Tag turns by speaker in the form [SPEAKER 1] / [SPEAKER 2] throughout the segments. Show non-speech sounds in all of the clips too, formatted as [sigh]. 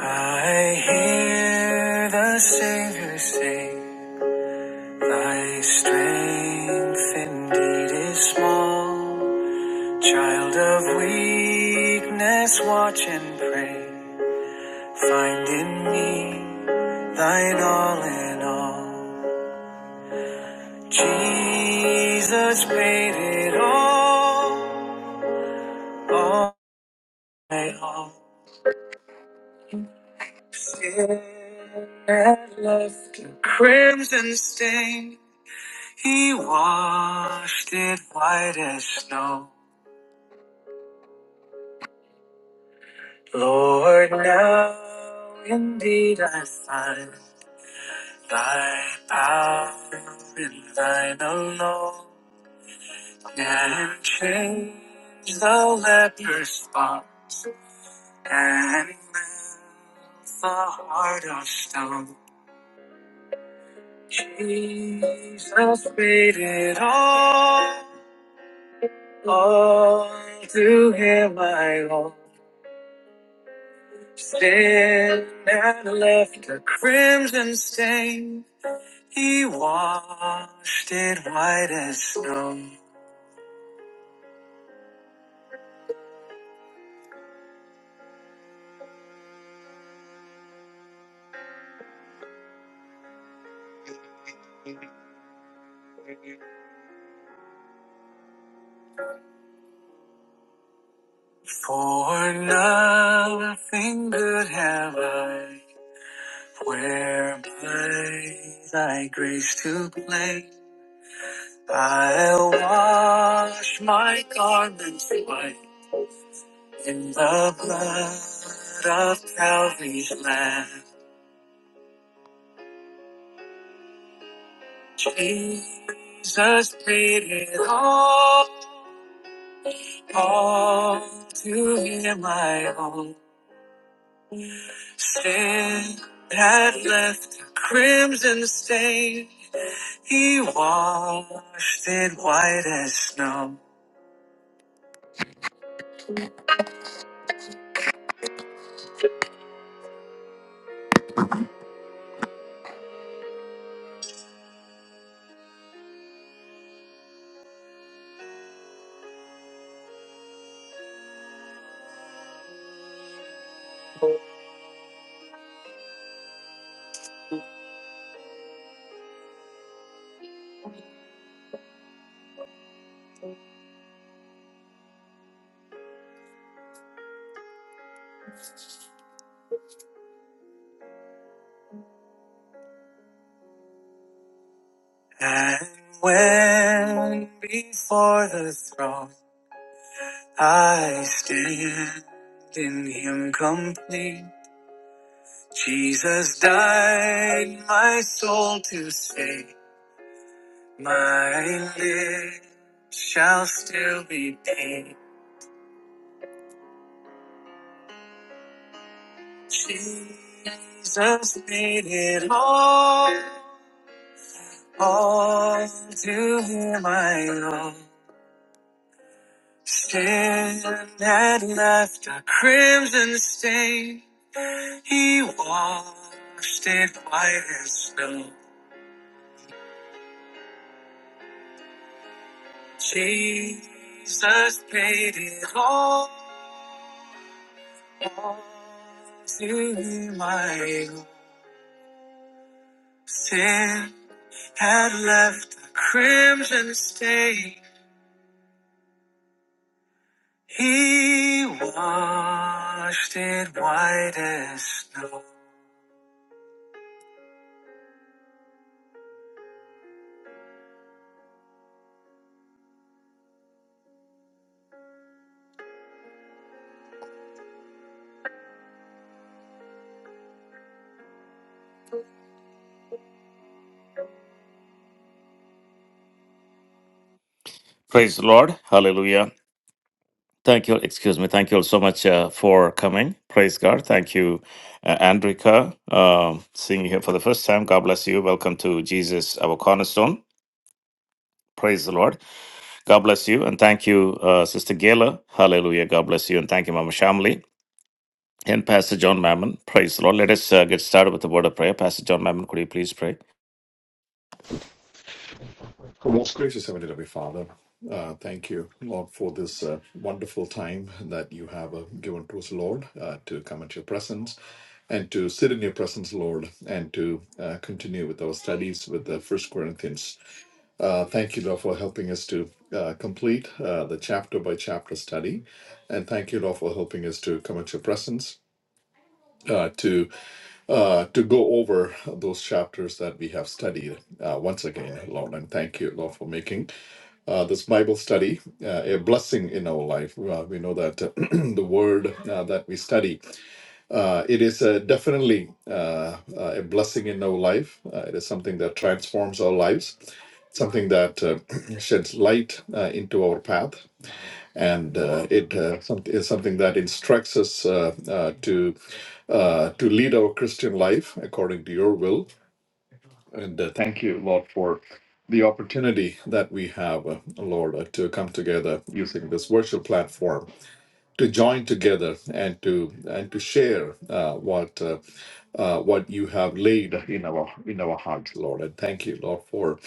[SPEAKER 1] I hear the Savior say, Thy strength indeed is small. Child of weakness, watch and pray. Find in me thine all in all. Jesus paid it all, all my all. Sin and love, the crimson stain. He washed it white as snow. Lord, now indeed I find thy power in thine alone. And change the leper's spots and melt the heart of stone. Jesus paid it all, all to him I owe. Sin had left a crimson stain. He washed it white as snow. For nothing good have I, whereby thy grace to claim. I'll wash my garments white in the blood of Calvary's Lamb. Jesus paid it all. Call to hear my own sin had left a crimson stain. He washed it white as snow. And when before the throne I stand in him complete, Jesus died my soul to save. My lips shall still be paid. Jesus made it all, all to him I owe. Sin had left a crimson stain, he washed it white as snow. Jesus paid it all, all to him I owe. Sin had left a crimson stain. He washed it white as snow. Praise the Lord. Hallelujah. Thank you. Excuse me. Thank you all so much uh, for coming. Praise God. Thank you, uh, Andrika. Um, seeing you here for the first time. God bless you. Welcome to Jesus, our cornerstone. Praise the Lord. God bless you. And thank you, uh, Sister Gayla. Hallelujah. God bless you. And thank you, Mama Shamli. And Pastor John Mammon. Praise the Lord. Let us uh, get started with the word of prayer. Pastor John Mammon, could you please pray?
[SPEAKER 2] Well, Most gracious Heavenly Heavenly Father, uh, thank you, Lord, for this uh, wonderful time that you have uh, given to us, Lord, uh, to come at your presence and to sit in your presence, Lord, and to uh, continue with our studies with the First Corinthians. Uh, thank you, Lord, for helping us to uh, complete uh, the chapter by chapter study, and thank you, Lord, for helping us to come at your presence. uh, to uh, to go over those chapters that we have studied uh, once again, Lord. And thank you, Lord, for making uh, this Bible study uh, a blessing in our life. Uh, we know that [clears throat] the word uh, that we study, uh, it is uh, definitely uh, uh, a blessing in our life. Uh, it is something that transforms our lives, something that uh, [clears throat] sheds light uh, into our path and uh, it uh, some, is something that instructs us uh, uh, to uh, to lead our Christian life according to Your will. And uh, thank you, Lord, for opportunity that we have, uh, Lord, uh, to come together using this virtual platform to join together and to and to share uh, what uh, uh, what you have laid in our in our hearts, Lord. And thank you, Lord, for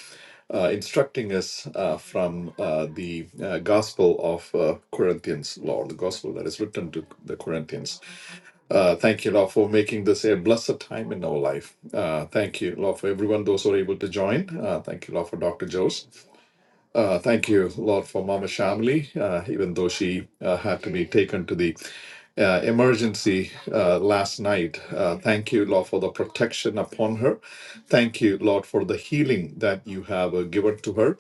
[SPEAKER 2] uh, instructing us uh, from uh, the uh, Gospel of uh, Corinthians, Lord, the Gospel that is written to the Corinthians. Uh, thank you, Lord, for making this a blessed time in our life. Uh, thank you, Lord, for everyone those who are able to join. Uh, thank you, Lord, for Dr. Jose. Uh, thank you, Lord, for Mama Shamli, uh, even though she uh, had to be taken to the uh, emergency uh, last night. Uh, thank you, Lord, for the protection upon her. Thank you, Lord, for the healing that you have uh, given to her.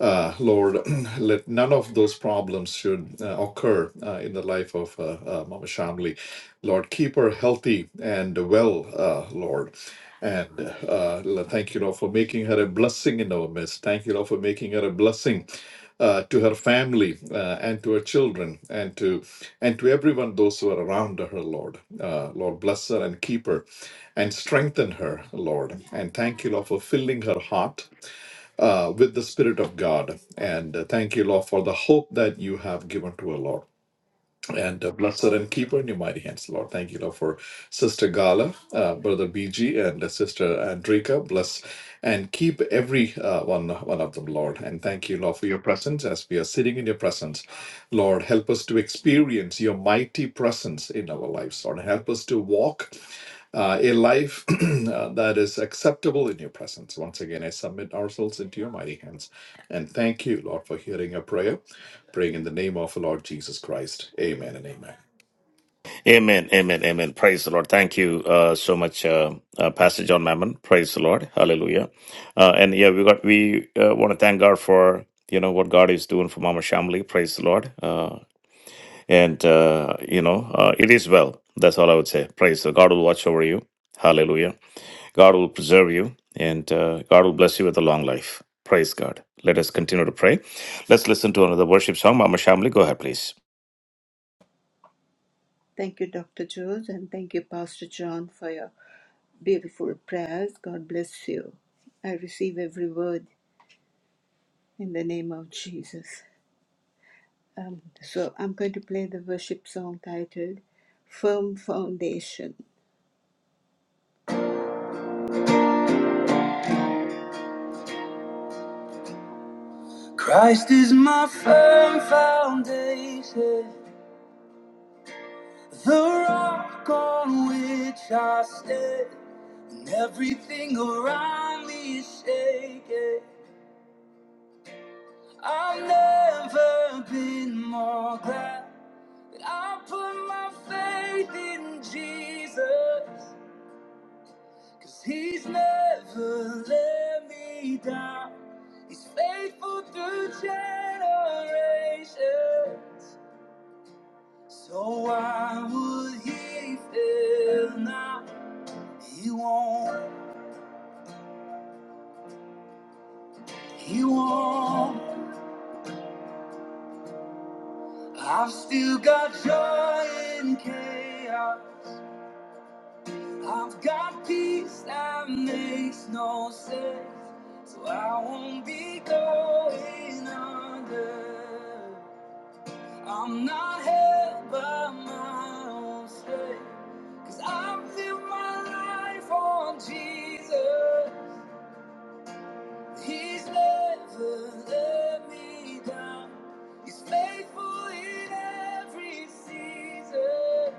[SPEAKER 2] Uh, Lord, [clears throat] let none of those problems should uh, occur uh, in the life of uh, uh, Mama Shamli. Lord, keep her healthy and well, uh, Lord. And uh, Lord, thank you, Lord, for making her a blessing in our midst. Thank you, Lord, for making her a blessing uh, to her family uh, and to her children and to and to everyone those who are around her, Lord. Uh, Lord, bless her and keep her and strengthen her, Lord. And thank you, Lord, for filling her heart uh, with the Spirit of God. And uh, thank you, Lord, for the hope that you have given to us, Lord. And uh, bless her and keep her in your mighty hands, Lord. Thank you, Lord, for Sister Gala, uh, Brother BG, and uh, Sister Andrika. Bless and keep every uh, one, one of them, Lord. And thank you, Lord, for your presence as we are sitting in your presence. Lord, help us to experience your mighty presence in our lives, Lord. Help us to walk uh, a life [clears throat] uh, that is acceptable in your presence. Once again, I submit ourselves into your mighty hands. And thank you, Lord, for hearing your prayer praying in the name of the Lord Jesus Christ. Amen and amen.
[SPEAKER 1] Amen, amen, amen. Praise the Lord. Thank you uh, so much, uh, uh, Pastor John Mammon. Praise the Lord. Hallelujah. Uh, and yeah, we got we uh, want to thank God for you know what God is doing for Mama Shamli. Praise the Lord. Uh, and uh, you know uh, it is well. That's all I would say. Praise the God will watch over you. Hallelujah. God will preserve you, and uh, God will bless you with a long life. Praise God. Let us continue to pray. Let's listen to another worship song. Mama Shamli, go ahead, please.
[SPEAKER 3] Christ is my firm foundation, the rock on which I stand. When everything around me is shaking, I've never been more glad that I put my faith in Jesus, cause he's never let me down. He's faithful through generations. So why would he fail now? He won't, he won't. I've still got joy in chaos. I've got peace that makes no sense. So I won't be going under. I'm not held by my own strength. Cause I've lived my life on Jesus. He's never let me down. He's faithful in every season.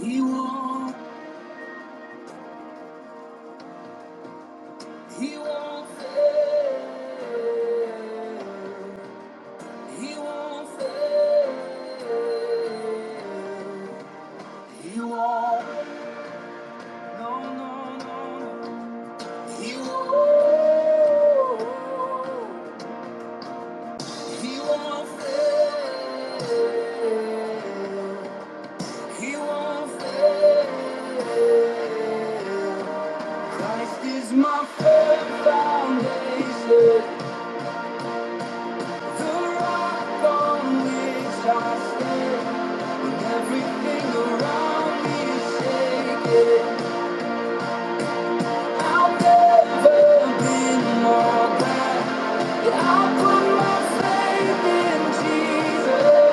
[SPEAKER 3] He won't, he won't fail. He won't fail. He won't. No, no, no, no. He won't. He won't fail. He won't fail. Christ is my firm foundation, the rock on which I stand. When everything around me is shaking, I'll never be more glad. that I put my faith in Jesus.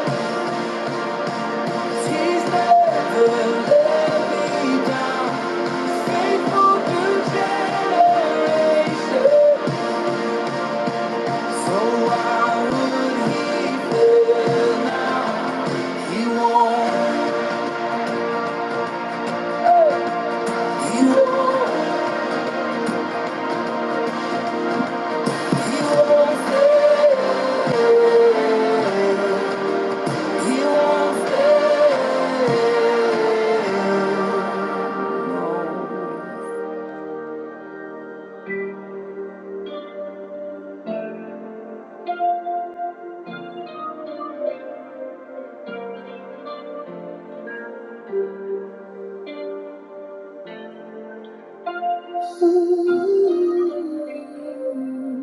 [SPEAKER 3] Thank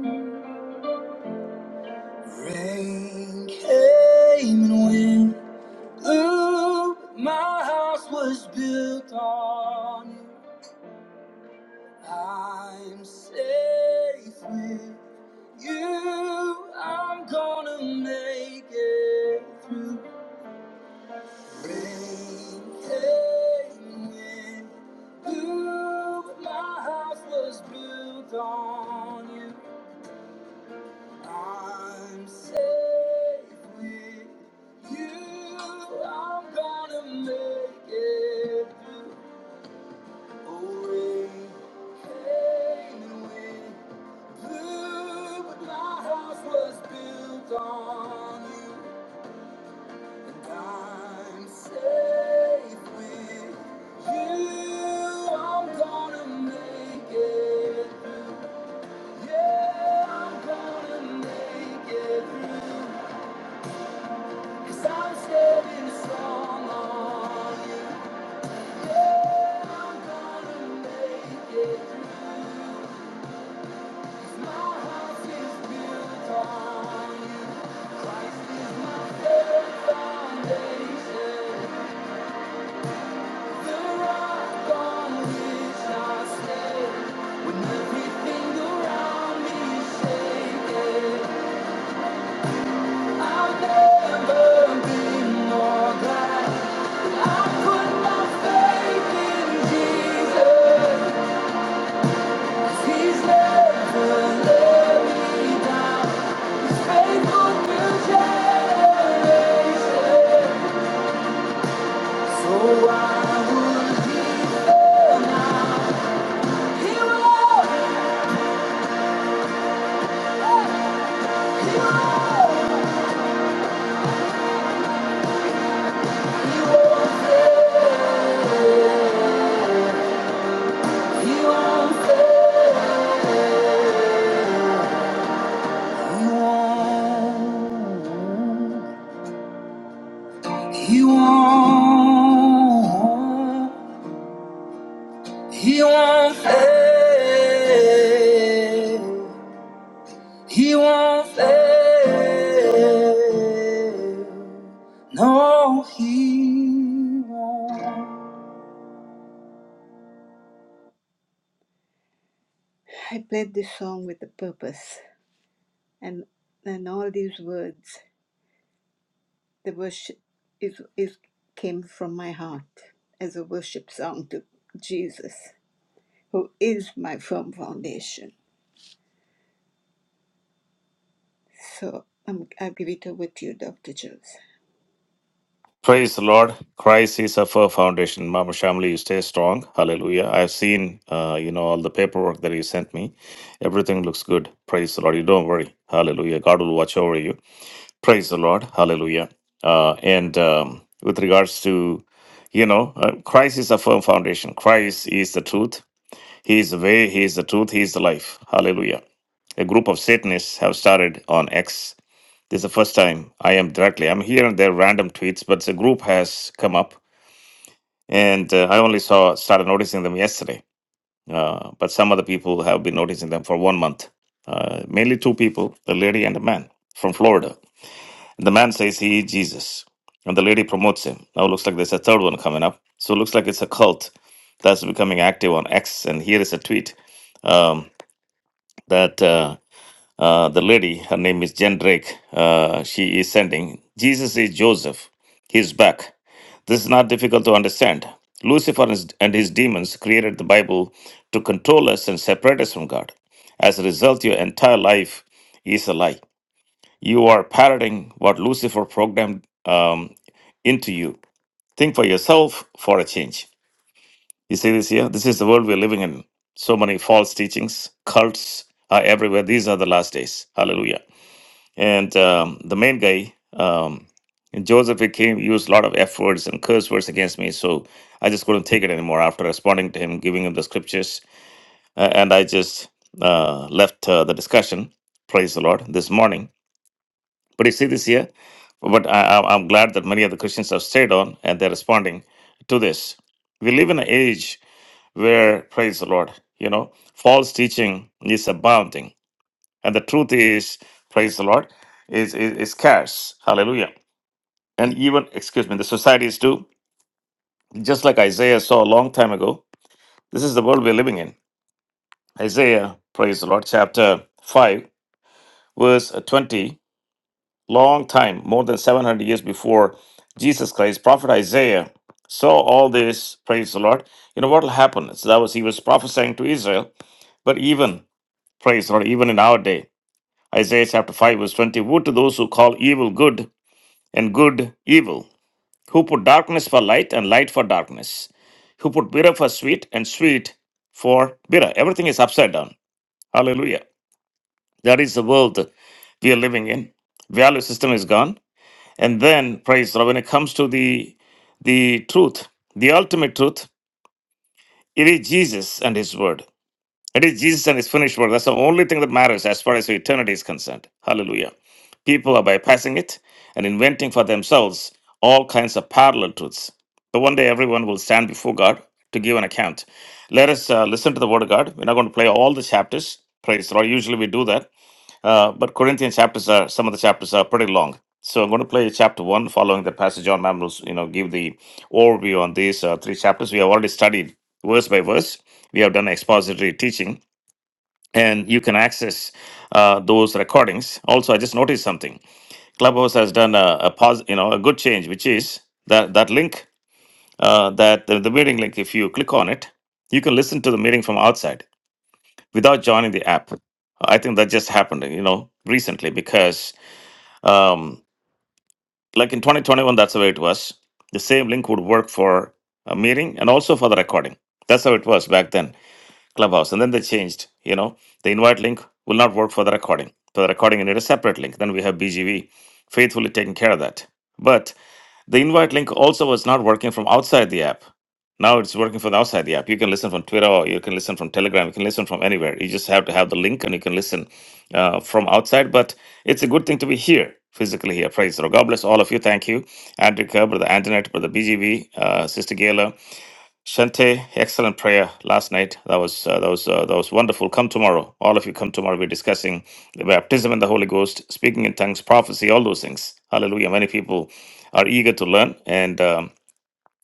[SPEAKER 3] you. Rain came and went, blew. My house was built on you. I'm safe with you. I'm gonna make it through. Rain came and went, blew. My house was built on you. I'm safe with you. I'm gonna make it through. Away, hanging with blue, but my house was built on you, and I'm safe with you. I'm gonna make it through. Yeah, I'm gonna make it through. Cause I'm standing strong on you. Yeah, I'm gonna make it through. 'Cause my house is built on you. Christ is my firm foundation. The rock on which I stand. And everything around me is shaking. I'll never be more glad. I put my faith in Jesus. He's never let me down. He's faithful to generation. So why would he fail now? He won't. He won't. He won't fail. He won't fail. won't, He won't. He won't fail. He won't fail. No, he won't.
[SPEAKER 1] Praise the Lord. Christ is a firm foundation. Mama Shamli, you stay strong. Hallelujah. I've seen, uh, you know, all the paperwork that you sent me. Everything looks good. Praise the Lord. You don't worry. Hallelujah. God will watch over you. Praise the Lord. Hallelujah. Uh, and um, with regards to, you know, uh, Christ is a firm foundation. Christ is the truth. He is the way. He is the truth. He is the life. Hallelujah. A group of Satanists have started on X this is the first time I am directly. I'm here and there random tweets, but the group has come up, and uh, I only saw started noticing them yesterday. Uh, but some other people have been noticing them for one month. Uh, mainly two people, the lady and a man from Florida. The man says he is Jesus, and the lady promotes him. Now it looks like there's a third one coming up. So it looks like it's a cult that's becoming active on X. And here is a tweet um, that. Uh, uh, the lady, her name is Jen Drake, uh, she is sending, Jesus is Joseph. He's back. This is not difficult to understand. Lucifer and his and his demons created the Bible to control us and separate us from God. As a result, your entire life is a lie. You are parroting what Lucifer programmed um, into you. Think for yourself for a change. You see this here? This is the world we're living in. So many false teachings, cults are everywhere. These are the last days. Hallelujah. And um, the main guy, um, Joseph, he came used a lot of F words and curse words against me. So I just couldn't take it anymore after responding to him, giving him the scriptures. Uh, and I just uh, left uh, the discussion, praise the Lord, this morning. But you see this here? But I, I- I'm glad that many of the Christians have stayed on and they're responding to this. We live in an age where, praise the Lord, you know, false teaching is abounding and the truth is, praise the Lord, is, is, is scarce. Hallelujah. And even, excuse me, the societies too, just like Isaiah saw a long time ago, this is the world we're living in. Isaiah, praise the Lord, chapter 5, verse 20, long time, more than 700 years before Jesus Christ, prophet Isaiah saw all this, praise the Lord. You know what will happen? So that was, he was prophesying to Israel, but even, praise the Lord, even in our day, Isaiah chapter 5, verse 20, woe to those who call evil good and good evil, who put darkness for light and light for darkness, who put bitter for sweet and sweet for bitter. Everything is upside down. Hallelujah. That is the world we are living in. Value system is gone. And then, praise the Lord, when it comes to the the truth, the ultimate truth, it is Jesus and His Word. It is Jesus and his finished work. That's the only thing that matters as far as eternity is concerned. Hallelujah. People are bypassing it and inventing for themselves all kinds of parallel truths. But one day everyone will stand before God to give an account. Let us uh, listen to the word of God. We're not going to play all the chapters. Praise the Lord. Usually we do that. Uh, but Corinthian chapters are, some of the chapters are pretty long. So I'm going to play chapter one following the passage. John Mam will, you know, give the overview on these uh, three chapters. We have already studied verse by verse. We have done expository teaching and you can access uh, those recordings. Also, I just noticed something. Clubhouse has done a, a pos- you know, a good change, which is that that link, uh, that the, the meeting link. If you click on it, you can listen to the meeting from outside without joining the app. I think that just happened, you know, recently because, um, like in 2021, that's the way it was. The same link would work for a meeting and also for the recording. That's how it was back then Clubhouse. And then they changed, you know, the invite link will not work for the recording. For the recording, you need a separate link. Then we have BGV faithfully taking care of that. But the invite link also was not working from outside the app. Now it's working from outside the app. You can listen from Twitter, or you can listen from Telegram, you can listen from anywhere. You just have to have the link and you can listen uh, from outside. But it's a good thing to be here, physically here. Praise the Lord. God bless all of you. Thank you. Andrika, Brother Antoinette, Brother BGV, uh, Sister Gayla, Shante, excellent prayer last night. That was uh, that was uh, that was wonderful. Come tomorrow, all of you. Come tomorrow. We're discussing the baptism in the Holy Ghost, speaking in tongues, prophecy, all those things. Hallelujah. Many people are eager to learn, and um,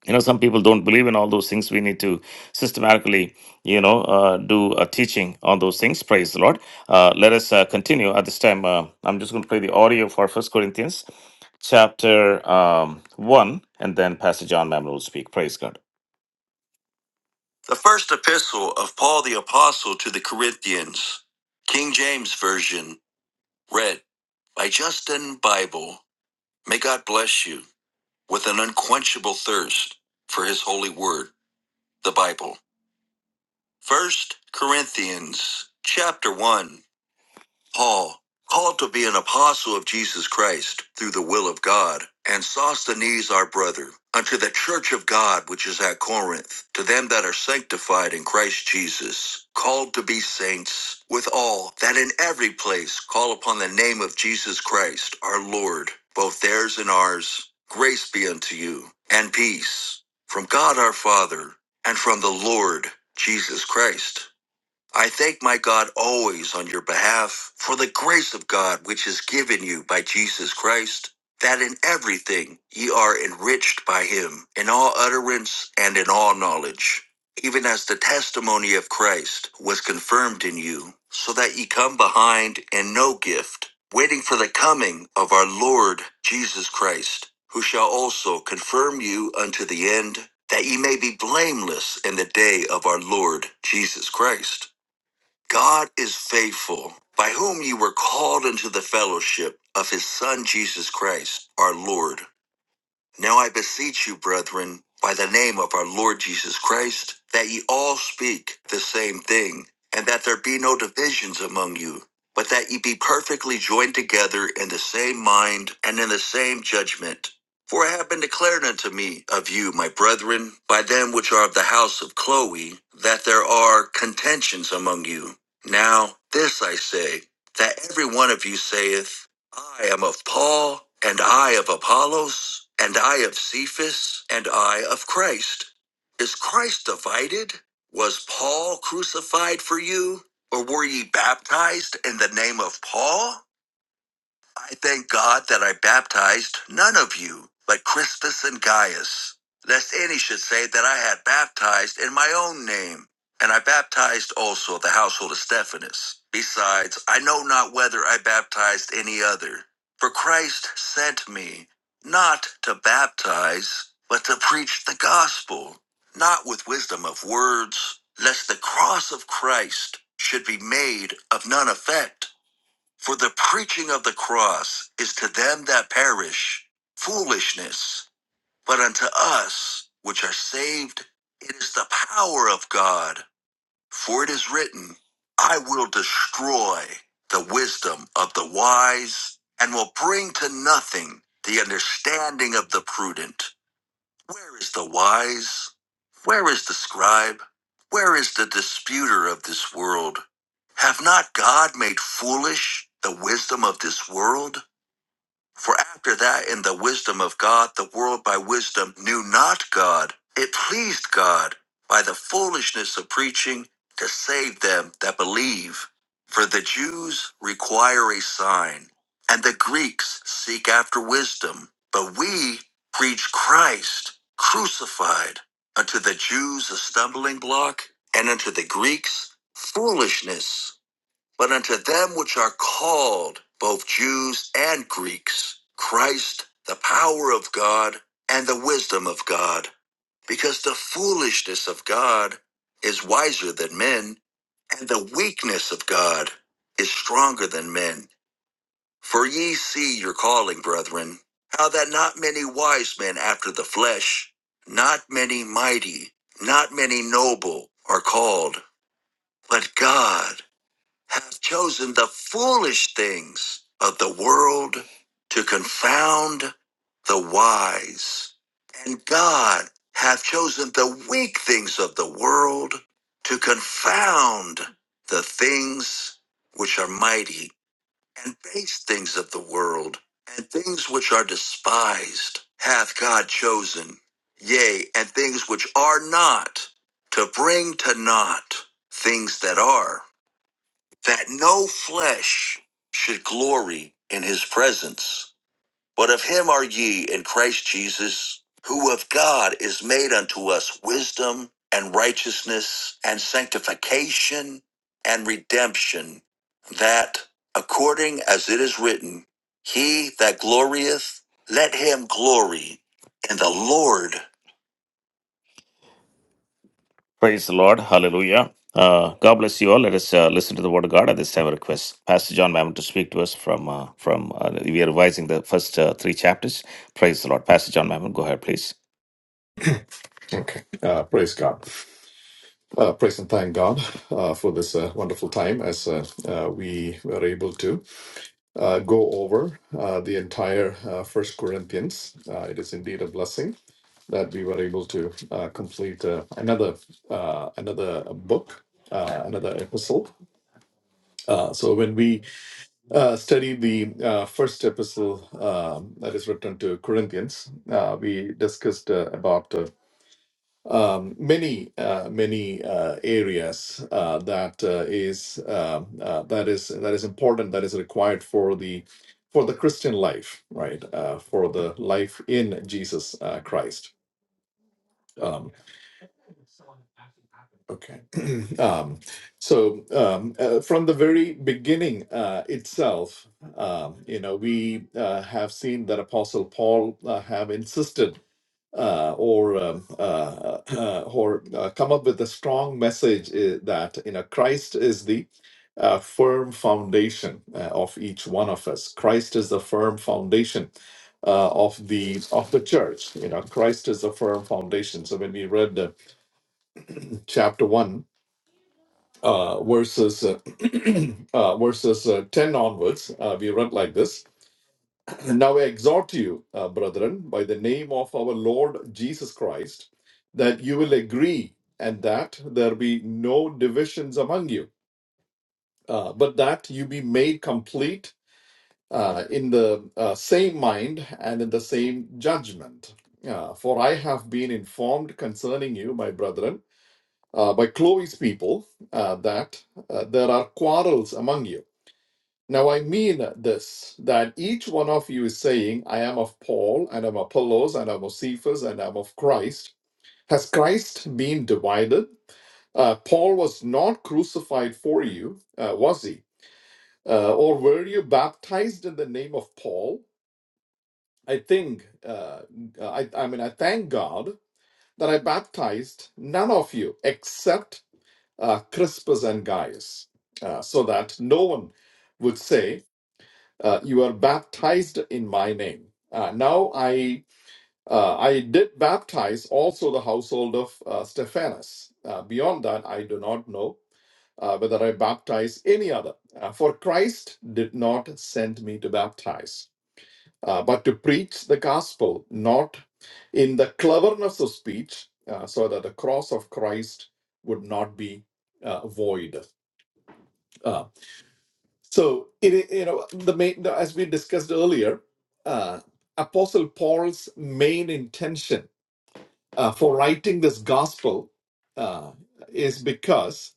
[SPEAKER 1] you know some people don't believe in all those things. We need to systematically, you know, uh, do a teaching on those things. Praise the Lord. Uh, let us uh, continue at this time. Uh, I'm just going to play the audio for First Corinthians chapter um, one, and then Pastor John Mammon will speak. Praise God. The first epistle of Paul the Apostle to the Corinthians, King James Version, read by Justin Bible. May God bless you with an unquenchable thirst for his holy word, the Bible. First Corinthians chapter 1. Paul, called to be an apostle of Jesus Christ through the will of God, and Sosthenes our brother, unto the church of God which is at Corinth, to them that are sanctified in Christ Jesus, called to be saints, with all that in every place call upon the name of Jesus Christ our Lord, both theirs and ours. Grace be unto you, and peace from God our Father, and from the Lord Jesus Christ. I thank my God always on your behalf for the grace of God which is given you by Jesus Christ, that in everything ye are enriched by him, in all utterance and in all knowledge, even as the testimony of Christ was confirmed in you, so that ye come behind in no gift, waiting for the coming of our Lord Jesus Christ, who shall also confirm you unto the end, that ye may be blameless in the day of our Lord Jesus Christ. God is faithful, by whom you were called into the fellowship of his Son, Jesus Christ, our Lord. Now I beseech you, brethren, by the name of our Lord Jesus Christ, that ye all speak the same thing, and that there be no divisions among you, but that ye be perfectly joined together in the same mind and in the same judgment. For it have been declared unto me of you, my brethren, by them which are of the house of Chloe, that there are contentions among you. Now this I say, that every one of you saith, I am of Paul, and I of Apollos, and I of Cephas, and I of Christ. Is Christ divided? Was Paul crucified for you? Or were ye baptized in the name of Paul? I thank God that I baptized none of you, but Crispus and Gaius, lest any should say that I had baptized in my own name. And I baptized also the household of Stephanas. Besides, I know not whether I baptized any other. For Christ sent me, not to baptize, but to preach the gospel, not with wisdom of words, lest the cross of Christ should be made of none effect. For the preaching of the cross is to them that perish foolishness, but unto us which are saved it is the power of God. For it is written, I will destroy the wisdom of the wise and will bring to nothing the understanding of the prudent. Where is the wise? Where is the scribe? Where is the disputer of this world? Have not God made foolish the wisdom of this world? For after that, in the wisdom of God, the world by wisdom knew not God. It pleased God by the foolishness of preaching to save them that believe. For the Jews require a sign, and the Greeks seek after wisdom. But we preach Christ crucified, unto the Jews a stumbling block, and unto the Greeks foolishness. But unto them which are called, both Jews and Greeks, Christ, the power of God, and the wisdom of God. Because the foolishness of God is wiser than men, and the weakness of God is stronger than men. For ye see your calling, brethren, how that not many wise men after the flesh, not many mighty, not many noble are called, but God have chosen the foolish things of the world to confound the wise. And God hath chosen the weak things of the world to confound the things which are mighty and base things of the world and things which are despised hath God chosen, yea, and things which are not to bring to naught things that are that no flesh should glory in his presence. But of him are ye in Christ Jesus, who of God is made unto us wisdom and righteousness and sanctification and redemption, that according as it is written, he that glorieth, let him glory in the Lord. Praise the Lord. Hallelujah. Uh, God bless you all. Let us uh, listen to the word of God at this time. I Request Pastor John Mammon to speak to us from uh, from. Uh, we are revising the first uh, three chapters. Praise the Lord, Pastor John Mammon. Go ahead, please.
[SPEAKER 2] Okay. Uh, praise God. Uh, praise and thank God uh, for this uh, wonderful time as uh, uh, we were able to uh, go over uh, the entire uh, First Corinthians. Uh, it is indeed a blessing that we were able to uh, complete uh, another uh, another book, uh, another epistle. Uh, so when we uh, studied the uh, first epistle um, that is written to Corinthians. Uh, we discussed uh, about uh, um, many uh, many uh, areas uh, that uh, is um uh, that is that is important that is required for the for the Christian life, right? Uh, for the life in Jesus uh, Christ. Um, Okay. [clears throat] Um, so um, uh, from the very beginning uh, itself, um, you know, we uh, have seen that Apostle Paul uh, have insisted uh, or um, uh, [clears throat] uh, or uh, come up with a strong message uh, that you know Christ is the uh, firm foundation uh, of each one of us. Christ is the firm foundation uh, of the of the church. You know, Christ is the firm foundation. So when we read uh, chapter one uh, verses uh, [clears throat] uh, verses uh, 10 onwards uh, we read like this [clears throat] now i exhort you uh, brethren by the name of our lord jesus christ that you will agree and that there be no divisions among you uh, but that you be made complete uh, in the uh, same mind and in the same judgment uh, for i have been informed concerning you my brethren uh, by chloe's people uh, that uh, there are quarrels among you Now I mean this that each one of you is saying, I am of Paul, and I'm Apollos, and I'm of Cephas, and I'm of Christ. Has Christ been divided? Uh, Paul was not crucified for you, uh, was he? Uh, or were you baptized in the name of Paul? I think, uh, I, I mean, I thank God that I baptized none of you except uh, Crispus and Gaius, uh, so that no one would say uh, you are baptized in my name. Uh, now I uh, I did baptize also the household of uh, Stephanas. Uh, beyond that, I do not know uh, whether I baptize any other. Uh, for Christ did not send me to baptize, uh, but to preach the gospel, not in the cleverness of speech, uh, so that the cross of Christ would not be uh, void. Uh, so it, you know the main as we discussed earlier, uh, Apostle Paul's main intention uh, for writing this gospel uh, is because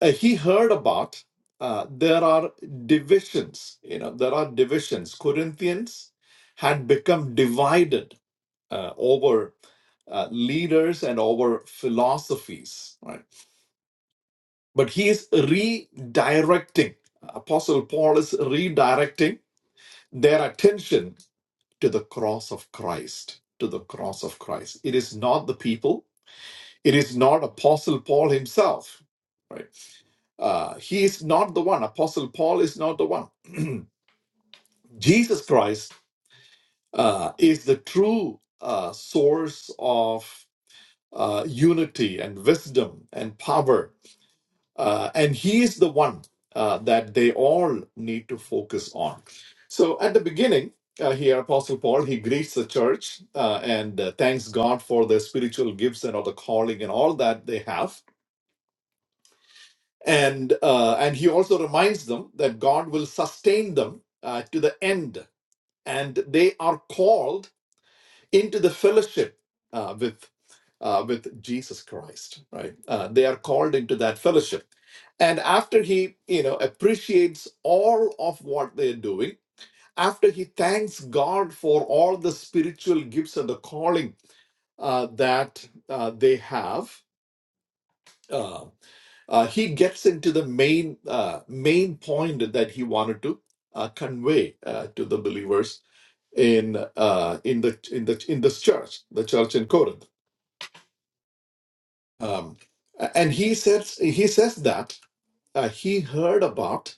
[SPEAKER 2] uh, he heard about uh, there are divisions. You know there are divisions. Corinthians had become divided uh, over uh, leaders and over philosophies, right? But he is redirecting. Apostle Paul is redirecting their attention to the cross of Christ, to the cross of Christ. It is not the people, it is not Apostle Paul himself. Right? Uh, he is not the one. Apostle Paul is not the one. [clears throat] Jesus Christ uh, is the true uh, source of uh, unity and wisdom and power Uh, and he is the one uh, that they all need to focus on. So at the beginning, uh, here, Apostle Paul, he greets the church uh, and uh, thanks God for the spiritual gifts and all the calling and all that they have. And, uh, and he also reminds them that God will sustain them uh, to the end. And they are called into the fellowship uh, with uh, with Jesus Christ, right? Uh, they are called into that fellowship, and after he, you know, appreciates all of what they're doing, after he thanks God for all the spiritual gifts and the calling uh, that uh, they have, uh, uh, he gets into the main uh, main point that he wanted to uh, convey uh, to the believers in uh, in the in the in this church, the church in Corinth um, and he says he says that uh, he heard about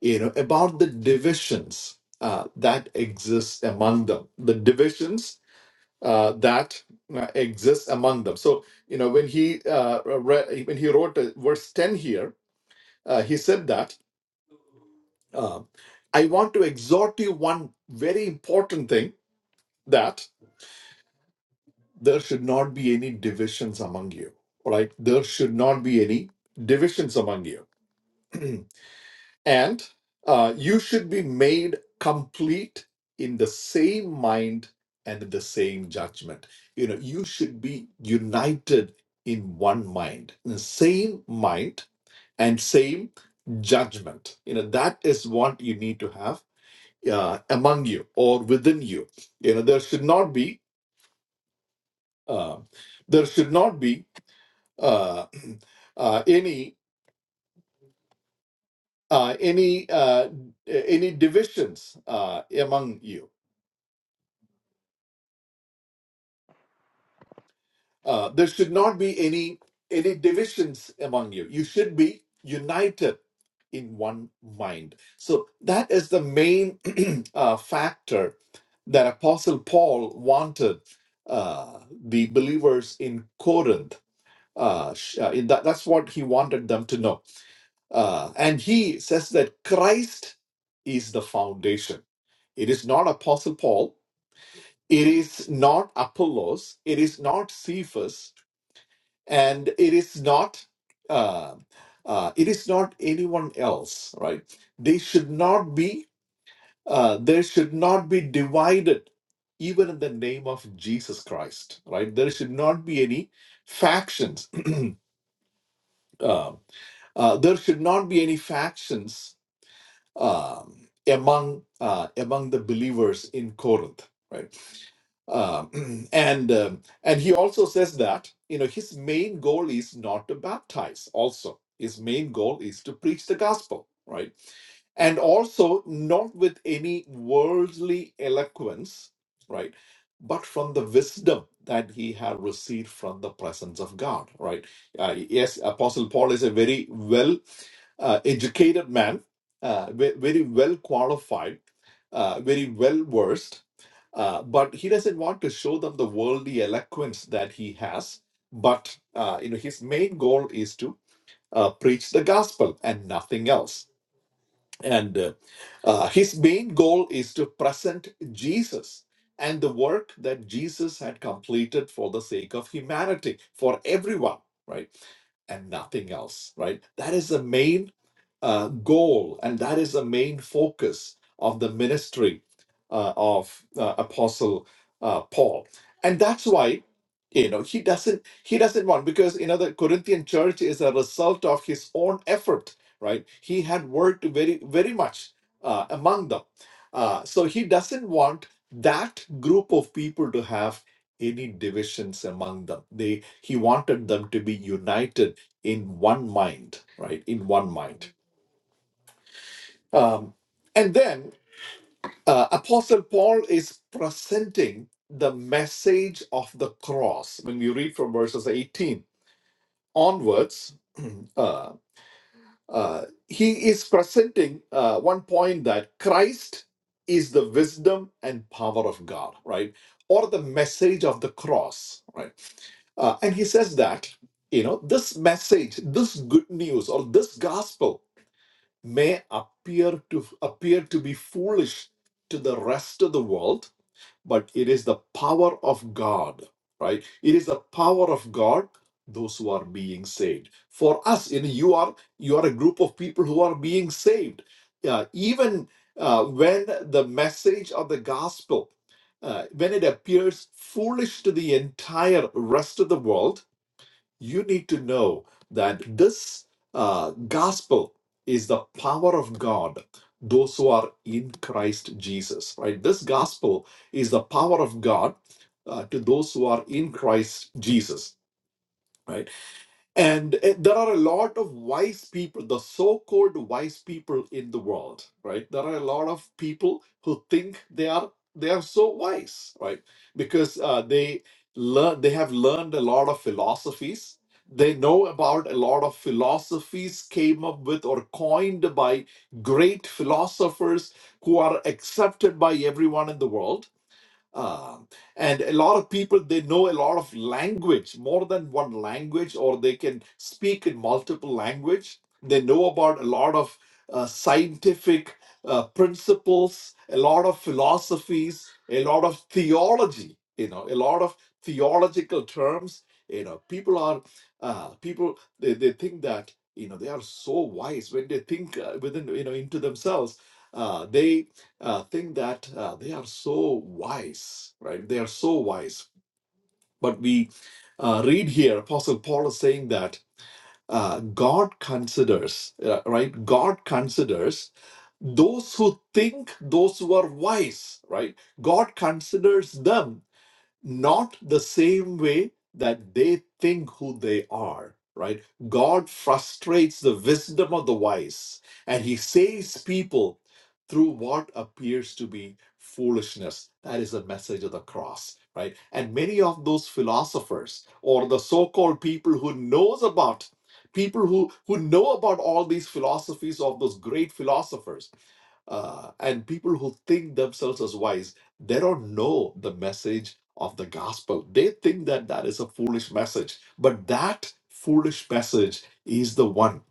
[SPEAKER 2] you know about the divisions uh, that exist among them the divisions uh, that uh, exist among them so you know when he uh, re- when he wrote uh, verse 10 here uh, he said that uh, i want to exhort you one very important thing that there should not be any divisions among you All right there should not be any divisions among you [clears throat] And uh, you should be made complete in the same mind and in the same judgment. You know, you should be united in one mind, in the same mind and same judgment. You know, that is what you need to have uh, among you or within you. You know, there should not be uh, there should not be uh, [clears throat] uh, any uh, any uh, any divisions uh, among you Uh, there should not be any any divisions among you. You should be united in one mind. So that is the main [clears throat] uh, factor that Apostle Paul wanted uh, the believers in Corinth. Uh, sh- uh, in that, that's what he wanted them to know. Uh, and he says that Christ is the foundation. It is not Apostle Paul. It is not Apollos. It is not Cephas and it is not uh, uh, it is not anyone else right they should not be uh, there should not be divided even in the name of jesus christ right there should not be any factions [clears throat] uh, uh, there should not be any factions um, among uh, among the believers in Corinth, right? Um, [clears throat] and um, and he also says that you know his main goal is not to baptize. Also, his main goal is to preach the gospel, right? And also not with any worldly eloquence, right? But from the wisdom that he had received from the presence of God, right? Uh, yes, Apostle Paul is a very well uh, educated man uh, ve- very well qualified, uh, very well versed, uh, but he doesn't want to show them the worldly eloquence that he has. But uh, you know, his main goal is to uh, preach the gospel and nothing else. And uh, uh, his main goal is to present Jesus and the work that Jesus had completed for the sake of humanity, for everyone, right? and nothing else, right? That is the main uh, goal, and that is the main focus of the ministry uh, of uh, Apostle uh, Paul. And that's why you know he doesn't he doesn't want because you know the Corinthian church is a result of his own effort, right? He had worked very very much uh, among them, uh, so he doesn't want that group of people to have any divisions among them they he wanted them to be united in one mind right in one mind um, and then uh, Apostle Paul is presenting the message of the cross. When we read from verses 18 onwards, [clears throat] uh, uh, he is presenting uh, one point that Christ is the wisdom and power of God, right? Or the message of the cross, right? Uh, and he says that, you know, this message, this good news, or this gospel may appear to appear to be foolish to the rest of the world but it is the power of god right it is the power of god those who are being saved for us you know you are you are a group of people who are being saved Uh, even uh, when the message of the gospel uh, when it appears foolish to the entire rest of the world you need to know that this uh, gospel is the power of God, those who are in Christ Jesus, right? This gospel is the power of God uh, to those who are in Christ Jesus, right? And eh, there are a lot of wise people, the so called wise people in the world, right? There are a lot of people who think they are they are so wise right because uh, they learn they have learned a lot of philosophies they know about a lot of philosophies came up with or coined by great philosophers who are accepted by everyone in the world um, and a lot of people they know a lot of language, more than one language, or they can speak in multiple language. They know about a lot of uh, scientific uh, principles, a lot of philosophies, a lot of theology. You know, a lot of theological terms. You know, people are uh, people they, they think that you know they are so wise when they think uh, within you know into themselves. Uh, they uh, think that uh, they are so wise, right? They are so wise. But we uh, read here, Apostle Paul is saying that uh, God considers, uh, right? God considers those who think those who are wise, right? God considers them not the same way that they think who they are, right? God frustrates the wisdom of the wise and he saves people through what appears to be foolishness. That is the message of the cross, right? And many of those philosophers or the so-called people who knows about people who who know about all these philosophies of those great philosophers uh, and people who think themselves as wise they don't know the message of the gospel. They think that that is a foolish message, but that foolish message is the one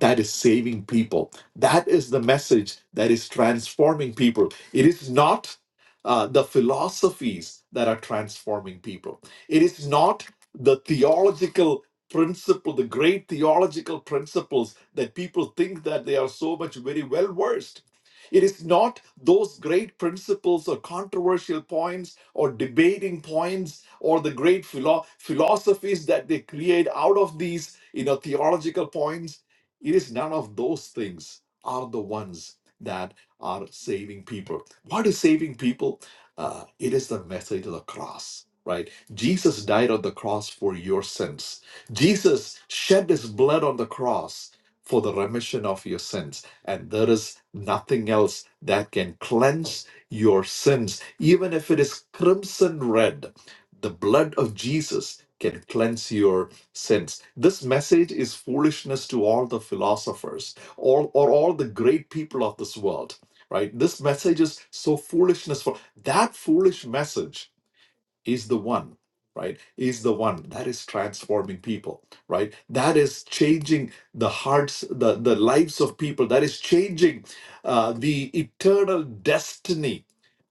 [SPEAKER 2] that is saving people. That is the message that is transforming people. It is not uh, the philosophies that are transforming people, it is not the theological principle the great theological principles that people think that they are so much very well versed it is not those great principles or controversial points or debating points or the great philo- philosophies that they create out of these you know theological points it is none of those things are the ones that are saving people. What is saving people? Uh, it is the message of the cross, right? Jesus died on the cross for your sins. Jesus shed his blood on the cross for the remission of your sins. And there is nothing else that can cleanse your sins, even if it is crimson red. The blood of Jesus can cleanse your since this message is foolishness to all the philosophers all or all the great people of this world right this message is so foolishness for that foolish message is the one right is the one that is transforming people right that is changing the hearts the, the lives of people that is changing uh, the eternal destiny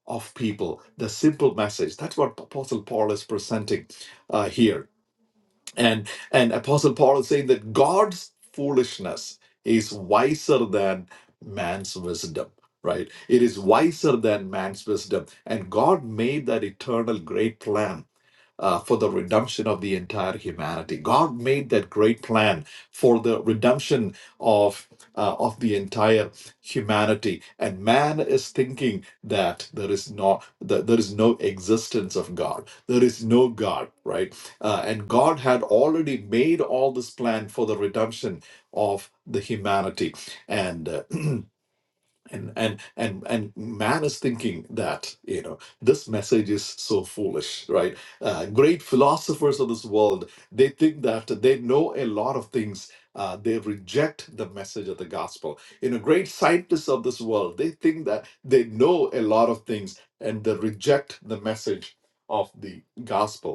[SPEAKER 2] of people the simple message that's what apostle paul is presenting uh, here and and apostle paul is saying that god's foolishness is wiser than man's wisdom right it is wiser than man's wisdom and god made that eternal great plan uh, for the redemption of the entire humanity. God made that great plan for the redemption of uh, of the entire humanity, and man is thinking that there is not that there is no existence of God. There is no God, right? Uh, and God had already made all this plan for the redemption of the humanity, and. Uh, [clears throat] and and and and man is thinking that you know this message is so foolish right uh, great philosophers of this world they think that they know a lot of things uh, they reject the message of the gospel you know great scientists of this world they think that they know a lot of things and they reject the message of the gospel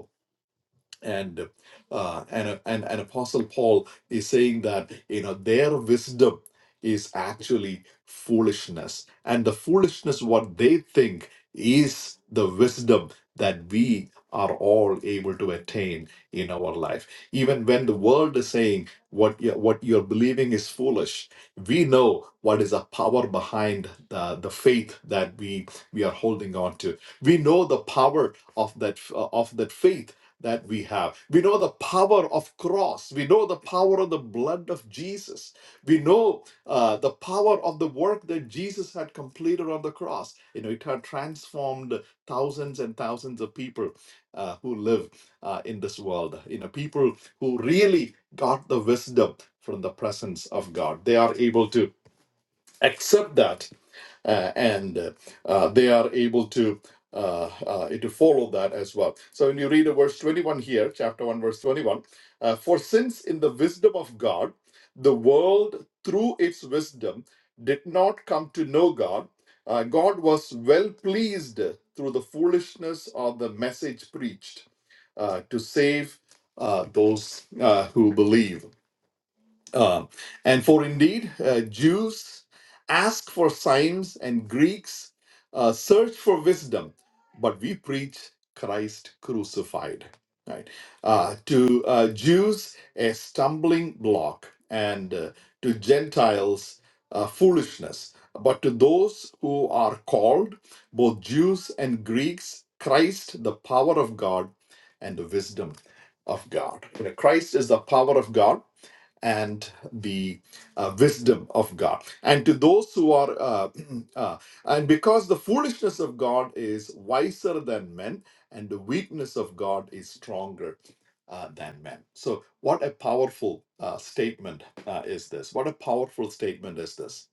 [SPEAKER 2] and uh, and and and Apostle Paul is saying that you know their wisdom is actually foolishness, and the foolishness what they think is the wisdom that we are all able to attain in our life. Even when the world is saying what you what you're believing is foolish, we know what is the power behind the, the faith that we we are holding on to. We know the power of that of that faith that we have. We know the power of cross. We know the power of the blood of Jesus. We know uh, the power of the work that Jesus had completed on the cross. You know, it had transformed thousands and thousands of people uh, who live uh, in this world. You know, people who really got the wisdom from the presence of God. They are able to accept that uh, and uh, uh, they are able to uh, uh, to follow that as well. So when you read a verse 21 here, chapter 1, verse 21, uh, for since in the wisdom of God, the world through its wisdom did not come to know God, uh, God was well pleased through the foolishness of the message preached uh, to save uh, those uh, who believe. Uh, and for indeed, uh, Jews ask for signs, and Greeks uh, search for wisdom, but we preach Christ crucified. Right? Uh, to uh, Jews, a stumbling block, and uh, to Gentiles, uh, foolishness. But to those who are called, both Jews and Greeks, Christ, the power of God, and the wisdom of God. You know, Christ is the power of God and the uh, wisdom of God. And to those who are, uh, [clears throat] uh, and because the foolishness of God is wiser than men, and the weakness of God is stronger uh, than men. So, what a powerful uh, statement uh, is this? What a powerful statement is this?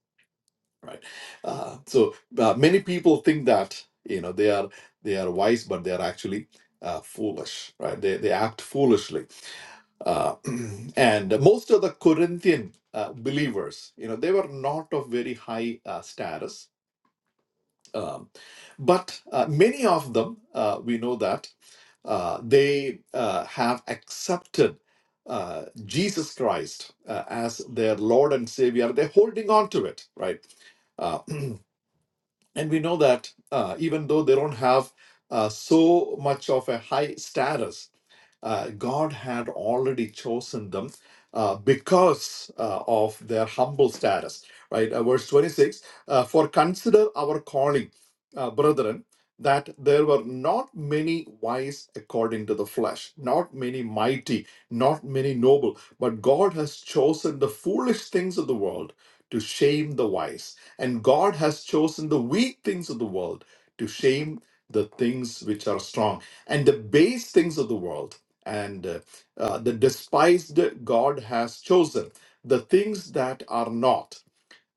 [SPEAKER 2] Right. Uh, so uh, many people think that you know they are they are wise, but they are actually uh, foolish. Right. They they act foolishly uh, [clears throat] and most of the Corinthian uh, believers, you know, they were not of very high uh, status, um, but uh, many of them, uh, we know that uh, they uh, have accepted uh, Jesus Christ uh, as their Lord and Savior. They're holding on to it, right? Uh, [clears throat] and we know that uh, even though they don't have uh, so much of a high status, uh, God had already chosen them uh, because uh, of their humble status. Right, Uh, verse twenty-six. Uh, For consider our calling, uh, brethren, that there were not many wise according to the flesh, not many mighty, not many noble, but God has chosen the foolish things of the world to shame the wise and God has chosen the weak things of the world to shame the things which are strong and the base things of the world and uh, uh, the despised God has chosen the things that are not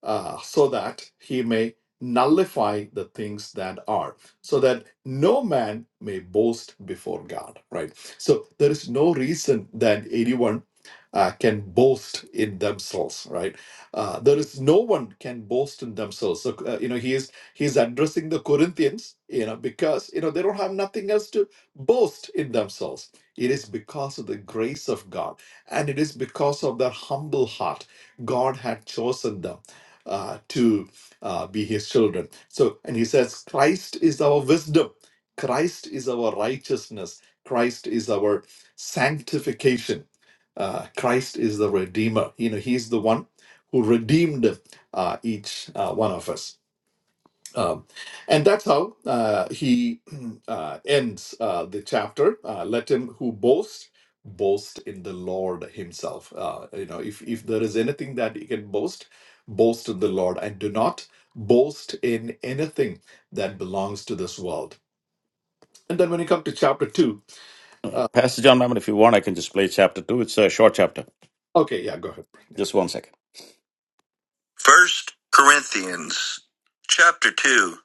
[SPEAKER 2] uh, so that he may nullify the things that are, so that no man may boast before God, right? So there is no reason that anyone uh, can boast in themselves, right? Uh, there is no one can boast in themselves. So, uh, you know, he is he is addressing the Corinthians, you know, because, you know, they don't have nothing else to boast in themselves. It is because of the grace of God, and it is because of their humble heart. God had chosen them uh, to uh, be his children. So, and he says, Christ is our wisdom, Christ is our righteousness, Christ is our sanctification, uh, Christ is the Redeemer. You know, he's the one who redeemed uh, each uh, one of us. Um, and that's how uh, he [clears throat] uh, ends uh, the chapter. Uh, Let him who boasts boast in the Lord Himself. Uh, you know, if if there is anything that you can boast, boast in the Lord, and do not boast in anything that belongs to this world. And then when you come to chapter two,
[SPEAKER 1] Uh,
[SPEAKER 2] uh,
[SPEAKER 1] Pastor John Mammon, if you want, I can just play chapter two. It's a short chapter.
[SPEAKER 2] okay, yeah, go ahead. Yeah,
[SPEAKER 1] Just one second. First Corinthians chapter two.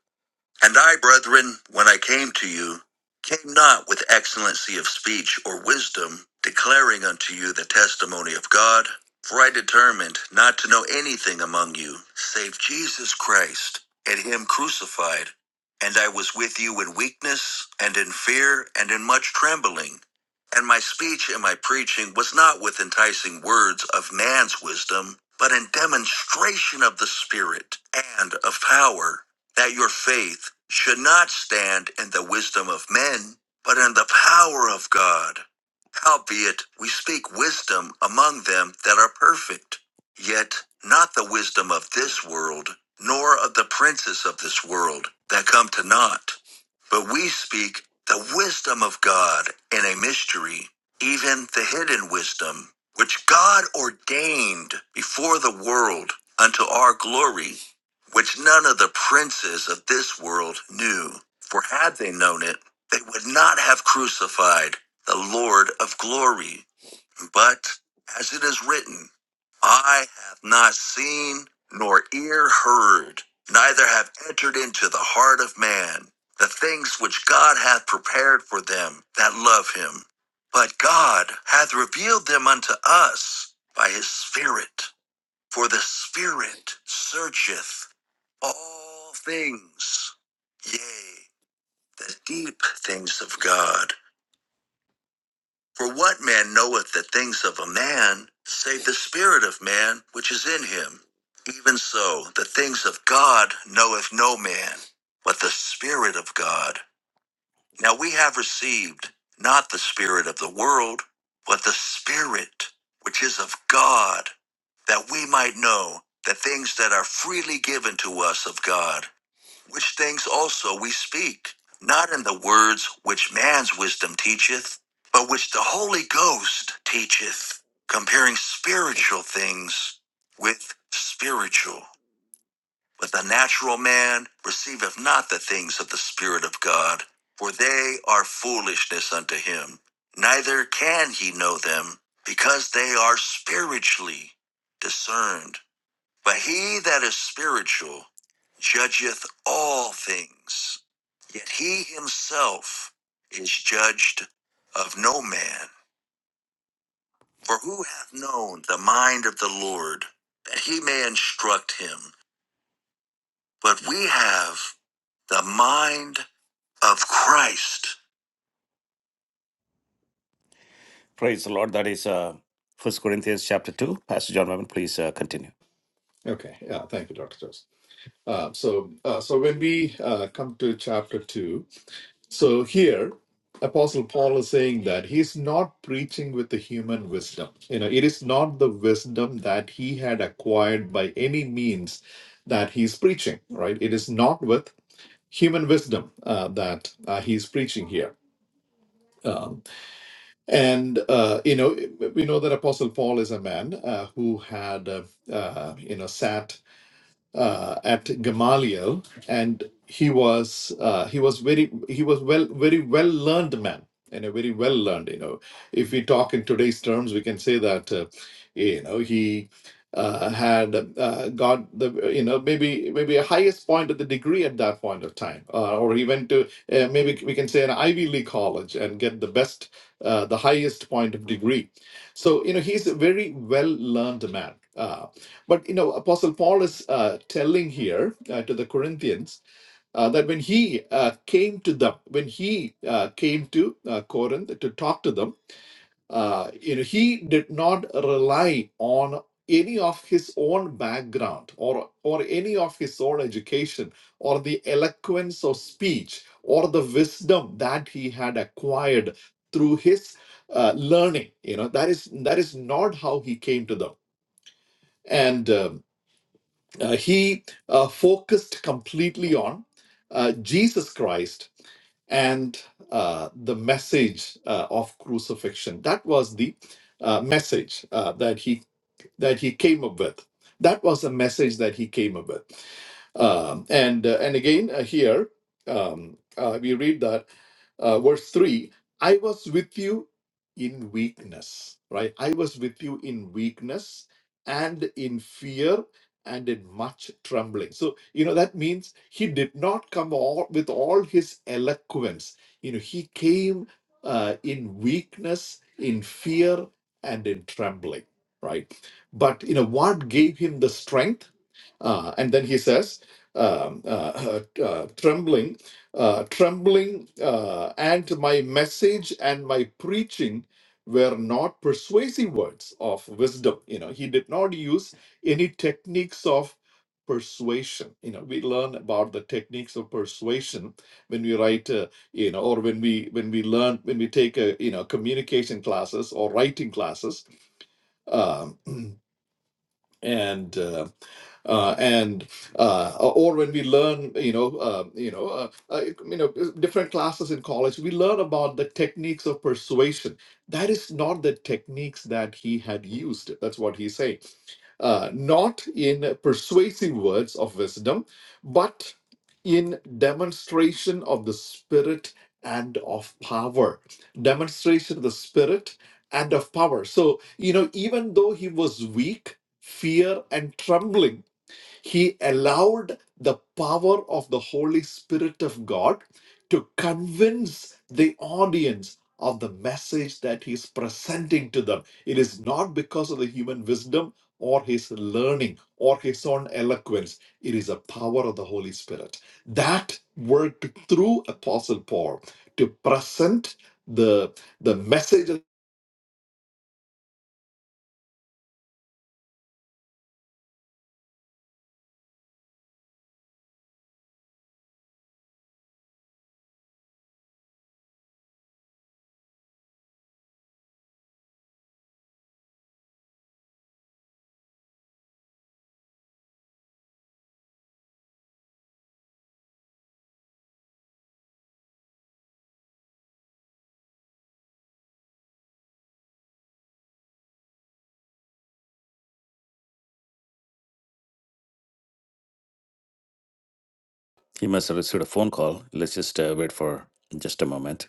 [SPEAKER 1] And I, brethren, when I came to you, came not with excellency of speech or wisdom, declaring unto you the testimony of God. For I determined not to know anything among you save Jesus Christ and Him crucified. And I was with you in weakness and in fear and in much trembling. And my speech and my preaching was not with enticing words of man's wisdom, but in demonstration of the Spirit and of power that your faith should not stand in the wisdom of men, but in the power of God. Howbeit, we speak wisdom among them that are perfect, yet not the wisdom of this world, nor of the princes of this world that come to naught. But we speak the wisdom of God in a mystery, even the hidden wisdom, which God ordained before the world unto our glory which none of the princes of this world knew. For had they known it, they would not have crucified the Lord of glory. But as it is written, I have not seen nor ear heard, neither have entered into the heart of man the things which God hath prepared for them that love him. But God hath revealed them unto us by his Spirit. For the Spirit searcheth all things, yea, the deep things of God. For what man knoweth the things of a man, save the Spirit of man which is in him? Even so, the things of God knoweth no man, but the Spirit of God. Now we have received not the Spirit of the world, but the Spirit which is of God, that we might know the things that are freely given to us of God, which things also we speak, not in the words which man's wisdom teacheth, but which the Holy Ghost teacheth, comparing spiritual things with spiritual. But the natural man receiveth not the things of the Spirit of God, for they are foolishness unto him. Neither can he know them, because they are spiritually discerned. But he that is spiritual judgeth all things, yet he himself is judged of no man. For who hath known the mind of the Lord, that he may instruct him? but we have the mind of Christ. Praise the Lord. That is uh, 1 Corinthians chapter 2. Pastor John Mammon, please uh, continue.
[SPEAKER 2] okay, yeah, thank you, Doctor Jones. Uh, so, uh, so when we uh, come to chapter two, So here, Apostle Paul is saying that he's not preaching with the human wisdom. You know, it is not the wisdom that he had acquired by any means that he's preaching, right? It is not with human wisdom uh, that uh, he's preaching here. Um, and uh, you know, we know that Apostle Paul is a man uh, who had, uh, uh, you know, sat uh, at Gamaliel, and he was uh, he was very he was well very well learned man and a very well learned. You know, if we talk in today's terms, we can say that uh, you know he. Uh, had uh, got the you know maybe maybe a highest point of the degree at that point of time, uh, or he went to uh, maybe we can say an Ivy League college and get the best uh, the highest point of degree. So you know he's a very well learned man. Uh, but you know, Apostle Paul is uh, telling here uh, to the Corinthians uh, that when he uh, came to them, when he uh, came to uh, Corinth to talk to them, uh, you know, he did not rely on any of his own background or or any of his own education or the eloquence of speech or the wisdom that he had acquired through his uh, learning. You know, that is that is not how he came to them and. um, uh, he uh, focused completely on uh, Jesus Christ and uh, the message uh, of crucifixion. That was the uh, message uh, that he that he came up with. That was the message that he came up with. Um, and uh, and again uh, here um, uh, we read that uh, verse three: "I was with you in weakness." Right? I was with you in weakness and in fear and in much trembling. So you know that means he did not come all, with all his eloquence. You know he came uh, in weakness, in fear, and in trembling. Right? but you know what gave him the strength uh, and then he says um, uh, uh, uh, trembling uh, trembling uh, and my message and my preaching were not persuasive words of wisdom you know he did not use any techniques of persuasion you know we learn about the techniques of persuasion when we write uh, you know or when we when we learn when we take a you know communication classes or writing classes um, [clears throat] and uh, uh, and uh, or when we learn, you know, uh, you know, uh, uh, you know, different classes in college, we learn about the techniques of persuasion. That is not the techniques that he had used. That's what he's saying uh, not in persuasive words of wisdom, but in demonstration of the Spirit and of power. Demonstration of the Spirit and of power. So, you know, even though he was weak, fear and trembling he allowed the power of the Holy Spirit of God to convince the audience of the message that he's presenting to them. It is not because of the human wisdom or his learning or his own eloquence. It is the power of the Holy Spirit. That worked through Apostle Paul to present the, the message.
[SPEAKER 1] He must have received a phone call. Let's just uh, wait for just a moment.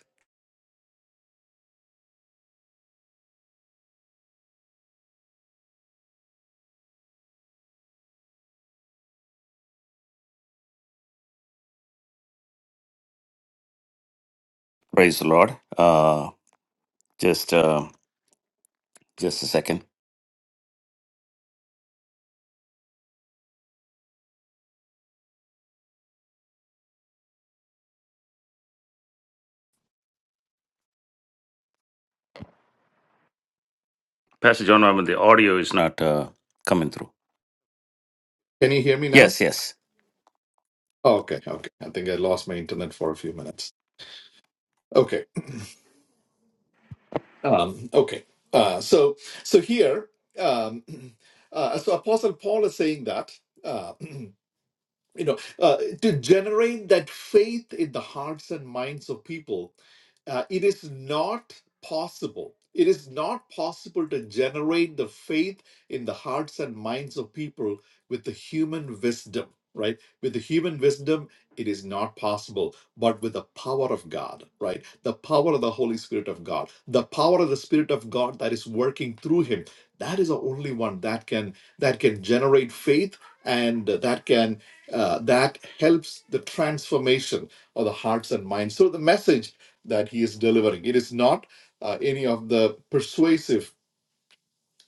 [SPEAKER 1] Praise the Lord. Uh, just uh, just a second. Pastor John Mammon, the audio is not uh, coming through.
[SPEAKER 2] Can you hear me now?
[SPEAKER 1] Yes, yes.
[SPEAKER 2] Okay, okay. I think I lost my internet for a few minutes. Okay. Um, okay, uh, so so here, um, [clears throat] uh, so Apostle Paul is saying that. Uh, [clears throat] you know, uh, to generate that faith in the hearts and minds of people, uh, it is not possible. It is not possible to generate the faith in the hearts and minds of people with the human wisdom, right? With the human wisdom, it is not possible, but with the power of God, right? The power of the Holy Spirit of God, the power of the Spirit of God that is working through Him, That is the only one that can that can generate faith and that can uh, that helps the transformation of the hearts and minds. So the message that he is delivering, it is not uh, any of the persuasive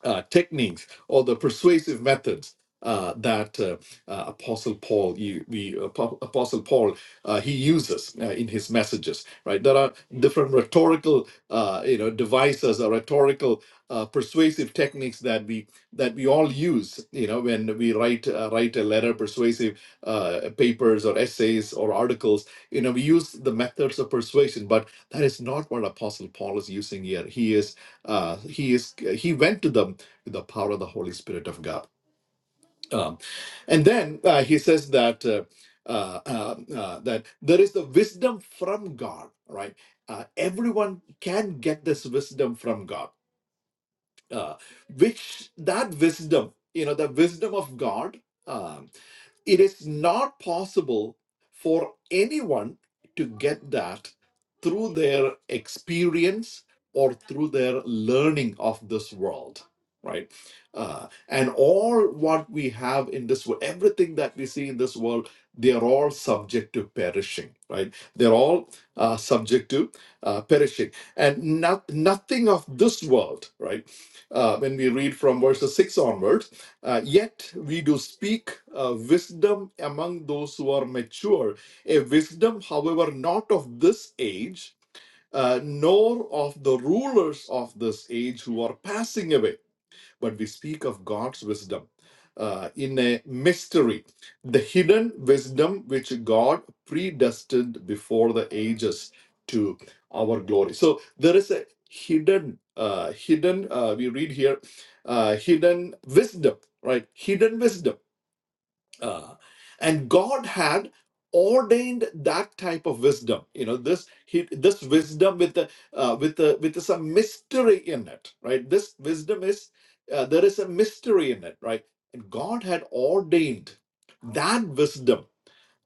[SPEAKER 2] uh, techniques or the persuasive methods uh, that uh, uh, Apostle Paul, you, we, Apo- Apostle Paul, uh, he uses uh, in his messages. Right? There are different rhetorical, uh, you know, devices or rhetorical uh, persuasive techniques that we that we all use. You know, when we write uh, write a letter, persuasive uh, papers or essays or articles. You know, we use the methods of persuasion, but that is not what Apostle Paul is using here. He is uh, he is he went to them the power of the Holy Spirit of God. Um, and then uh, he says that uh, uh, uh, uh, that there is the wisdom from God, right? Uh, everyone can get this wisdom from God uh, which that wisdom you know the wisdom of god um, it is not possible for anyone to get that through their experience or through their learning of this world right uh, and all what we have in this world everything that we see in this world they are all subject to perishing right they're all uh, subject to uh, perishing and not, nothing of this world right uh, when we read from verses 6 onwards. Uh, Yet we do speak uh, wisdom among those who are mature, a wisdom, however, not of this age, uh, nor of the rulers of this age who are passing away but we speak of God's wisdom uh, in a mystery, the hidden wisdom which God predestined before the ages to our glory. So there is a hidden, uh, hidden. Uh, we read here, uh, hidden wisdom, right? Hidden wisdom uh, and God had ordained that type of wisdom. You know, this he, this wisdom with the uh, with the with some mystery in it, right? This wisdom is uh, there is a mystery in it, right? And God had ordained that wisdom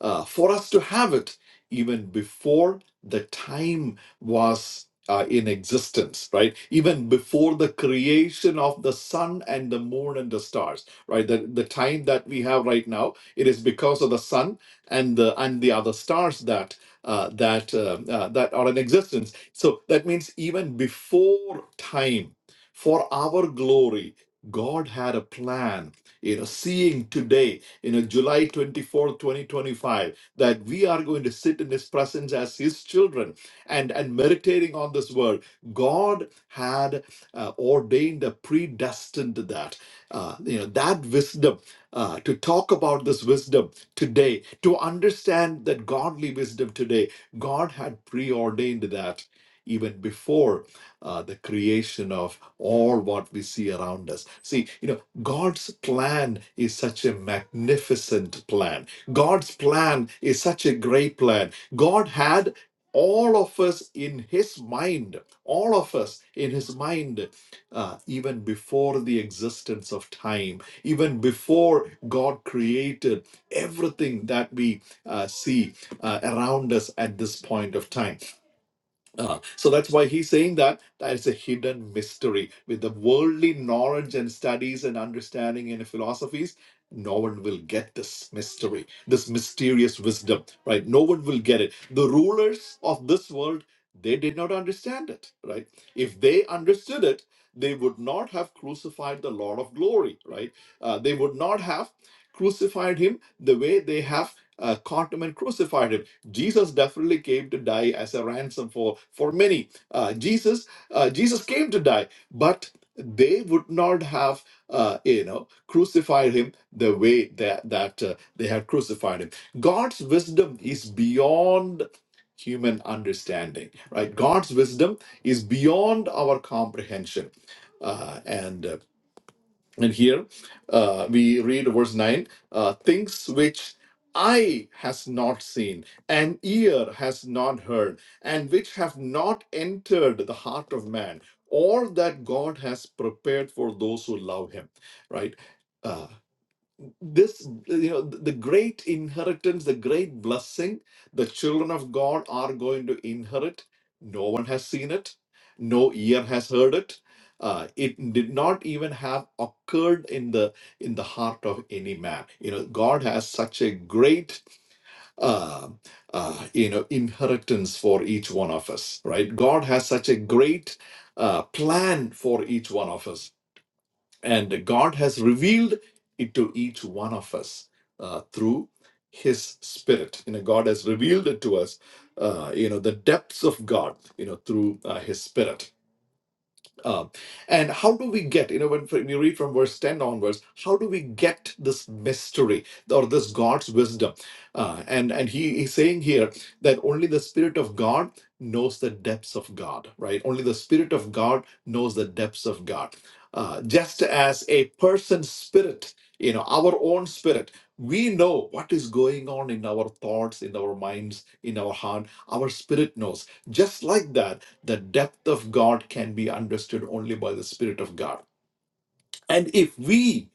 [SPEAKER 2] uh, for us to have it even before the time was uh, in existence, right? Even before the creation of the sun and the moon and the stars, right? The, the time that we have right now, it is because of the sun and the and the other stars that uh, that uh, uh, that are in existence. So that means even before time, for our glory, God had a plan. You know, seeing today you know, July twenty-fourth, twenty fourth, 2025, that we are going to sit in His presence as His children and, and meditating on this word. God had uh, ordained, a predestined that, uh, you know, that wisdom, uh, to talk about this wisdom today, to understand that godly wisdom today. God had preordained that even before uh, the creation of all what we see around us. See, you know God's plan is such a magnificent plan. God's plan is such a great plan. God had all of us in His mind, all of us in His mind, uh, even before the existence of time, even before God created everything that we uh, see uh, around us at this point of time. Uh, so that's why he's saying that that is a hidden mystery. With the worldly knowledge and studies and understanding and philosophies, no one will get this mystery, this mysterious wisdom, right? No one will get it. The rulers of this world, they did not understand it, right? If they understood it, they would not have crucified the Lord of glory, right? Uh, they would not have crucified him the way they have uh, caught him and crucified him Jesus definitely came to die as a ransom for for many. Uh, Jesus uh, Jesus came to die, but they would not have uh, you know crucified him the way that that uh, they had crucified him. God's wisdom is beyond human understanding right god's wisdom is beyond our comprehension Uh, and uh, and here uh, we read verse 9 uh, things which eye has not seen, and ear has not heard, and which have not entered the heart of man, all that God has prepared for those who love him. Right? Uh, this you know the great inheritance the great blessing the children of god are going to inherit no one has seen it no ear has heard it uh, it did not even have occurred in the in the heart of any man you know god has such a great uh, uh, you know inheritance for each one of us right god has such a great uh, plan for each one of us and God has revealed it to each one of us uh, through His Spirit. You know, God has revealed it to us. Uh, you know, the depths of God. You know, through uh, His Spirit um, and how do we get, you know, when, when you read from verse 10 onwards, how do we get this mystery or this God's wisdom? Uh, and and he, he's saying here that only the Spirit of God knows the depths of God, right? Only the Spirit of God knows the depths of God. Uh, just as a person's spirit, you know, our own spirit, we know what is going on in our thoughts, in our minds, in our heart. Our spirit knows. Just like that, the depth of God can be understood only by the Spirit of God. And if we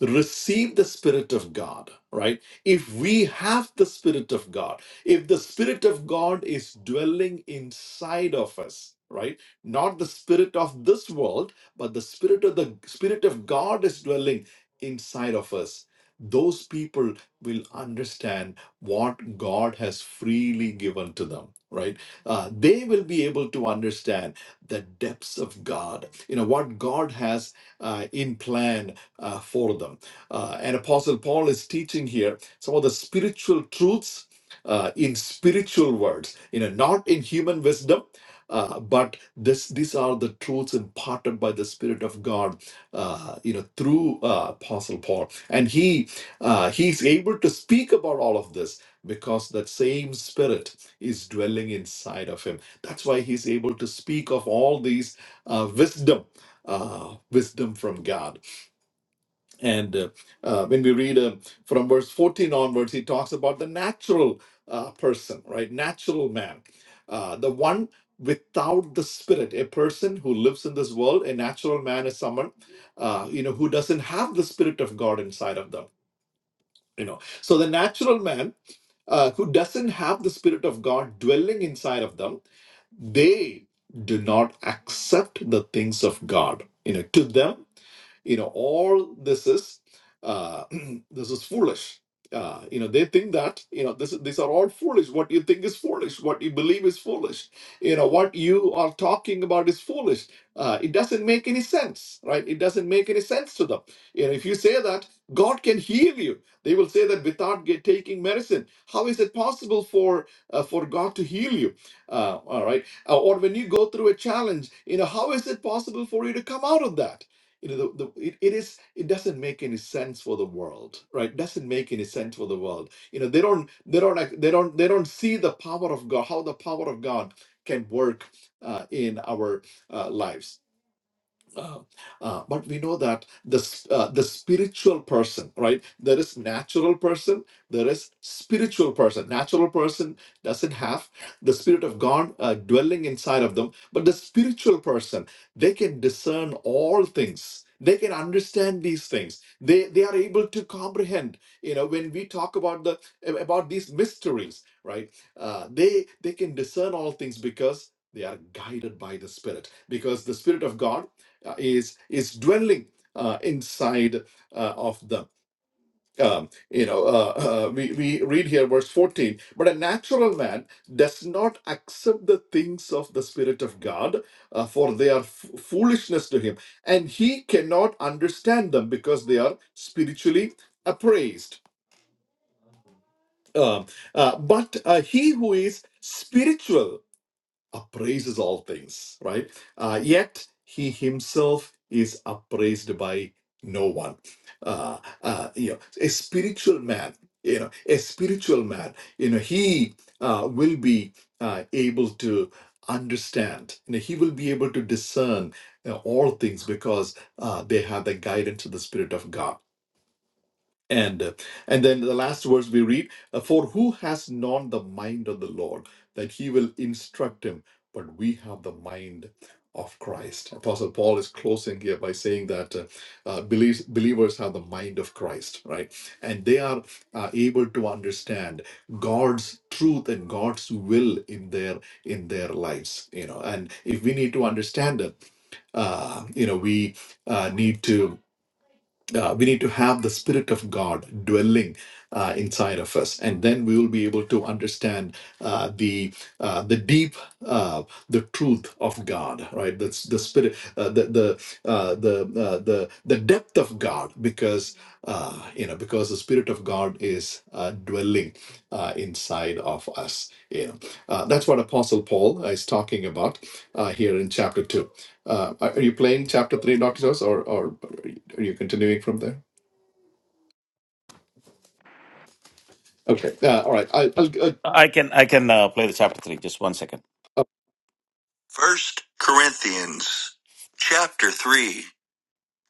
[SPEAKER 2] receive the Spirit of God, right? If we have the Spirit of God, if the Spirit of God is dwelling inside of us, right? Not the spirit of this world, but the spirit of the Spirit of God is dwelling inside of us. Those people will understand what God has freely given to them, right? Uh, they will be able to understand the depths of God, you know, what God has uh, in plan uh, for them. Uh, and Apostle Paul is teaching here some of the spiritual truths uh, in spiritual words, you know, not in human wisdom. Uh, but this, these are the truths imparted by the Spirit of God, uh, you know, through uh, Apostle Paul, and he uh, he's able to speak about all of this because that same Spirit is dwelling inside of him. That's why he's able to speak of all these uh, wisdom uh, wisdom from God. And uh, uh, when we read uh, from verse 14 onwards, he talks about the natural uh, person, right? Natural man, uh, the one without the spirit, a person who lives in this world. A natural man is someone, uh, you know, who doesn't have the spirit of God inside of them. You know, so the natural man uh, who doesn't have the spirit of God dwelling inside of them, they do not accept the things of God. You know, to them you know all this is uh, [clears throat] this is foolish uh, you know they think that you know this these are all foolish what you think is foolish what you believe is foolish you know what you are talking about is foolish uh, it doesn't make any sense right it doesn't make any sense to them you know if you say that god can heal you they will say that without get, taking medicine how is it possible for uh, for god to heal you uh, all right Uh, or when you go through a challenge you know how is it possible for you to come out of that you know the, the it, it is it doesn't make any sense for the world right doesn't make any sense for the world you know they don't they don't like they don't they don't see the power of god how the power of god can work uh, in our uh, lives uh, uh, but we know that the s- uh, the spiritual person, right? There is natural person, there is spiritual person. Natural person doesn't have the spirit of God uh, dwelling inside of them, but the spiritual person, they can discern all things. They can understand these things. They they are able to comprehend. You know, when we talk about the about these mysteries, right? Uh, they they can discern all things because they are guided by the Spirit. Because the Spirit of God uh, is is dwelling uh, inside uh, of them. Um, you know, uh, uh, we we read here verse fourteen. But a natural man does not accept the things of the Spirit of God, uh, for they are f- foolishness to him, and he cannot understand them because they are spiritually appraised. Um, uh, but uh, he who is spiritual appraises all things, right? Uh, yet he himself is appraised by no one. Uh, uh, you know, a spiritual man, you know, a spiritual man, you know, he uh, will be uh, able to understand, you know, he will be able to discern uh, all things because uh, they have the guidance of the Spirit of God and uh, and then the last verse we read, uh, for who has known the mind of the Lord that he will instruct him, but we have the mind of Christ. Apostle Paul is closing here by saying that uh, uh, believes, believers have the mind of Christ, right? And they are uh, able to understand God's truth and God's will in their in their lives, you know. And if we need to understand it, uh, you know, we uh, need to uh, we need to have the spirit of god dwelling uh, inside of us and then we will be able to understand uh, the uh, the deep uh, the truth of god right that's the spirit uh, the the uh, the, uh, the the depth of god because uh, you know because the spirit of god is uh, dwelling uh, inside of us you know uh, that's what apostle paul is talking about uh, here in chapter 2 uh, are are you playing chapter 3 doctors or or are you continuing from there? Okay. Yeah. All right. I, I'll, I'll,
[SPEAKER 1] I can I can uh, play the chapter 3. Just one second.
[SPEAKER 2] uh,
[SPEAKER 1] First Corinthians chapter 3.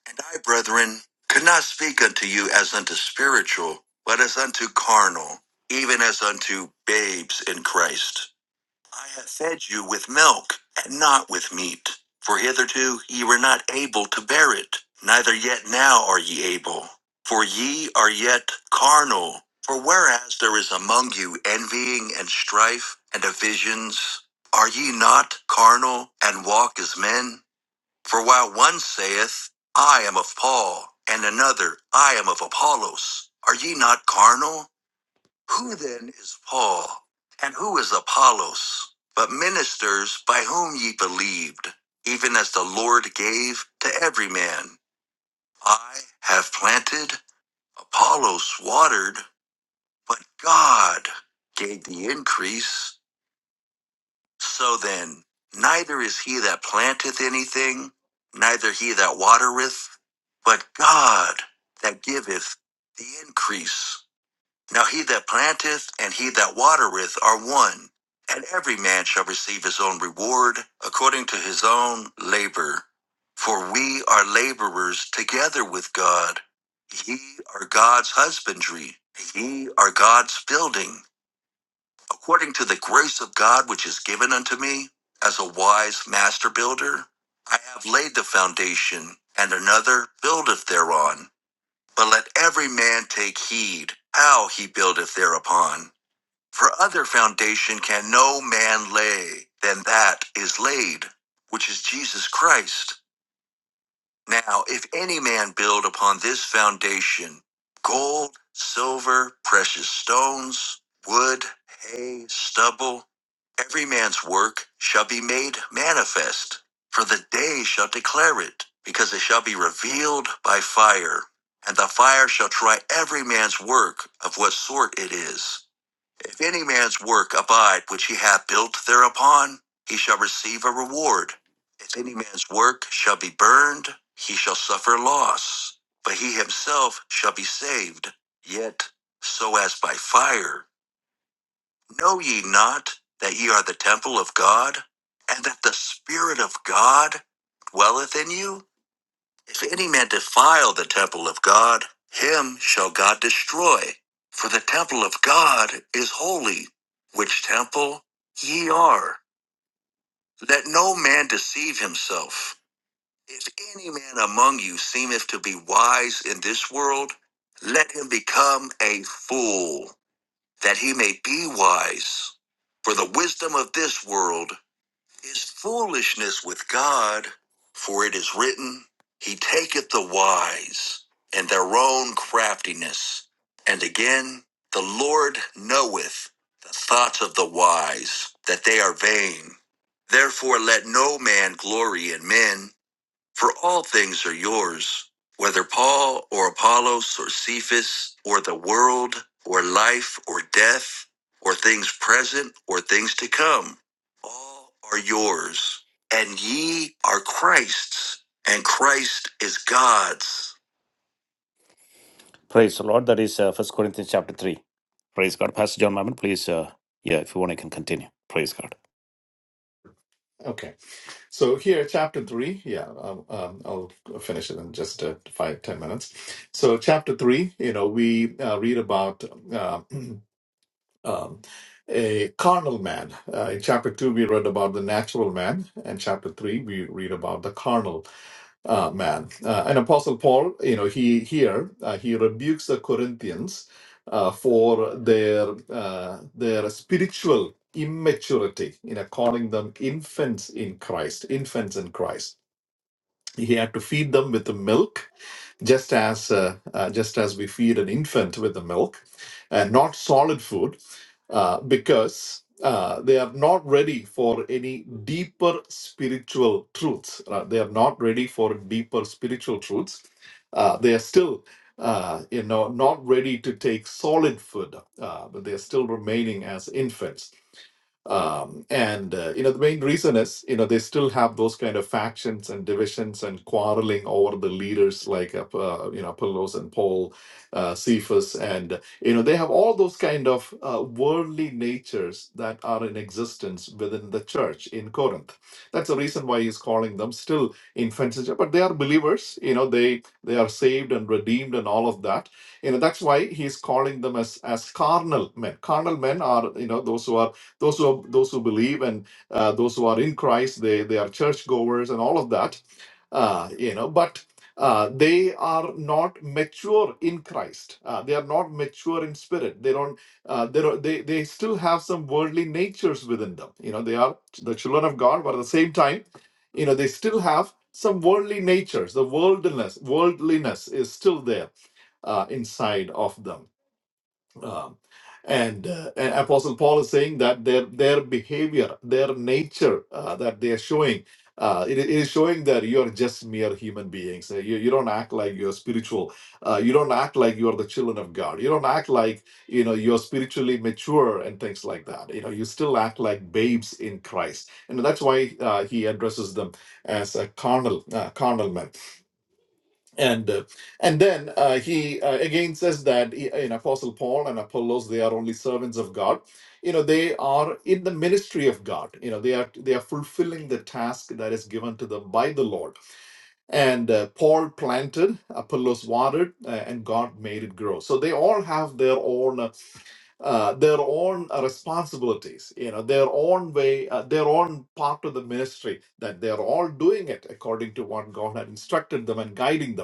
[SPEAKER 1] And I, brethren, could not speak unto you as unto spiritual, but as unto carnal, even as unto babes in Christ. I have fed you with milk, and not with meat. For hitherto ye were not able to bear it, neither yet now are ye able. For ye are yet carnal. For whereas there is among you envying and strife and divisions, are ye not carnal and walk as men? For while one saith, I am of Paul, and another, I am of Apollos, are ye not carnal? Who then is Paul, and who is Apollos, but ministers by whom ye believed, even as the Lord gave to every man? I have planted, Apollos watered, but God gave the increase. So then, neither is he that planteth anything, neither he that watereth, but God that giveth the increase. Now he that planteth and he that watereth are one, and every man shall receive his own reward according to his own labor. For we are laborers together with God. Ye are God's husbandry, ye are God's building according to the grace of God which is given unto me, as a wise master builder, I have laid the foundation, and another buildeth thereon. But let every man take heed how he buildeth thereupon. For other foundation can no man lay than that is laid, which is Jesus Christ. Now, if any man build upon this foundation gold, silver, precious stones, wood, hay, stubble, every man's work shall be made manifest, for the day shall declare it, because it shall be revealed by fire. And the fire shall try every man's work of what sort it is. If any man's work abide which he hath built thereupon, he shall receive a reward. If any man's work shall be burned, he shall suffer loss, but he himself shall be saved, yet so as by fire. Know ye not that ye are the temple of God, and that the Spirit of God dwelleth in you? If any man defile the temple of God, him shall God destroy. For the temple of God is holy, which temple ye are. Let no man deceive himself. If any man among you seemeth to be wise in this world, let him become a fool, that he may be wise. For the wisdom of this world is foolishness with God, for it is written, He taketh the wise and their own craftiness. And again, the Lord knoweth the thoughts of the wise, that they are vain. Therefore, let no man glory in men, for all things are yours, whether Paul or Apollos or Cephas or the world or life or death or things present or things to come, all are yours. And ye are Christ's, and Christ is God's. Praise the Lord. That is uh, 1 Corinthians chapter 3. Praise God. Pastor John Mammon, please, uh, yeah, if you want, I can continue. Praise God.
[SPEAKER 2] okay. So here, chapter three. Yeah. Um, um, I'll finish it in just uh, five ten minutes. So chapter three. You know, we uh, read about. Uh, [clears throat] um, a carnal man. Uh, in chapter 2, we read about the natural man, and chapter 3, we read about the carnal uh, man. Uh, and Apostle Paul, you know, he here, uh, he rebukes the Corinthians uh, for their, uh, their spiritual immaturity, you know, calling them infants in Christ, infants in Christ. He had to feed them with the milk just as uh, uh, just as we feed an infant with the milk and not solid food uh, because uh, they are not ready for any deeper spiritual truths uh, they are not ready for deeper spiritual truths uh, they are still uh, you know not ready to take solid food uh, but they are still remaining as infants um, and uh, you know the main reason is you know they still have those kind of factions and divisions and quarreling over the leaders like uh, uh, you know Apollos and Paul, uh, Cephas, and you know they have all those kind of uh, worldly natures that are in existence within the church in Corinth. That's the reason why he's calling them still infants, in church, but they are believers. You know they they are saved and redeemed and all of that. You know that's why he's calling them as as carnal men. Carnal men are you know those who are those who those who believe and uh, those who are in Christ, they they are churchgoers and all of that, uh, you know. But uh, they are not mature in Christ. Uh, they are not mature in spirit. They don't. Uh, they don't. They they still have some worldly natures within them. You know, they are the children of God, but at the same time, you know, they still have some worldly natures. The worldliness worldliness is still there uh, inside of them um, and, uh, and Apostle Paul is saying that their their behavior, their nature uh, that they are showing, uh, it, it is showing that you are just mere human beings. Uh, You, you don't act like you're spiritual. Uh, you don't act like you are the children of God. You don't act like you know you're spiritually mature and things like that. You know you still act like babes in Christ, and that's why uh, he addresses them as a carnal uh, carnal men and uh, and then uh, he uh, again says that he- in apostle paul and apollos they are only servants of god you know they are in the ministry of god you know they are they are fulfilling the task that is given to them by the lord and uh, paul planted apollos watered uh, and god made it grow so they all have their own uh, uh, their own uh, responsibilities you know their own way uh, their own part of the ministry that they are all doing it according to what god had instructed them and guiding them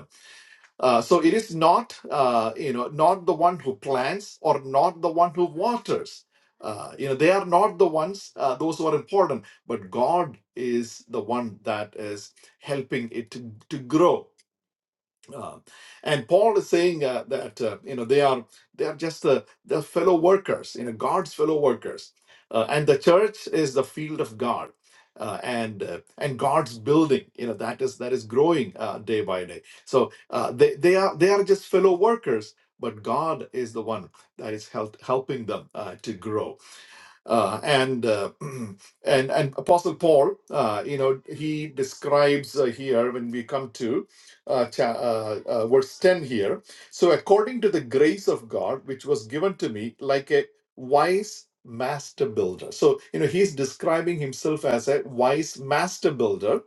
[SPEAKER 2] uh, so it is not, uh, you know, not the one who plants or not the one who waters. Uh, you know, they are not the ones, uh, those who are important, but God is the one that is helping it to, to grow uh, and Paul is saying uh, that uh, you know they are they are just uh, the fellow workers, you know, God's fellow workers, uh, and the church is the field of God, uh, and uh, and God's building, you know, that is that is growing uh, day by day. So uh, they they are they are just fellow workers, but God is the one that is help, helping them uh, to grow uh, and uh, [clears throat] and and Apostle Paul, uh, you know, he describes uh, here when we come to uh, cha- uh, uh, verse ten here. So according to the grace of God, which was given to me, like a wise master builder. So you know, he's describing himself as a wise master builder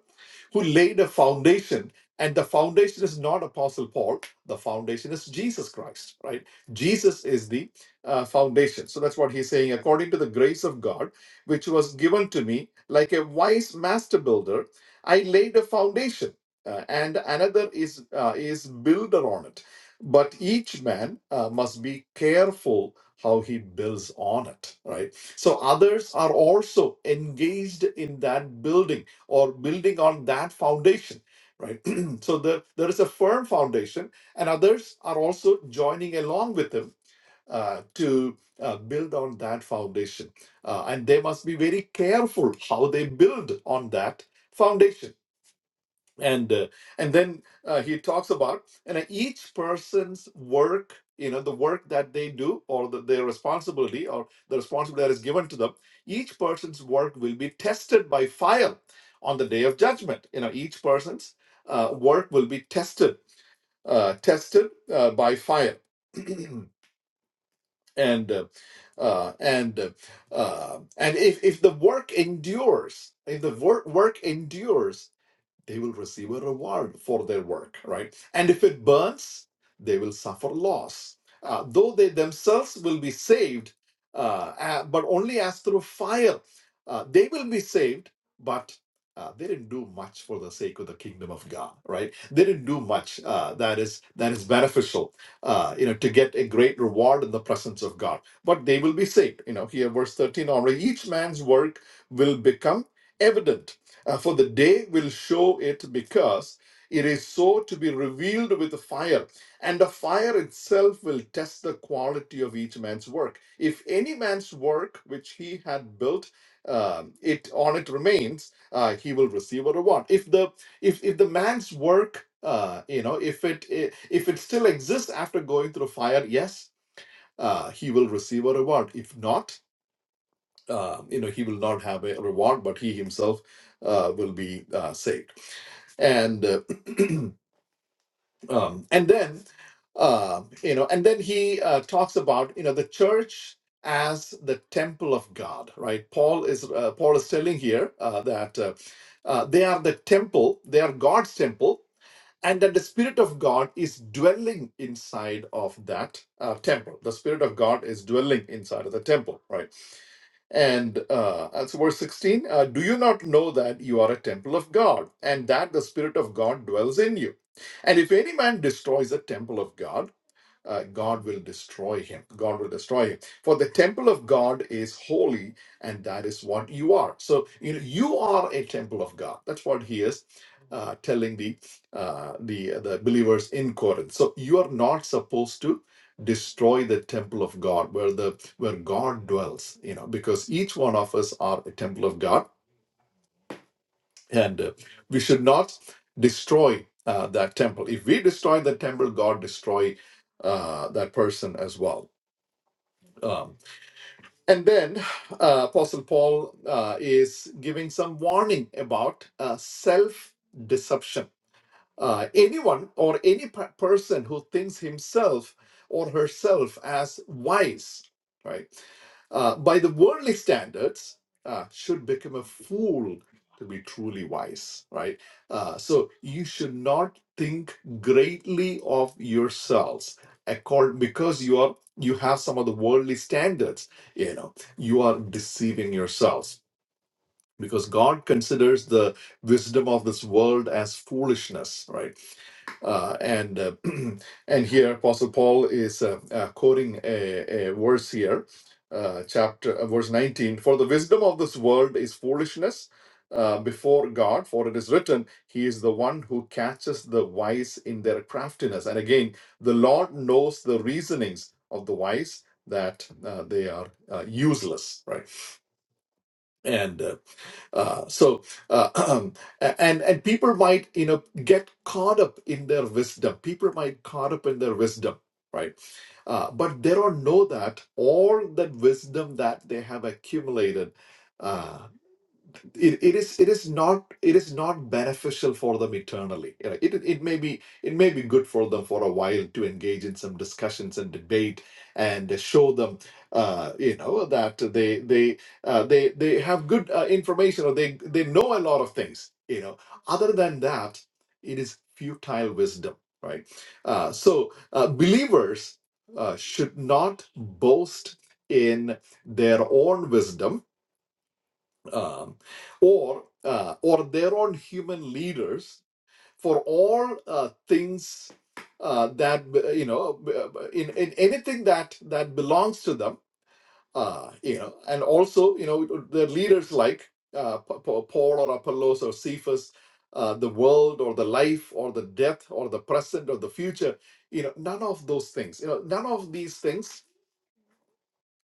[SPEAKER 2] who laid a foundation. And the foundation is not Apostle Paul, the foundation is Jesus Christ, right? Jesus is the uh, foundation. So that's what he's saying. According to the grace of God, which was given to me, like a wise master builder, I laid a foundation, uh, and another is uh, is builder on it. But each man uh, must be careful how he builds on it, right? So others are also engaged in that building or building on that foundation, right? [clears throat] so the, there is a firm foundation, and others are also joining along with him uh, to uh, build on that foundation. Uh, and they must be very careful how they build on that foundation. And uh, and then uh, he talks about and each person's work, you know, the work that they do or the, their responsibility or the responsibility that is given to them. Each person's work will be tested by fire on the day of judgment. You know, each person's uh, work will be tested, uh, tested uh, by fire. [clears throat] and uh, uh, and uh, uh, and if if the work endures, if the work work endures they will receive a reward for their work, right? And if it burns, they will suffer loss. Uh, though they themselves will be saved, uh, a- but only as through fire. Uh, they will be saved, but uh, they didn't do much for the sake of the kingdom of God, right? They didn't do much uh, that is that is beneficial, uh, you know, to get a great reward in the presence of God. But they will be saved, you know. Here, verse thirteen: Already each man's work will become evident uh, for the day will show it because it is so to be revealed with fire, and the fire itself will test the quality of each man's work. If any man's work which he had built, um, it on it remains, uh, he will receive a reward. If the if if the man's work, uh, you know, if it i- if it still exists after going through fire, yes, uh, he will receive a reward. If not, uh, you know he will not have a reward but he himself uh, will be uh, saved and uh, [clears throat] um, and then uh, you know and then he uh, talks about you know the church as the temple of god right paul is uh, paul is telling here uh, that uh, uh, they are the temple they are god's temple and that the spirit of god is dwelling inside of that uh, temple the spirit of god is dwelling inside of the temple right and uh, that's verse 16. Uh, Do you not know that you are a temple of God and that the Spirit of God dwells in you? And if any man destroys the temple of God, uh, God will destroy him. God will destroy him. For the temple of God is holy, and that is what you are. So you know, you are a temple of God. That's what he is uh, telling the uh, the the believers in Corinth. So you are not supposed to destroy the temple of God, where the where God dwells. You know, because each one of us are a temple of God, and uh, we should not destroy uh, that temple. If we destroy the temple, God destroy uh, that person as well um, and then uh, Apostle Paul uh, is giving some warning about uh, self deception uh, anyone or any per- person who thinks himself or herself as wise, right, uh, by the worldly standards, uh, should become a fool to be truly wise, right? Uh, so you should not think greatly of yourselves, accord because you are you have some of the worldly standards. You know, you are deceiving yourselves because God considers the wisdom of this world as foolishness, right? uh, and uh, [clears throat] and here apostle paul is uh, uh, quoting a, a verse here uh, chapter uh, verse 19 for the wisdom of this world is foolishness uh, before god for it is written he is the one who catches the wise in their craftiness and again the lord knows the reasonings of the wise that uh, they are uh, useless right and uh, uh, so, uh, [clears throat] and and people might you know get caught up in their wisdom. People might caught up in their wisdom, right? Uh, but they don't know that all that wisdom that they have accumulated uh, it, it is it is not it is not beneficial for them eternally You know, it, it may be it may be good for them for a while to engage in some discussions and debate and show them uh, you know that they they uh, they they have good uh, information or they they know a lot of things you know other than that it is futile wisdom right uh, so uh, believers uh, should not boast in their own wisdom um, or uh, or their own human leaders for all uh, things uh, that uh, you know uh, in, in anything that that belongs to them uh, you know and also you know their leaders like uh, Pa- Pa- Paul or Apollos or Cephas uh, the world or the life or the death or the present or the future you know none of those things you know none of these things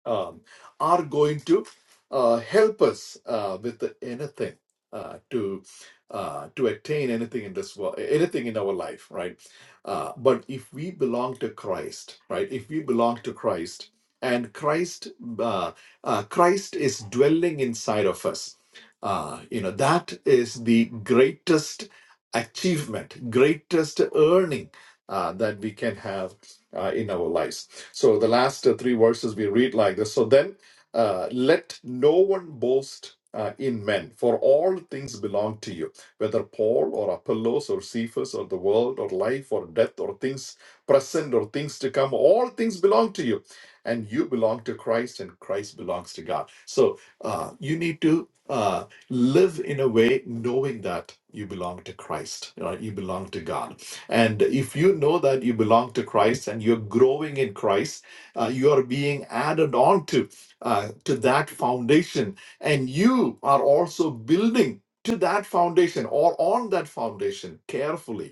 [SPEAKER 2] um, are going to uh, help us uh, with anything uh, to uh, to attain anything in this world, anything in our life, right? Uh, but if we belong to Christ, right? If we belong to Christ, and Christ, uh, uh, Christ is dwelling inside of us. Uh, you know that is the greatest achievement, greatest earning uh, that we can have uh, in our lives. So the last uh, three verses we read like this. So then, uh, let no one boast uh, in men, for all things belong to you, whether Paul or Apollos or Cephas or the world or life or death or things present or things to come, all things belong to you. And you belong to Christ, and Christ belongs to God. So uh, you need to uh, live in a way knowing that you belong to Christ, you, know, you belong to God and if you know that you belong to Christ and you're growing in Christ, uh, you are being added on to, uh, to that foundation. And you are also building to that foundation or on that foundation carefully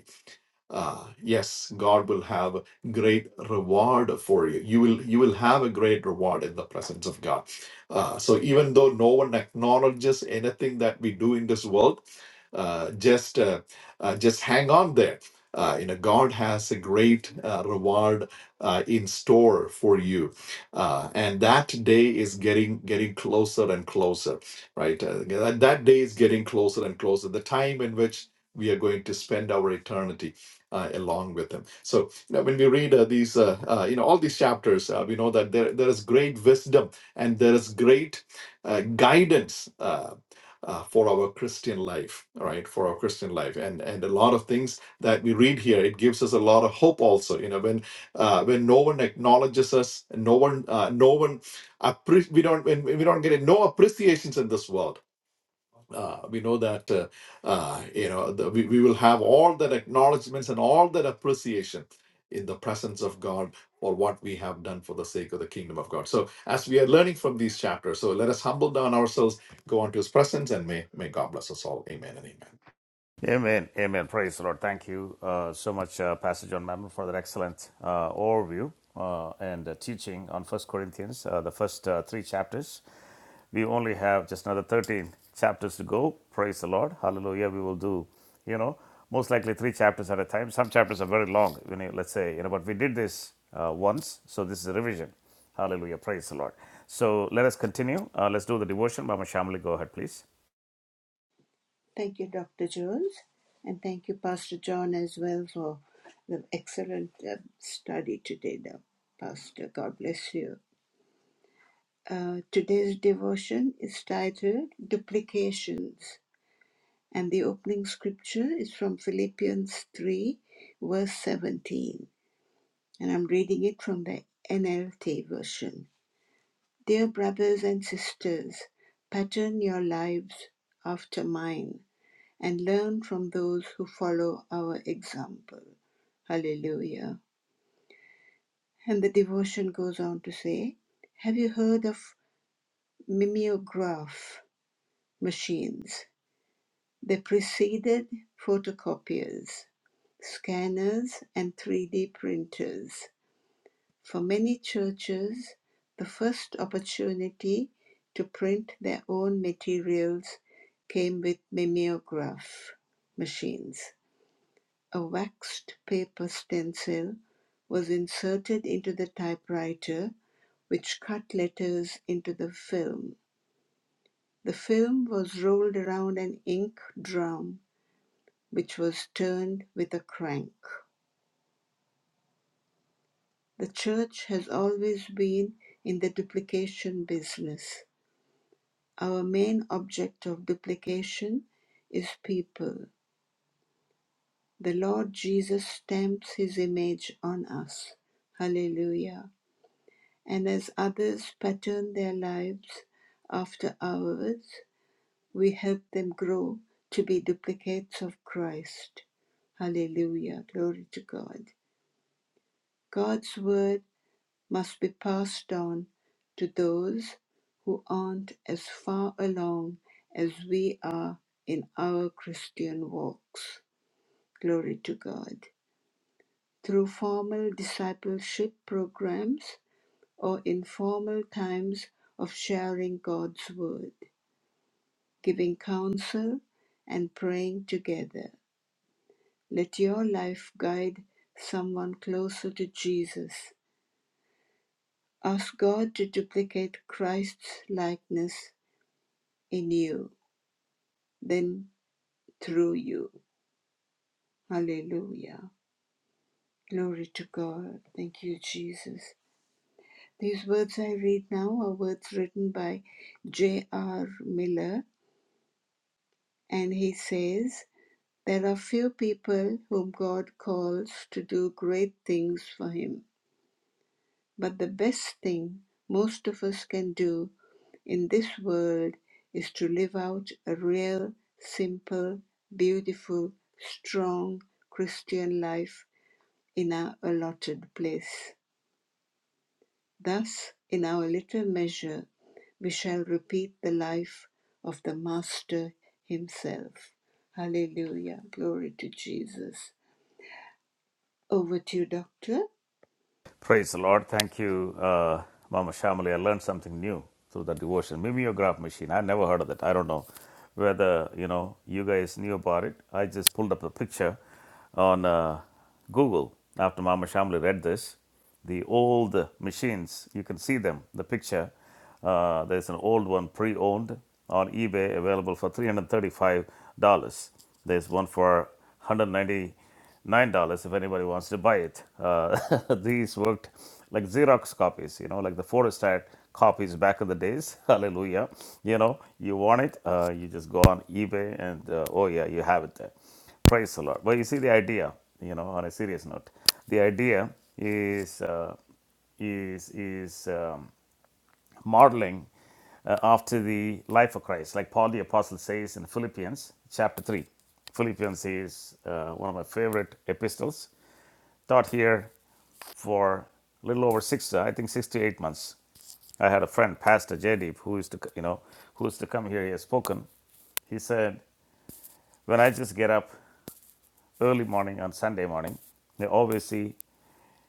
[SPEAKER 2] uh, yes god will have a great reward for you you will you will have a great reward in the presence of god uh, so even though no one acknowledges anything that we do in this world uh, just uh, uh, just hang on there uh, you know god has a great uh, reward uh, in store for you uh, and that day is getting getting closer and closer right uh, that, that day is getting closer and closer the time in which we are going to spend our eternity uh, along with him. So you know, when we read uh, these, uh, uh, you know, all these chapters, uh, we know that there there is great wisdom and there is great uh, guidance. Uh, uh, for our Christian life, all right, for our Christian life, and and a lot of things that we read here, it gives us a lot of hope. Also, you know, when uh, when no one acknowledges us, no one, uh, no one, appre- we don't, when we don't get no appreciations in this world uh, we know that uh, uh, you know the, we, we will have all that acknowledgments and all that appreciation in the presence of God for what we have done for the sake of the kingdom of God. So as we are learning from these chapters, so let us humble down ourselves, go unto His presence, and may may God bless us all. Amen and amen.
[SPEAKER 1] Amen. Amen. Praise the Lord. Thank you uh, so much, uh, Pastor John Mammon, for that excellent uh, overview uh, and uh, teaching on First Corinthians, uh, the first uh, three chapters. We only have just another 13 chapters to go. Praise the Lord. Hallelujah. We will do, you know, most likely three chapters at a time. Some chapters are very long, you know, let's say, you know, but we did this uh, once, so this is a revision. Hallelujah. Praise the Lord. So let us continue. Uh, let's do the devotion. Mama Shamali, go ahead, please. Praise the Lord. Thank you, uh, Mama Shamali. I learned something new through the devotion. Mimeograph machine. I never heard of that. I don't know whether you know you guys knew about it. I just pulled up a picture on uh, Google after Mama Shamali read this. The old machines, you can see them. The picture. Uh, there's an old one pre-owned on eBay, available for three hundred thirty-five dollars. There's one for 190 nine dollars if anybody wants to buy it. Uh, [laughs] these worked like Xerox copies, you know, like the Forrestat copies back in the days. [laughs] Hallelujah! You know, you want it, uh, you just go on eBay and uh, oh yeah, you have it there. Praise the Lord. But you see the idea, you know, on a serious note, the idea is uh, is is. Um, modeling uh, after the life of Christ, like Paul the Apostle says in Philippians chapter 3. Philippians is uh, one of my favorite epistles, taught here for a little over six, uh, I think six to eight months. I had a friend, Pastor Jaydeep, who used to, you know, who used to come here. He has spoken. He said, when I just get up early morning on Sunday morning, they always see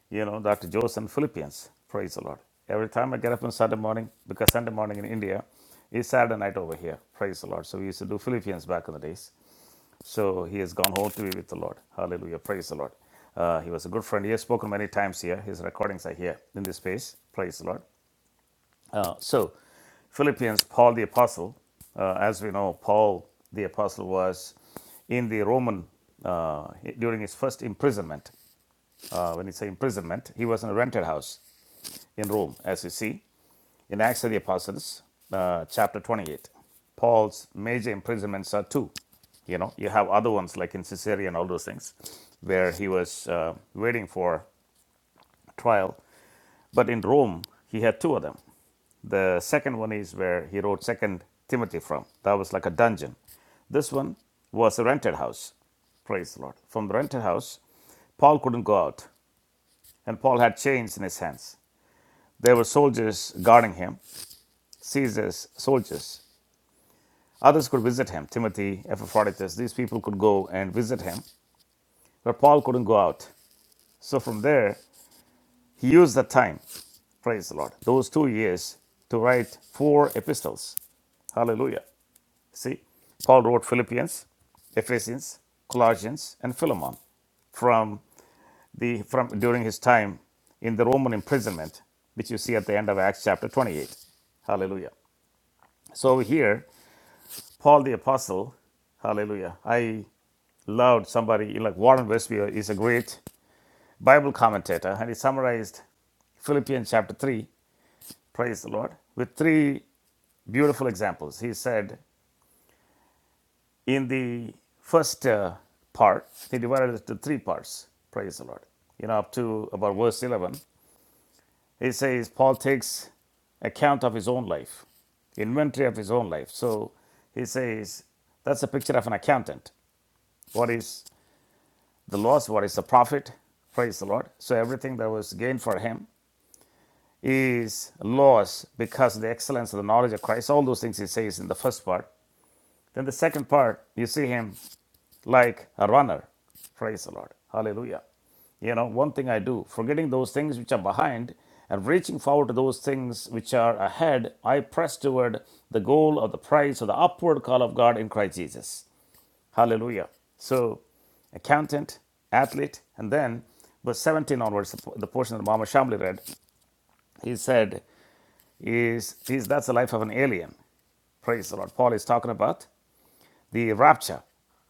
[SPEAKER 1] you know, Dr. Joseph and Philippians. Praise the Lord. Every time I get up on Sunday morning, because Sunday morning in India is Saturday night over here. Praise the Lord. So we used to do Philippians back in the days. So he has gone home to be with the Lord. Hallelujah. Praise the Lord. Uh, he was a good friend. He has spoken many times here. His recordings are here in this space. Praise the Lord. Uh, so, Philippians, Paul the Apostle, uh, as we know, Paul the Apostle was in the Roman, uh, during his first imprisonment. Uh, when he say imprisonment, he was in a rented house in Rome, as you see in Acts of the Apostles, uh, chapter 28. Paul's major imprisonments are two. You know, you have other ones like in Caesarea and all those things, where he was uh, waiting for trial. But in Rome, he had two of them. The second one is where he wrote Second Timothy from. That was like a dungeon. This one was a rented house. Praise the Lord. From the rented house, Paul couldn't go out, and Paul had chains in his hands. There were soldiers guarding him, Caesar's soldiers. Others could visit him, Timothy, Epaphroditus. These people could go and visit him, but Paul couldn't go out. So from there, he used that time, praise the Lord, those two years to write four epistles. Hallelujah. See, Paul wrote Philippians, Ephesians, Colossians, and Philemon from the from during his time in the Roman imprisonment, which you see at the end of Acts chapter 28. Hallelujah. So here Paul the Apostle, hallelujah, I loved somebody, like Warren Westfield is a great Bible commentator, and he summarized Philippians chapter 3, praise the Lord, with three beautiful examples. He said, in the first uh, part, he divided it to three parts, praise the Lord, you know, up to about verse 11. He says, Paul takes account of his own life, inventory of his own life. So he says, that's a picture of an accountant. What is The loss, what is the profit? Praise the Lord. So everything that was gained for him is loss because of the excellence of the knowledge of Christ. All those things he says in the first part. Then the second part, you see him like a runner. Praise the Lord. Hallelujah. You know, one thing I do, forgetting those things which are behind and reaching forward to those things which are ahead, I press toward the goal of the prize of the upward call of God in Christ Jesus. Hallelujah. So, accountant, athlete, and then verse 17 onwards, the portion that Mama Shamli read, he said, is, is that's the life of an alien. Praise the Lord. Paul is talking about the rapture.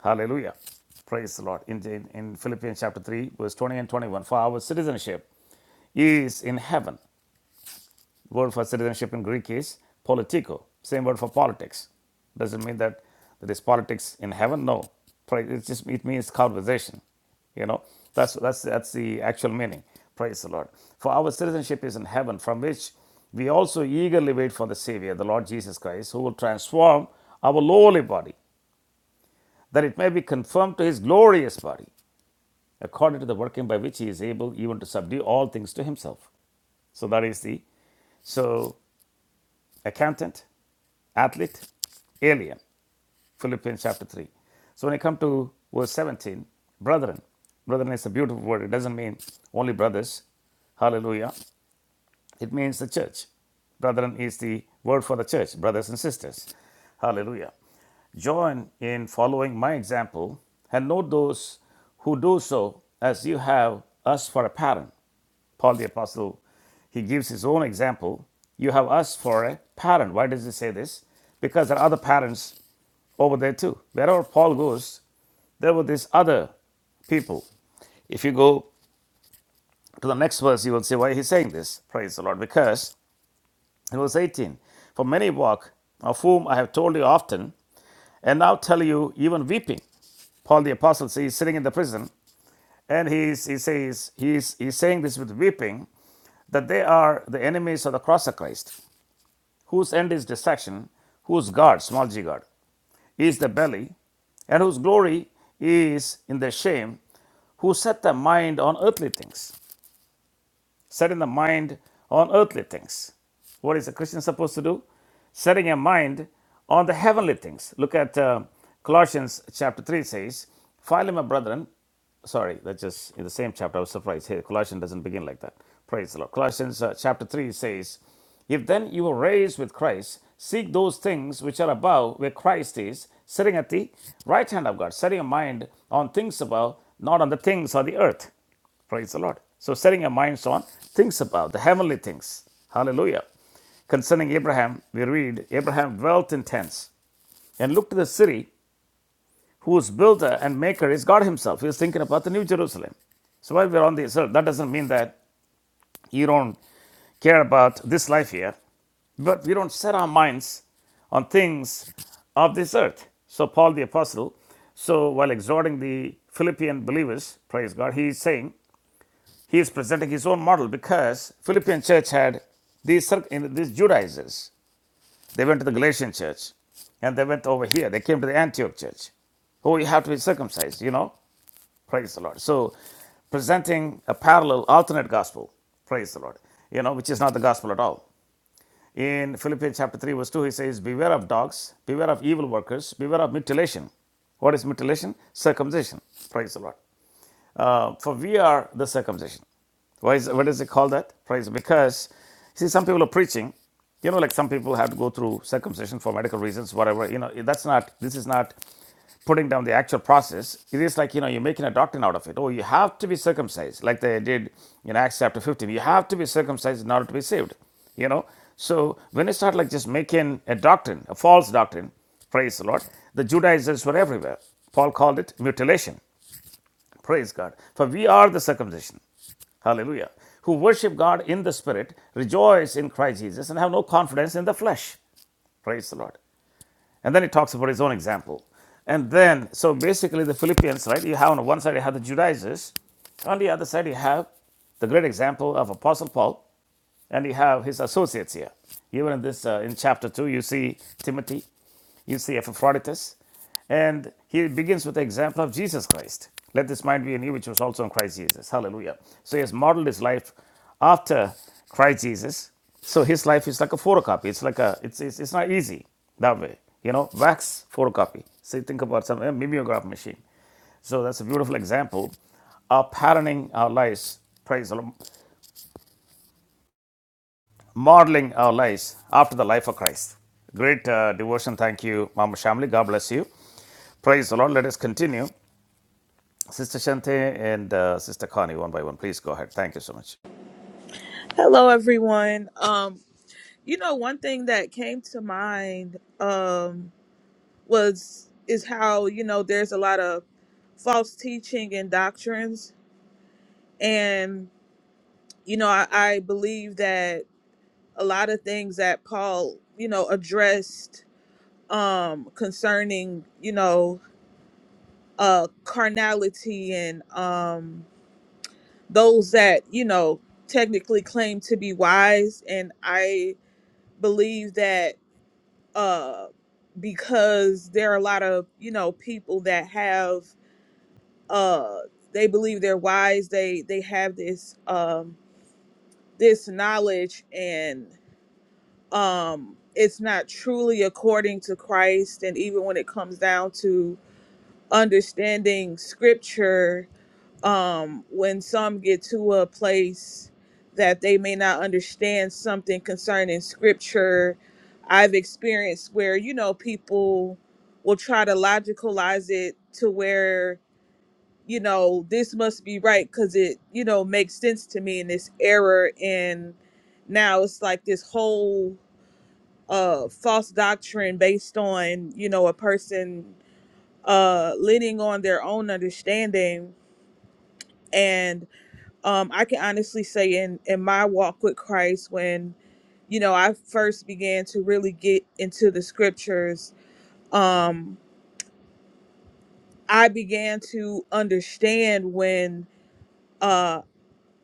[SPEAKER 1] Hallelujah. Praise the Lord. In, in, in Philippians chapter 3, verse 20 and 21, for our citizenship is in heaven The word for citizenship in Greek is politiko. same word for politics. Doesn't mean that there is politics in heaven. No, Pra- it's just it means conversation. You know, that's that's that's the actual meaning. Praise the Lord. For our citizenship is in heaven, from which we also eagerly wait for the Savior, the Lord Jesus Christ, who will transform our lowly body, that it may be conformed to his glorious body, according to the working by which he is able even to subdue all things to himself. So that is the so accountant, athlete, alien. Philippians chapter 3. So when I come to verse 17, brethren, brethren is a beautiful word. It doesn't mean only brothers. Hallelujah. It means the church. Brethren is the word for the church, brothers and sisters. Hallelujah. Join in following my example and note those who do so as you have us for a pattern. Paul the Apostle, he gives his own example. You have us for a pattern. Why does he say this? Because there are other patterns over there too. Wherever Paul goes, there were these other people. If you go to the next verse, you will see why he's saying this. Praise the Lord. Because in verse 18, for many walk, of whom I have told you often, and now tell you even weeping. Paul the Apostle, see, he's sitting in the prison. And he's, he says, he's, he's saying this with weeping that they are the enemies of the cross of Christ, whose end is destruction, whose God, small g God, is the belly, and whose glory is in the shame, who set their mind on earthly things setting the mind on earthly things. What is a Christian supposed to do? Setting a mind on the heavenly things. Look at uh, Colossians chapter 3 says, Finally, my brethren, sorry, that's just in the same chapter. I was surprised. Hey, Colossians doesn't begin like that. Praise the Lord. Colossians uh, chapter 3 says, If then you were raised with Christ, seek those things which are above where Christ is, sitting at the right hand of God, setting your mind on things above, not on the things of the earth. Praise the Lord. So, setting our minds on things above, the heavenly things. Hallelujah. Concerning Abraham, we read Abraham dwelt in tents and looked to the city whose builder and maker is God Himself. He was thinking about the New Jerusalem. So, while we're on this earth, that doesn't mean that you don't care about this life here, but we don't set our minds on things of this earth. So, Paul the Apostle, so while exhorting the Philippian believers, praise God, he is saying, he is presenting his own model because Philippian church had these, in- these Judaizers. They went to the Galatian church and they went over here. They came to the Antioch church. Oh, you have to be circumcised, you know? Praise the Lord. So presenting a parallel, alternate gospel. Praise the Lord. You know, which is not the gospel at all in Philippians chapter 3, verse 2, he says, Beware of dogs, beware of evil workers, beware of mutilation. What is mutilation? Circumcision. Praise the Lord. Uh, for we are the circumcision. Why is, what does it call that? Praise because see some people are preaching, you know, like some people have to go through circumcision for medical reasons, whatever. You know, that's not this is not putting down the actual process, it is like, you know, you're making a doctrine out of it. Oh, you have to be circumcised, like they did in Acts chapter 15. You have to be circumcised in order to be saved, you know. So when you start like just making a doctrine, a false doctrine, praise the Lord, the Judaizers were everywhere. Paul called it mutilation, praise God. For we are the circumcision, hallelujah, who worship God in the spirit, rejoice in Christ Jesus, and have no confidence in the flesh, praise the Lord. And then it talks about his own example. And then, so basically, the Philippians, right? You have on one side you have the Judaizers, on the other side you have the great example of Apostle Paul, and you have his associates here. Even in this, uh, in chapter two, you see Timothy, you see Epaphroditus, and he begins with the example of Jesus Christ. Let this mind be in you, which was also in Christ Jesus. Hallelujah. So he has modeled his life after Christ Jesus. So his life is like a photocopy. It's like a, it's, it's, it's not easy that way. You know, wax photocopy. So think about some a mimeograph machine. So that's a beautiful example of patterning our lives. Praise the Lord modeling our lives after the life of Christ. Great uh, devotion. Thank you, Mama Shamli. God bless you. Praise the Lord. Let us continue. Sister Shante and uh, Sister Connie, one by one. Please go ahead. Thank you so much.
[SPEAKER 4] Hello, everyone. Um, you know, one thing that came to mind um, was is how you know there's a lot of false teaching and doctrines, and you know, I, I believe that a lot of things that Paul you know addressed um, concerning you know uh, carnality and um, those that you know technically claim to be wise, and I believe that uh because there are a lot of you know people that have uh they believe they're wise they they have this um this knowledge and um it's not truly according to christ and even when it comes down to understanding scripture um, when some get to a place that they may not understand something concerning scripture. I've experienced where, you know, people will try to logicalize it to where, you know, this must be right because it, you know, makes sense to me in this error. And now it's like this whole uh, false doctrine based on, you know, a person uh, leaning on their own understanding. And um, I can honestly say in in my walk with Christ, when you know I first began to really get into the scriptures, um, I began to understand when uh,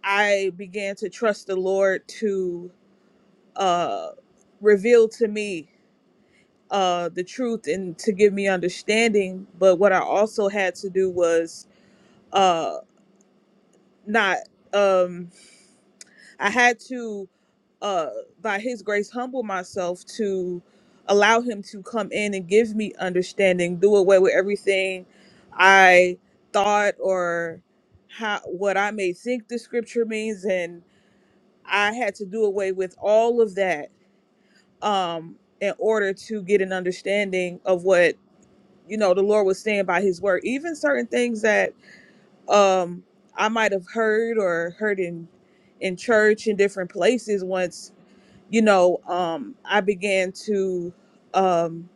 [SPEAKER 4] I began to trust the Lord to uh, reveal to me uh, the truth and to give me understanding. But what I also had to do was uh, not. Um, I had to, uh, by His grace, humble myself to allow Him to come in and give me understanding, do away with everything I thought or how what I may think the Scripture means, and I had to do away with all of that um, in order to get an understanding of what you know the Lord was saying by His word, even certain things that um, I might have heard or heard in in church in different places once you know, um, I began to um,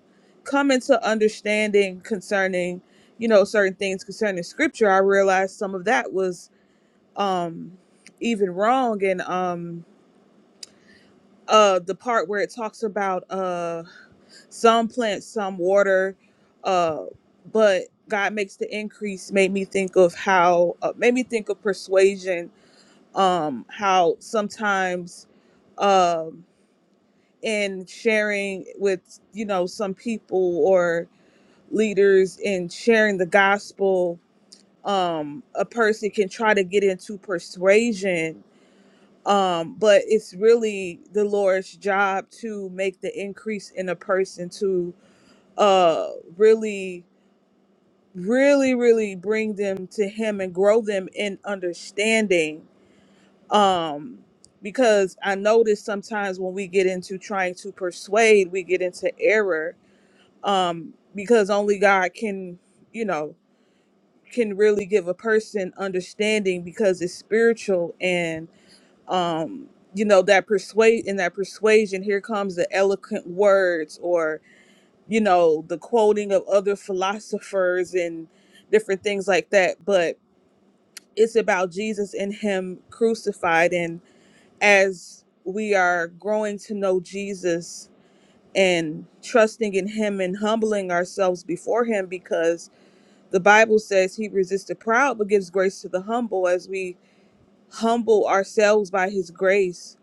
[SPEAKER 4] come into understanding concerning, you know, certain things concerning scripture. I realized some of that was um, even wrong. And um, uh, the part where it talks about uh, some plants, some water, uh, but God makes the increase made me think of how, uh, made me think of persuasion, um, how sometimes. Um, and sharing with you know some people or leaders and sharing the gospel um a person can try to get into persuasion um but it's really the lord's job to make the increase in a person to uh really really really bring them to him and grow them in understanding um because i notice sometimes when we get into trying to persuade we get into error um because only god can you know can really give a person understanding because it's spiritual and um you know that persuade in that persuasion here comes the eloquent words or you know the quoting of other philosophers and different things like that but it's about jesus and him crucified and as we are growing to know jesus and trusting in him and humbling ourselves before him because The Bible says he resists the proud but gives grace to the humble as we humble ourselves by his grace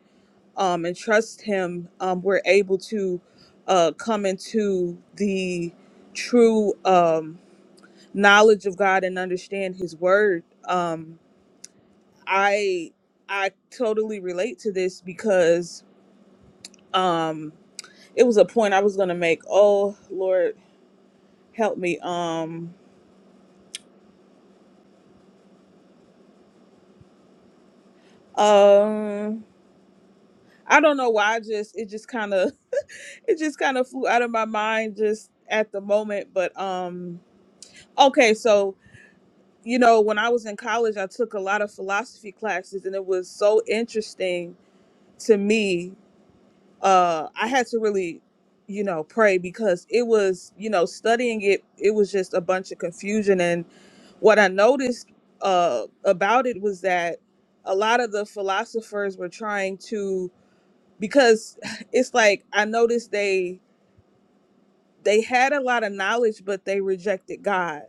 [SPEAKER 4] um, and trust him, um, we're able to uh, come into the true um, knowledge of God and understand his word. Um, I I totally relate to this because um, it was a point I was gonna make. Oh Lord help me. Um um I don't know why I just it just kinda it just kind of flew out of my mind just at the moment but um okay so you know when i was in college i took a lot of philosophy classes and it was so interesting to me uh i had to really you know pray because it was you know studying it it was just a bunch of confusion and what i noticed uh about it was that a lot of the philosophers were trying to because [laughs] [sighs] it's like i noticed they they had a lot of knowledge, but they rejected God.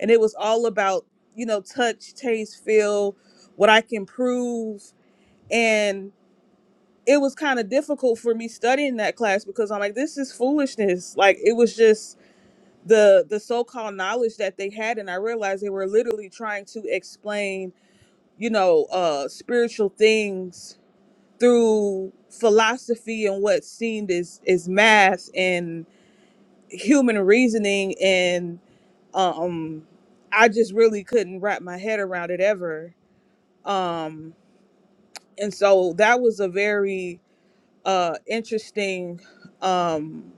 [SPEAKER 4] And it was all about, you know, touch, taste, feel, what I can prove. And it was kind of difficult for me studying that class because I'm like, this is foolishness. Like it was just the the so-called knowledge that they had. And I realized they were literally trying to explain, you know, uh spiritual things through philosophy and what seemed is is math and human reasoning and um i just really couldn't wrap my head around it ever um and so that was a very uh interesting um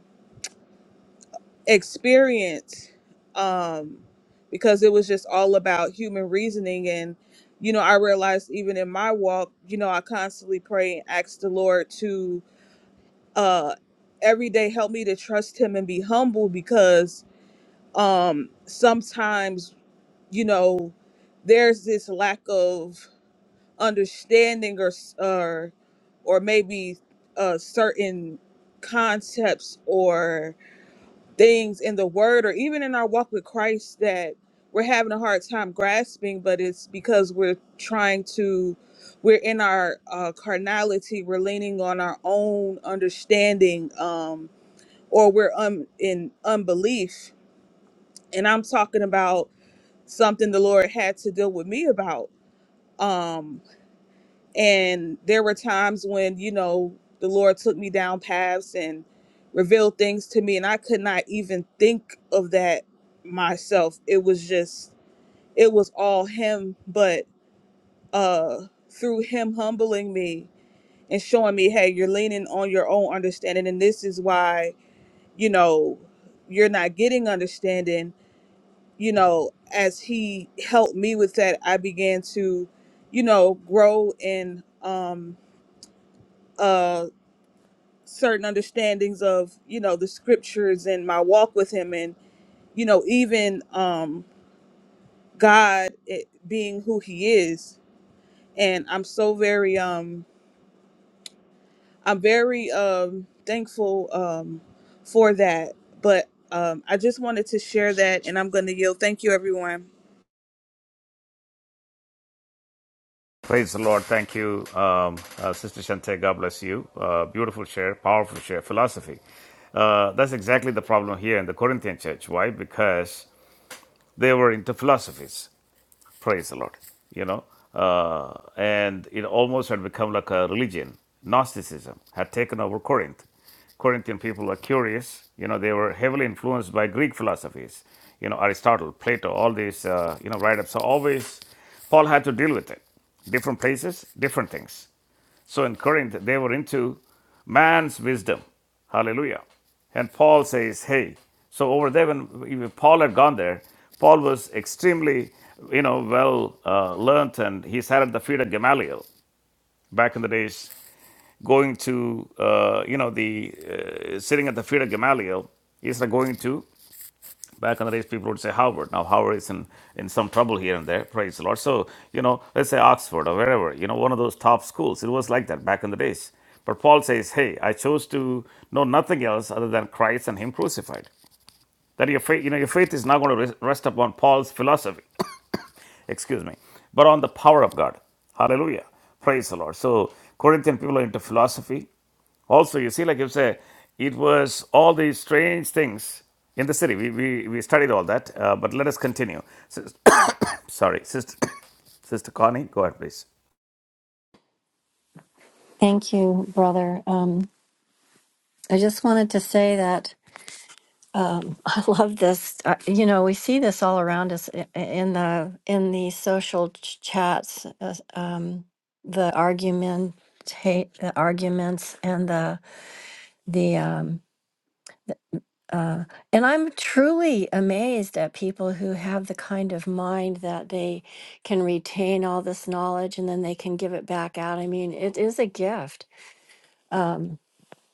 [SPEAKER 4] experience um because it was just all about human reasoning and you know i realized even in my walk you know i constantly pray and ask the lord to uh every day help me to trust him and be humble because um sometimes you know there's this lack of understanding or s- or or maybe uh certain concepts or things in the word or even in our walk with Christ that we're having a hard time grasping but it's because we're trying to we're in our uh, carnality we're leaning on our own understanding um or we're um in unbelief and I'm talking about something the Lord had to deal with me about um and there were times when you know the lord took me down paths and revealed things to me and i could not even think of that myself it was just it was all him but uh through him humbling me and showing me hey you're leaning on your own understanding and this is why you know you're not getting understanding you know as he helped me with that i began to you know grow in Um, uh certain understandings of you know the scriptures and my walk with him and you know even um god it, being who he is and i'm so very um i'm very um thankful um for that but um i just wanted to share that and i'm gonna yield thank you everyone
[SPEAKER 1] Praise the Lord. Thank you, um, uh, Sister Shante. God bless you. Uh, beautiful share, powerful share, philosophy. Uh, that's exactly the problem here in the Corinthian church. Why? Because they were into philosophies Praise the Lord. You know, uh, and it almost had become like a religion. Gnosticism had taken over Corinth. Corinthian people were curious. You know, they were heavily influenced by Greek philosophies. You know, Aristotle, Plato, all these, uh, you know, write ups. So always, Paul had to deal with it. Different places, different things. So in Corinth, they were into man's wisdom. Hallelujah. And Paul says, hey, so over there, when Paul had gone there, Paul was extremely, you know, well uh, learned and he sat at the feet of Gamaliel back in the days, going to, uh, you know, the uh, sitting at the feet of Gamaliel instead of going to Back on the days, people would say Harvard. Now, Harvard is in, in some trouble here and there, praise the Lord. So, you know, let's say Oxford or wherever, you know, one of those top schools. It was like that back in the days. But Paul says, hey, I chose to know nothing else other than Christ and Him crucified. That your faith, you know, your faith is not going to rest upon Paul's philosophy excuse me, but on the power of God. Hallelujah. Praise the Lord. So Corinthian people are into philosophy. Also, you see, like you say, it was all these strange things in the city. We, we, we studied all that, uh, but let us continue. Sis- [coughs] Sorry, Sister, [coughs] Sister Connie, go ahead, please.
[SPEAKER 5] Thank you, brother. Um, I just wanted to say that um, [laughs] I love this. Uh, you know, we see this all around us i- i- in the in the social ch- chats, uh, um, the argument, the arguments, and the the. Um, uh, and I'm truly amazed at people who have the kind of mind that they can retain all this knowledge and then they can give it back out. I mean, it is a gift. Um,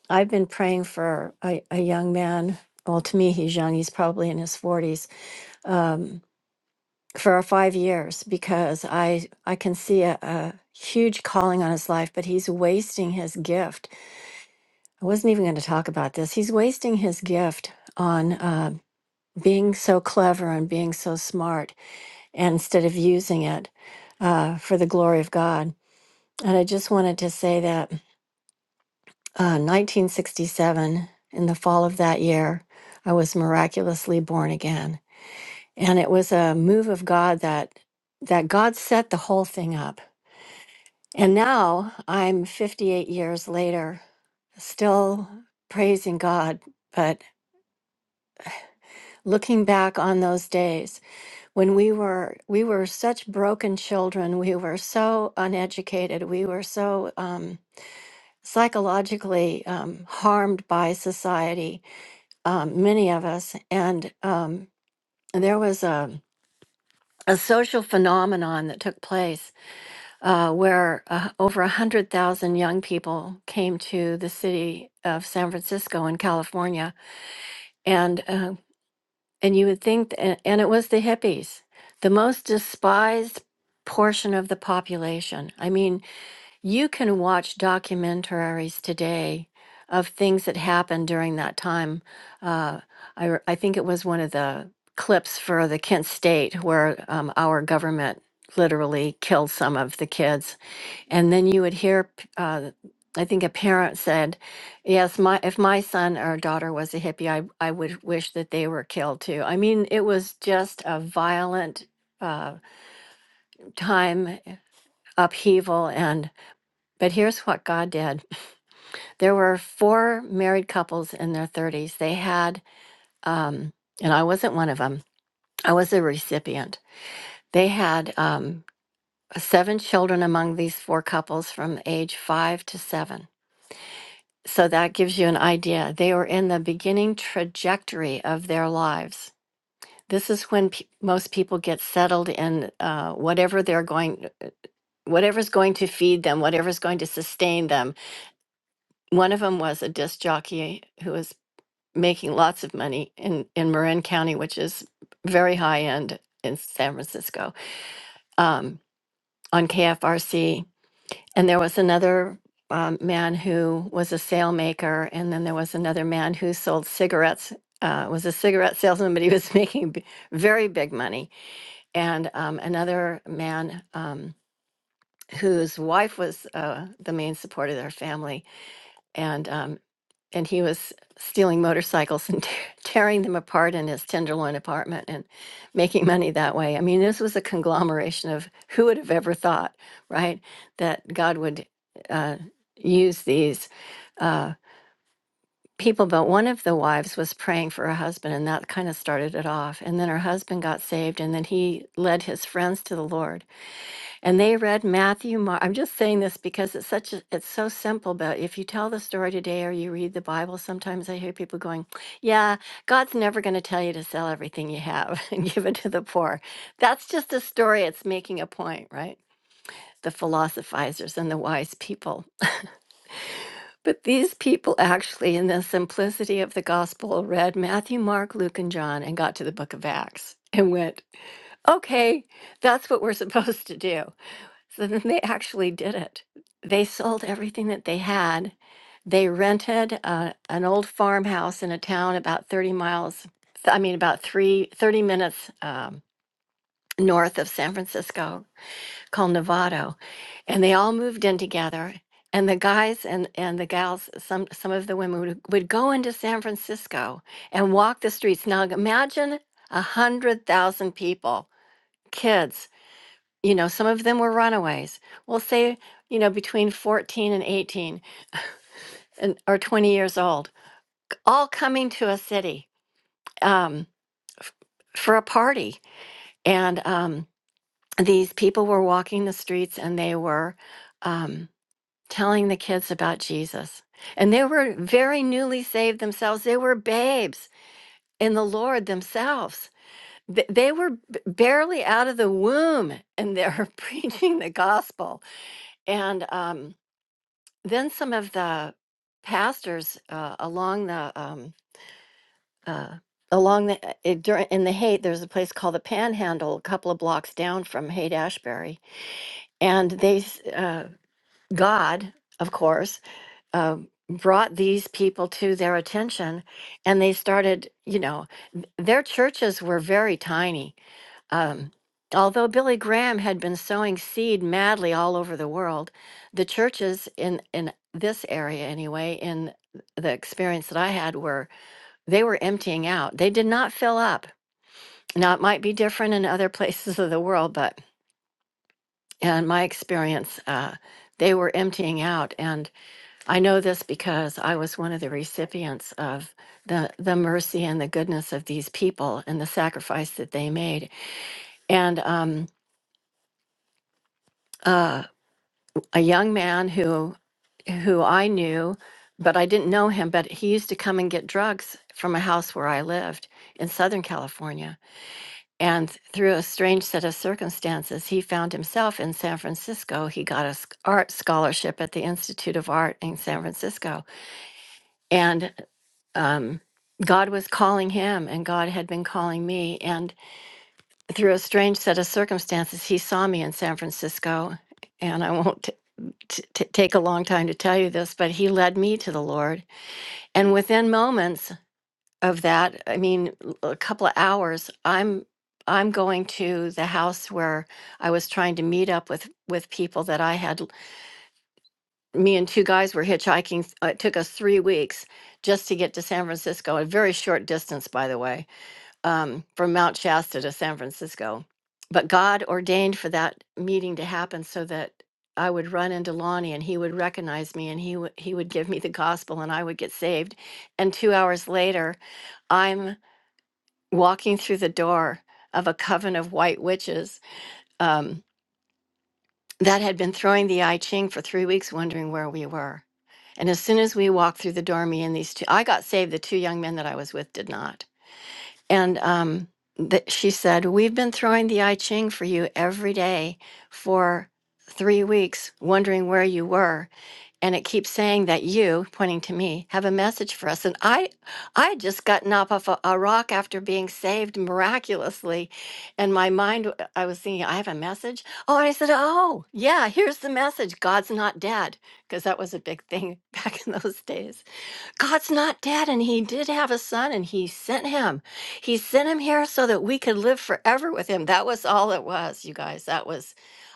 [SPEAKER 5] I've been praying for a, a young man. Well, to me, he's young. He's probably in his 40s um, for five years because I, I can see a, a huge calling on his life, but he's wasting his gift. I wasn't even going to talk about this. He's wasting his gift on uh, being so clever and being so smart and instead of using it uh, for the glory of God. And I just wanted to say that uh, 1967, in the fall of that year, I was miraculously born again. And it was a move of God that that God set the whole thing up. And now I'm 58 years later, still praising God, but looking back on those days when we were we were such broken children, we were so uneducated, we were so um, psychologically um, harmed by society um, many of us, and um, there was a, a social phenomenon that took place uh, where uh, over 100,000 young people came to the city of San Francisco in California. And, uh, and you would think, th- and it was the hippies, the most despised portion of the population. I mean, You can watch documentaries today of things that happened during that time. Uh, I, r- I think it was one of the clips for the Kent State where um, our government literally killed some of the kids. And then you would hear, p- uh, I think a parent said, Yes, my if my son or daughter was a hippie, I, I would wish that they were killed too. I mean, it was just a violent uh, time upheaval. And but here's what God did. There were four married couples in their 30s. They had, um, and I wasn't one of them, I was a recipient. They had um, seven children among these four couples from age five to seven. So that gives you an idea. They were in the beginning trajectory of their lives. This is when pe- most people get settled in uh, whatever they're going, whatever's going to feed them, whatever's going to sustain them. One of them was a disc jockey who was making lots of money in in Marin County, which is very high end in San Francisco, um, on KFRC. And there was another um, man who was a sail maker, and then there was another man who sold cigarettes. Uh, was a cigarette salesman, but he was [laughs] making b- very big money. And um, another man um, whose wife was uh, the main support of their family, And um, and he was stealing motorcycles and [laughs] tearing them apart in his Tenderloin apartment and making money that way. I mean, this was a conglomeration of who would have ever thought, right, that God would uh, use these uh, people. But one of the wives was praying for her husband, and that kind of started it off. And then her husband got saved, and then he led his friends to the Lord and they read Matthew, Mark. I'm just saying this because it's such a, it's so simple, but if you tell the story today or you read the Bible, sometimes I hear people going, "Yeah, God's never going to tell you to sell everything you have [laughs] and give it to the poor." That's just a story, it's making a point, right? The philosophizers and the wise people. But these people actually in the simplicity of the gospel read Matthew, Mark, Luke and John and got to the book of Acts and went, "Okay, that's what we're [laughs] supposed to do." So then they actually did it. They sold everything that they had. They rented uh, an old farmhouse in a town about 30 miles, th- I mean, about three thirty minutes um, north of San Francisco called Novato. And they all moved in together. And the guys and, and the gals, some, some of the women would, would go into San Francisco and walk the streets. Now imagine a 100,000 people, kids you know some of them were runaways we'll say you know between 14 and 18 and or 20 years old all coming to a city um, for a party and um, these people were walking the streets and they were um, telling the kids about jesus and they were very newly saved themselves they were babes in the lord themselves Th- they were b- barely out of the womb and they're [laughs] preaching the gospel and um, then some of the pastors uh, along the um, uh, along the uh, it, during in the Haight, there's a place called the Panhandle, a couple of blocks down from Haight Ashbury, and they s- uh, God, of course, uh, brought these people to their attention, and they started. You know, th- their churches were very tiny um, although Billy Graham had been sowing seed madly all over the world, the churches in in this area anyway, in the experience that I had, were they were emptying out. They did not fill up. Now it might be different in other [laughs] places of the world, but in my experience, uh, they were emptying out. And I know this because I was one of the recipients of the the mercy and the goodness of these people and the sacrifice that they made. And um, uh, a young man who who I knew, but I didn't know him, but he used to come and get drugs from a house where I lived in Southern California. And through a strange set of circumstances, he found himself in San Francisco. He got a sc- art scholarship at the Institute of Art in San Francisco. And um, God was calling him, and God had been calling me. And through a strange set of circumstances, he saw me in San Francisco. And I won't t- t- take a long time to tell you this, but he led me to the Lord. And within moments of that, I mean, l- a couple of hours, I'm I'm going to the house where I was trying to meet up with with people that I had. Me and two guys were hitchhiking. uh, It took us three weeks just to get to San Francisco, a very short distance, by the way um, from Mount Shasta to San Francisco. But God ordained for that meeting to happen so that I would run into Lonnie and he would recognize me and he, w- he would give me the gospel and I would get saved. And two hours later, I'm walking through the door of a coven of white witches um, that had been throwing the I Ching for three weeks, wondering where we were. And as soon as we walked through the door, me and these two, I got saved. The two young men that I was with did not And um, th- she said, We've been throwing the I Ching for you every day for three weeks, wondering where you were. And it keeps saying that you, pointing to me, have a message for us. And I, I had just gotten up off a, a rock after being saved miraculously. And my mind, w- I was thinking, I have a message. Oh, and I said, Oh, yeah, here's the message God's not dead. Because that was a big thing [laughs] back in those days. God's not dead, and He did have a son, and He sent him. He sent him here so that we could live forever with Him. That was all it was, you guys. That was,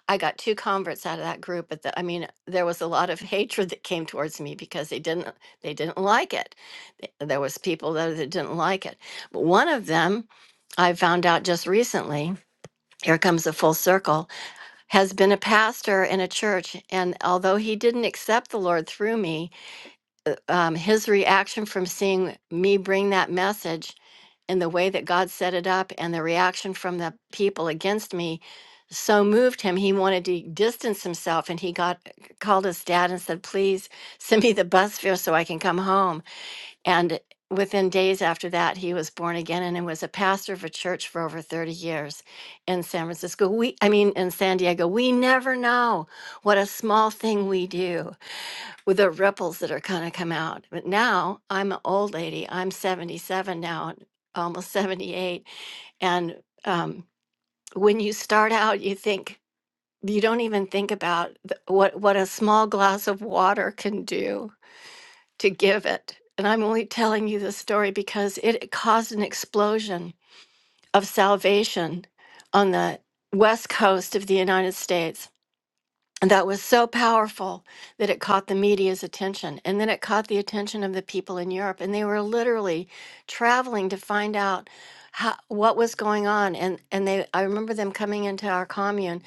[SPEAKER 5] I got two converts out of that group. But the, I mean, there was a lot of [laughs] hatred that came towards me because they didn't, they didn't like it. Th- There was people there that didn't like it. But one of them, I found out just recently. Here comes a full circle. Has been a pastor in a church, and although he didn't accept the Lord through me, um, his reaction from seeing me bring that message and the way that God set it up and the reaction from the people against me so moved him. He wanted to distance himself and he got called his dad and said, Please send me the bus fare so I can come home. And within days after that, he was born again and was a pastor of a church for over 30 years in San Francisco. We, I mean, in San Diego, we never know what a small thing we do with the ripples that are going to come out. But now I'm an old lady. I'm 77 now, almost [laughs] 78. And um, when you start out, you think, you don't even think about th- what, what a small glass of water can do to give it. And I'm only telling you this story because it caused an explosion of salvation on the west coast of the United States And that was so powerful that it caught the media's attention. And then it caught the attention of the people in Europe. And they were literally traveling to find out how, what was going on. And, and they, I remember them coming into our commune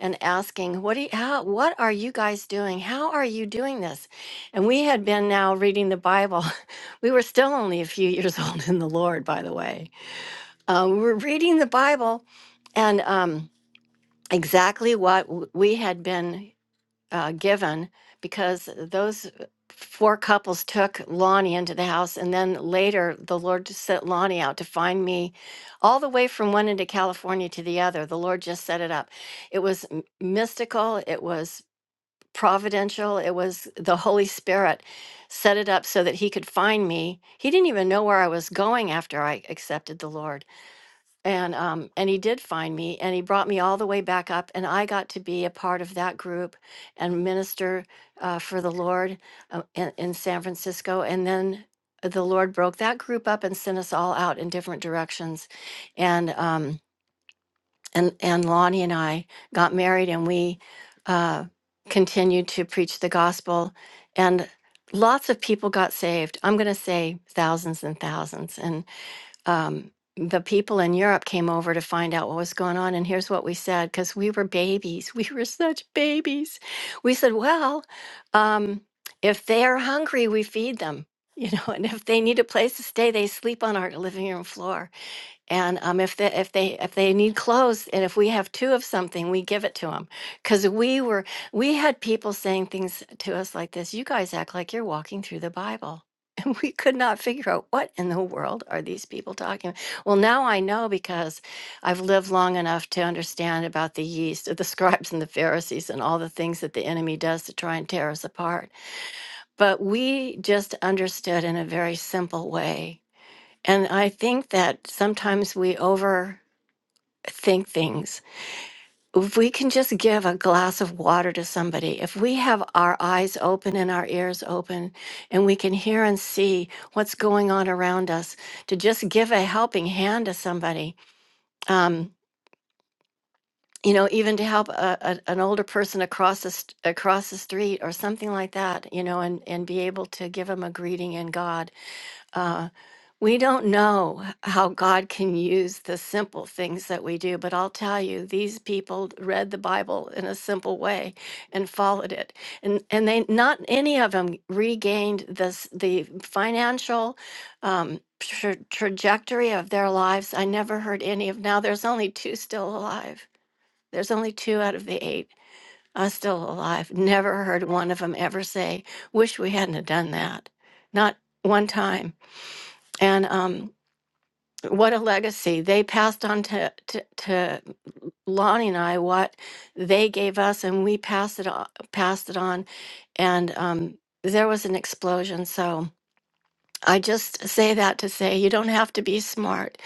[SPEAKER 5] and asking, what, do you, how, what are you guys doing? How are you doing this? And we had been now reading the Bible. [laughs] we were still only a few years [laughs] old in the Lord, by the way. Uh, we were reading the Bible and um, exactly what w- we had been uh, given because those uh, four couples took Lonnie into the house. And then later, the Lord just sent Lonnie out to find me all the way from one end of California to the other. The Lord just set it up. It was m- mystical, it was providential, it was the Holy Spirit set it up so that he could find me. He didn't even know where I was going after I accepted the Lord and um, and he did find me and he brought me all the way back up and i got to be a part of that group and minister uh, for the lord uh, in, in san francisco and then the lord broke that group up and sent us all out in different directions and um, and and lonnie and i got married and we uh, continued to preach the gospel and lots of people got saved i'm going to say thousands and thousands um, the people in Europe came over to find out what was going on. And here's what we said because we were babies. [laughs] We were such babies. We said, well, um, if they are hungry, we feed them. [laughs] You know, and if they need a place to stay, they sleep on our living room floor and um, if they if they if they need clothes, and if we have two of something, we give it to them. Because we were we had people saying things to us like this: "You guys act like you're walking through the Bible," [laughs] and we could not figure out what in the world are these people talking. about. Well, now I know because I've lived long enough to understand about the yeast of the scribes and the Pharisees and all the things that the enemy does to try and tear us apart. But we just understood in a very simple way and I think that sometimes we overthink things. If we can just give a glass of water to somebody, if we have our eyes open and our ears open, and we can hear and see what's going on around us, to just give a helping hand to somebody, um, you know, even to help a, a, an older person across the, st- across the street or something like that, you know, and, and be able to give them a greeting in God uh, we don't know how God can use the simple things that we do, but I'll tell you, these people read the Bible in a simple way and followed it, and and they not any of them regained this the financial um, tra- trajectory of their lives. I never heard any of now. There's only two still alive. There's only two out of the eight are still alive. Never heard one of them ever say, "Wish we hadn't have done that." Not one time and um, what a legacy. They passed on to, to, to Lonnie and I what they gave us, and we passed it on, passed it on. And um, there was an explosion. So. I just say that to say you don't have to be smart.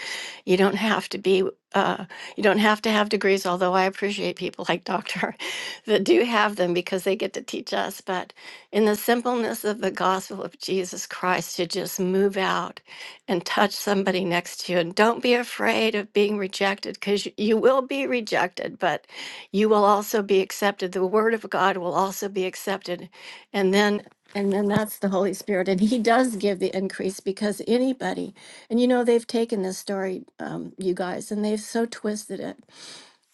[SPEAKER 5] You don't have to be, uh, you don't have to have degrees, although I appreciate people like Doctor [laughs] that do have them because they get to teach us. But in the simpleness of the gospel of Jesus Christ, to just move out and touch somebody next to you. And don't be afraid of being rejected because you will be rejected, but you will also be accepted. The word of God will also be accepted. And then and then that's the Holy Spirit. And He does give the increase because anybody, and you know, they've taken this story, um, you guys, and they've so twisted it.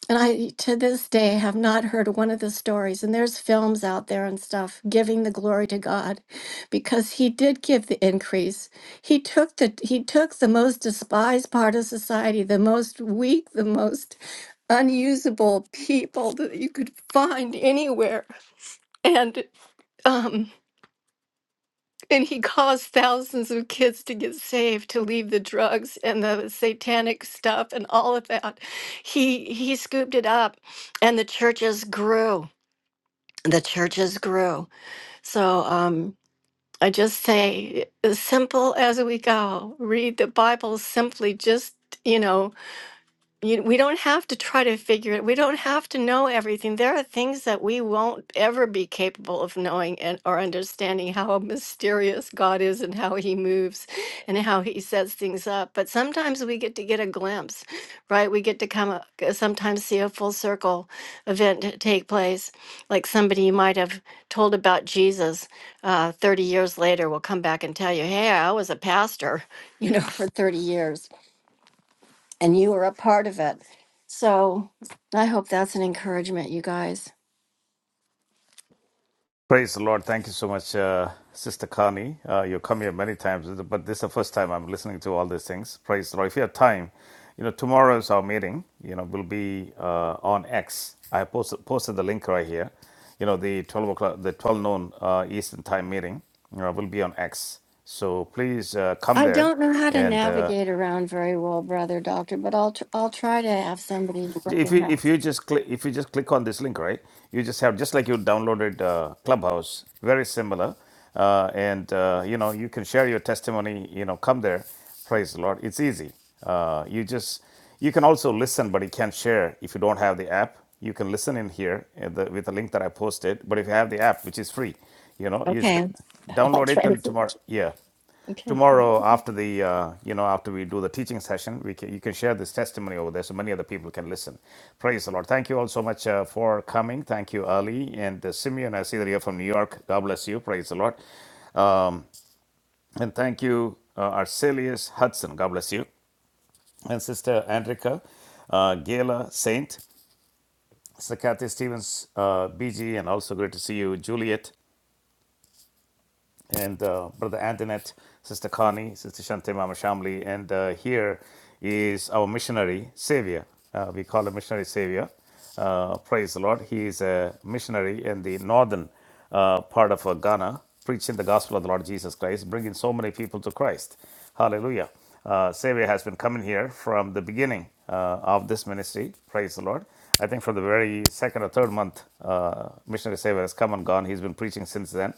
[SPEAKER 5] And I, to this day, have not heard one of the stories. And there's films out there and stuff giving the glory to God because He did give the increase. He took the, He took the most despised part of society, the most weak, the most unusable people that you could find anywhere. And, um, and he caused thousands of kids to get saved, to leave the drugs and the satanic stuff and all of that. He he scooped it up, and the churches grew. The churches grew. So um, I just say, as simple as we go, read the Bible simply. Just you know, you, we don't have to try to figure it. We don't have to know everything. There are things that we won't ever be capable of knowing and or understanding how mysterious God is and how he moves and how he sets things up. But sometimes we get to get a glimpse, right? We get to come a- g- sometimes see a full circle event t- take place, like somebody you might have told about Jesus uh, 30 years later will come back and tell you, "Hey, I was a pastor, [laughs] you know, for 30 years." and you were a part of it. So I hope that's an encouragement, you guys.
[SPEAKER 1] Praise the Lord. Thank you so much, uh, Sister Connie. Uh, you come here many times, but this is the first time I'm listening to all these things. Praise the Lord. If you have time, you know, tomorrow is our meeting. You know, will be uh, on X. I posted, posted the link right here. You know, the 12 o'clock, the 12 noon uh, Eastern time meeting you know, will be on X. So please uh, come
[SPEAKER 5] I
[SPEAKER 1] there
[SPEAKER 5] don't know how to
[SPEAKER 1] and uh,
[SPEAKER 5] navigate around very well, brother doctor, but I'll tr- I'll try to have somebody. to help
[SPEAKER 1] If
[SPEAKER 5] me
[SPEAKER 1] you
[SPEAKER 5] out.
[SPEAKER 1] if you just click if you just click on this link, right? You just have just like you downloaded uh, Clubhouse, very similar, uh, and uh, you know you can share your testimony. You know, come there, praise the Lord. It's easy. Uh, you just you can also listen, but you can't share if you don't have the app. You can listen in here at the, with the link that I posted. But if you have the app, which is free, you know, you just d-
[SPEAKER 5] Okay, [laughs] I'll
[SPEAKER 1] download
[SPEAKER 5] try
[SPEAKER 1] it and
[SPEAKER 5] to.
[SPEAKER 1] tomorrow. Yeah,
[SPEAKER 5] Okay.
[SPEAKER 1] tomorrow after the uh, you know after we do the teaching session we can, you can share this testimony over there so many other people can listen praise the lord thank you all so much uh, for coming thank you ali and uh, simeon i see that you're from new york god bless you praise the lord um, and thank you uh, arcelius hudson god bless you and sister andrika uh, gala saint Sir Kathy Stevens, uh, BG, and also great to see you, Juliet. and uh, Brother Antoinette, Sister Connie, Sister Shante Mama Shamli, and uh, here is our missionary savior. Uh, we call him missionary savior. Uh, praise the Lord. He is a missionary in the northern uh, part of uh, Ghana, preaching the gospel of the Lord Jesus Christ, bringing so many people to Christ. Hallelujah. Uh, savior has been coming here from the beginning uh, of this ministry. Praise the Lord. I think from the very second or third month, uh, missionary savior has come and gone. He's been preaching since then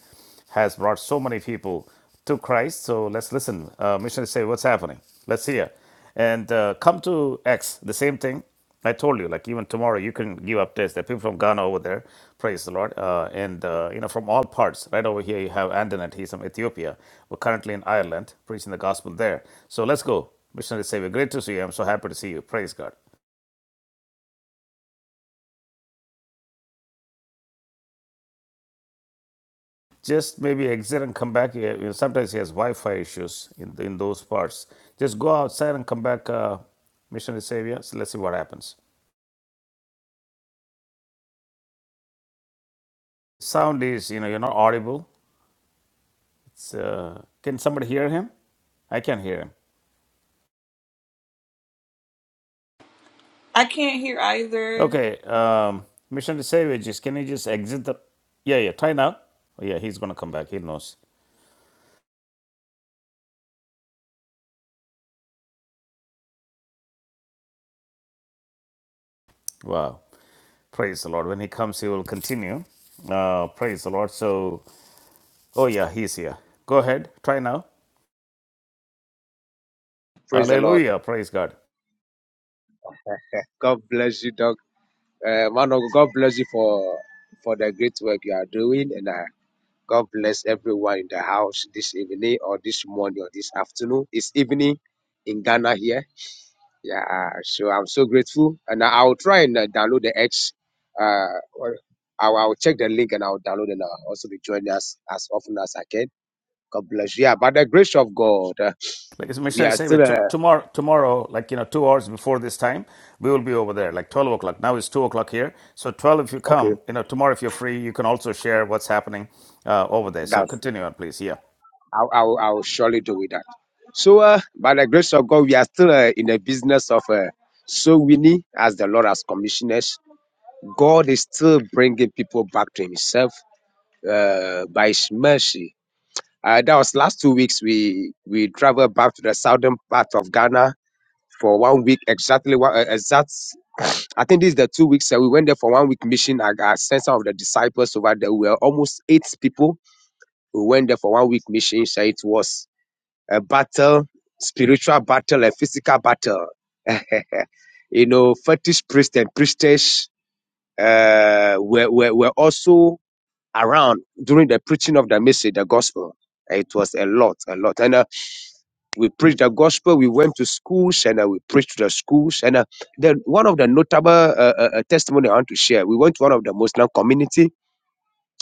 [SPEAKER 1] has brought so many people to Christ. So let's listen. Uh, missionaries say, What's happening? Let's hear. And uh, come to X, the same thing. I told you, like even tomorrow, you can give updates. There are people from Ghana over there, praise the Lord, uh, and uh, you know from all parts. Right over here, you have Andanet. He's from Ethiopia. We're currently in Ireland, preaching the gospel there. So let's go, missionaries say, "We're great to see you. I'm so happy to see you. Praise God." just maybe exit and come back. Yeah, You know, sometimes he has Wi-Fi issues in in those parts. Just go outside and come back, uh, missionary savior. So let's see what happens. Sound is you know you're not audible. It's uh, can somebody hear him? I can't hear him.
[SPEAKER 4] I can't hear either.
[SPEAKER 1] Okay, um, missionary savior, just can you just exit the? Yeah, yeah. Try now. Oh, yeah, he's gonna come back. He knows. Wow. Praise the Lord. When he comes, he will continue. Uh, praise the Lord. So, oh yeah, he's here. Go ahead. Try now.
[SPEAKER 6] Praise the Lord.
[SPEAKER 1] Hallelujah. Praise God.
[SPEAKER 6] God bless you, Doc. Uh, man of God God bless you for for the great work you are doing, and uh, God bless everyone in the house this evening or this morning or this afternoon. It's evening in Ghana here. Yeah, uh, so I'm so grateful, and I- I'll try and uh, download the X. Uh, or I'll, I'll check the link and I'll download and I'll also be joining us as often as I can. God bless you. Yeah, by the grace of God, uh,
[SPEAKER 1] Like as
[SPEAKER 6] we
[SPEAKER 1] Mishnah
[SPEAKER 6] are
[SPEAKER 1] say,
[SPEAKER 6] still
[SPEAKER 1] but to
[SPEAKER 6] uh,
[SPEAKER 1] tomorrow, tomorrow, like you know, two hours before this time, we will be over there, like twelve o'clock. Now it's two o'clock here, so twelve. If you come,
[SPEAKER 6] okay.
[SPEAKER 1] you know, tomorrow if you're free, you can also share what's happening uh, over there. So continue on, please. Yeah.
[SPEAKER 6] I, I, will, I will surely do with that. So, uh, by the grace of God, we are still uh, in the business of uh, so winning as the Lord has commissioned us. God is still bringing people back to Himself uh, by His mercy. Uh, that was last two weeks. We we traveled back to the southern part of Ghana for one week exactly. One, uh, exact. I think this is the two weeks. Uh, we went there for one week mission. I, I sent some of the disciples over there. We were almost eight people. We went there for one week mission. So it was a battle, spiritual battle, a physical battle. [laughs] you know, fetish priests and priestess uh, were, were, were also around during the preaching of the message, the gospel. It was a lot, a lot. And uh, we preached the gospel. We went to schools and uh, we preached to the schools. And uh, then one of the notable uh, uh, uh, testimony I want to share, we went to one of the Muslim community.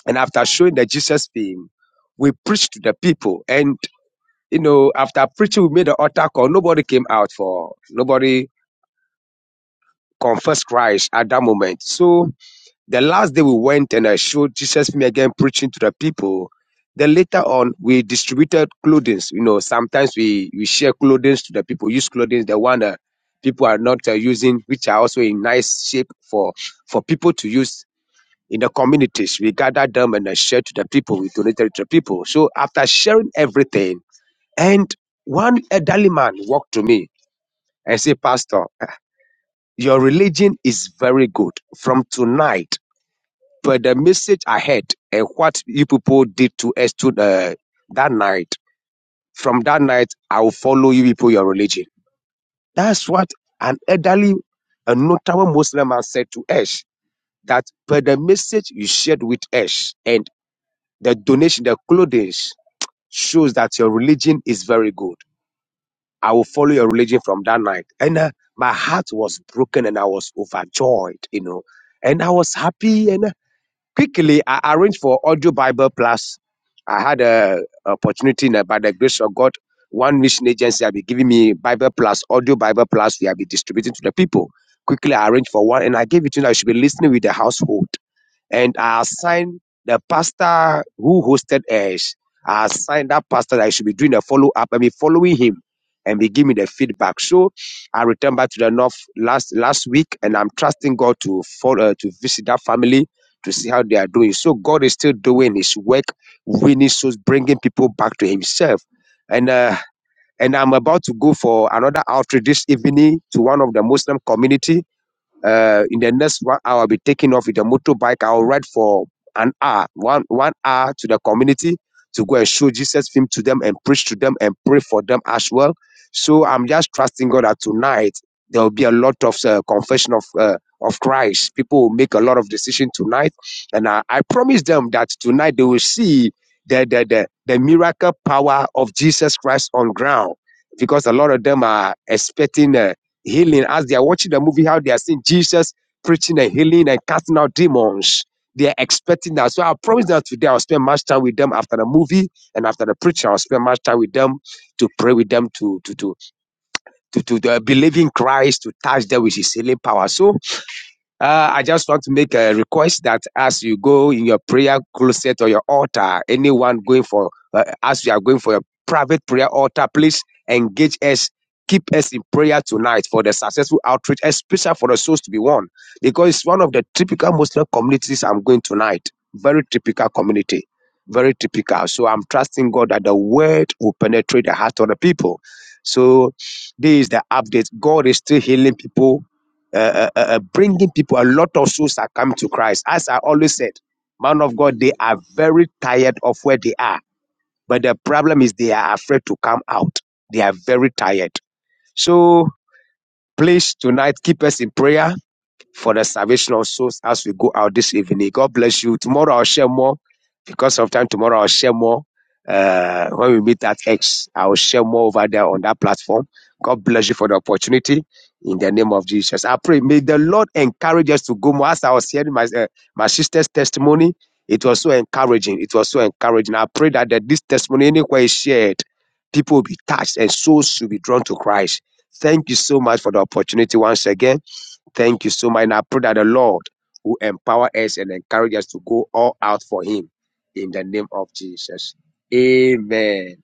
[SPEAKER 6] And after showing the Jesus film, we preached to the people. And you know, after preaching, we made an altar call. Nobody came out for, nobody confessed Christ at that moment. So the last day we went and I showed Jesus me again preaching to the people. Then later on, we distributed clothing. You know, sometimes we, we share clothing to the people, use clothing, the one that people are not uh, using, which are also in nice shape for, for people to use in the communities. We gathered them and I shared to the people. We donated to the people. So after sharing everything, and one elderly man walked to me and said, Pastor, your religion is very good from tonight. But the message I heard and what you people did to us to the, that night, from that night, I will follow you people, your religion. That's what an elderly, a notable Muslim man said to us that per the message you shared with us and the donation, the clothing shows that your religion is very good. I will follow your religion from that night. And uh, my heart was broken and I was overjoyed, you know. And I was happy. And uh, quickly, I arranged for Audio Bible Plus. I had a opportunity and, uh, by the grace of God. One mission agency have been giving me Bible Plus, Audio Bible Plus. We have been distributing to the people. Quickly, I arranged for one and I gave it to you. I should be listening with the household and I assigned the pastor who hosted us. I assigned that pastor that I should be doing a follow up and be following him and be giving me the feedback. So I returned back to the north last last week, and I'm trusting God to follow to visit that family to see how they are doing. So God is still doing His work, winning souls, bringing people back to Himself. And uh, and I'm about to go for another outreach this evening to one of the Muslim community uh, in the next one hour, I'll be taking off with a motorbike. I'll ride for an hour, one one hour to the community to go and show Jesus film to them and preach to them and pray for them as well. So I'm just trusting God that tonight there will be a lot of uh, confession of uh, of Christ. People will make a lot of decision tonight, and I, I promise them that tonight they will see the the the, the miracle power of Jesus Christ on ground because a lot of them are expecting. Uh, healing as they are watching the movie, how they are seeing Jesus preaching and healing and casting out demons. They are expecting that. So I promise that today I'll spend much time with them after the movie and after the preacher. I'll spend much time with them to pray with them to to to to, to, to believe in Christ to touch them with His healing power. So uh, I just want to make a request that as you go in your prayer closet or your altar, anyone going for, uh, as you are going for your private prayer altar, please engage us, keep us in prayer tonight for the successful outreach, especially for the souls to be won, because it's one of the typical Muslim communities I'm going tonight. Very typical community, very typical. So I'm trusting God that the word will penetrate the heart of the people. So this is the update. God is still healing people uh, uh, uh, uh, bringing people. A lot of souls are coming to Christ. As I always said, man of God, they are very tired of where they are. But the problem is they are afraid to come out. They are very tired. So please tonight keep us in prayer for the salvation of souls as we go out this evening. God bless you. Tomorrow I'll share more because of time. Tomorrow I'll share more. Uh, when we meet at X, I will share more over there on that platform. God bless you for the opportunity in the name of Jesus. I pray, may the Lord encourage us to go more. As I was hearing my, uh, my sister's testimony, it was so encouraging. It was so encouraging. I pray that, that this testimony, anywhere is shared, people will be touched and souls will be drawn to Christ. Thank you so much for the opportunity once again. Thank you so much. And I pray that the Lord will empower us and encourage us to go all out for Him in the name of Jesus. Amen.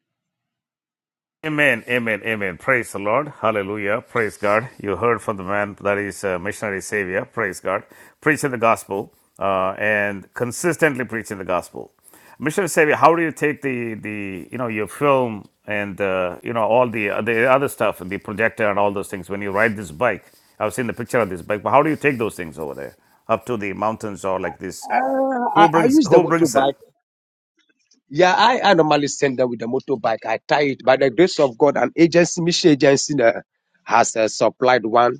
[SPEAKER 1] Amen, amen, amen. Praise the Lord. Hallelujah. Praise God. You heard from the man that is a missionary savior. Praise God. Preaching the gospel uh, and consistently preaching the gospel. Missionary savior, how do you take the, the you know, your film and, uh, you know, all the, the other stuff and the projector and all those things when you ride this bike? I've seen the picture of this bike, but how do you take those things over there up to the mountains or like this?
[SPEAKER 6] Uh, I,
[SPEAKER 1] Who
[SPEAKER 6] I
[SPEAKER 1] brings,
[SPEAKER 6] use the
[SPEAKER 1] who brings them?
[SPEAKER 6] motorbike. Yeah, I, I normally send them with the motorbike. I tie it. By the grace of God, an agency, mission agency, uh, has uh, supplied one.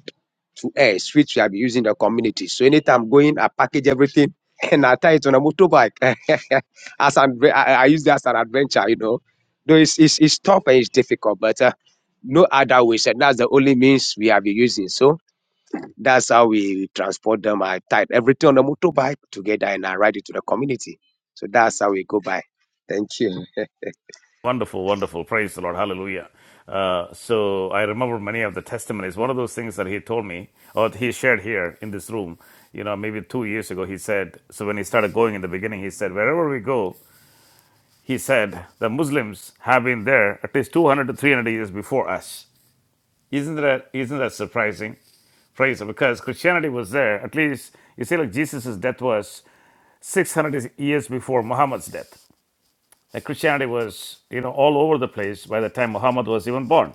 [SPEAKER 6] to us, which we have be using in the community. So anytime I'm going, I package everything [laughs] and I tie it on a motorbike. [laughs] as an, I, I use that as an adventure, you know. Though it's, it's, it's tough and it's difficult, but uh, no other way. And that's the only means we have been using. So that's how we transport them. I tie everything on a motorbike together and I ride it to the community. So that's how we go by. Thank you.
[SPEAKER 1] Wonderful, wonderful. Praise the Lord. Hallelujah. Uh, so I remember many of the testimonies. One of those things that he told me, or he shared here in this room, you know, maybe two years ago, he said, so when he started going in the beginning, he said, wherever we go, he said, the Muslims have been there at least 200 to 300 years before us. Isn't that, isn't that surprising? Praise the- Lord. because Christianity was there. At least, you see, like Jesus' death was 600 years before Muhammad's death. Like Christianity was, you know, all over the place by the time Muhammad was even born.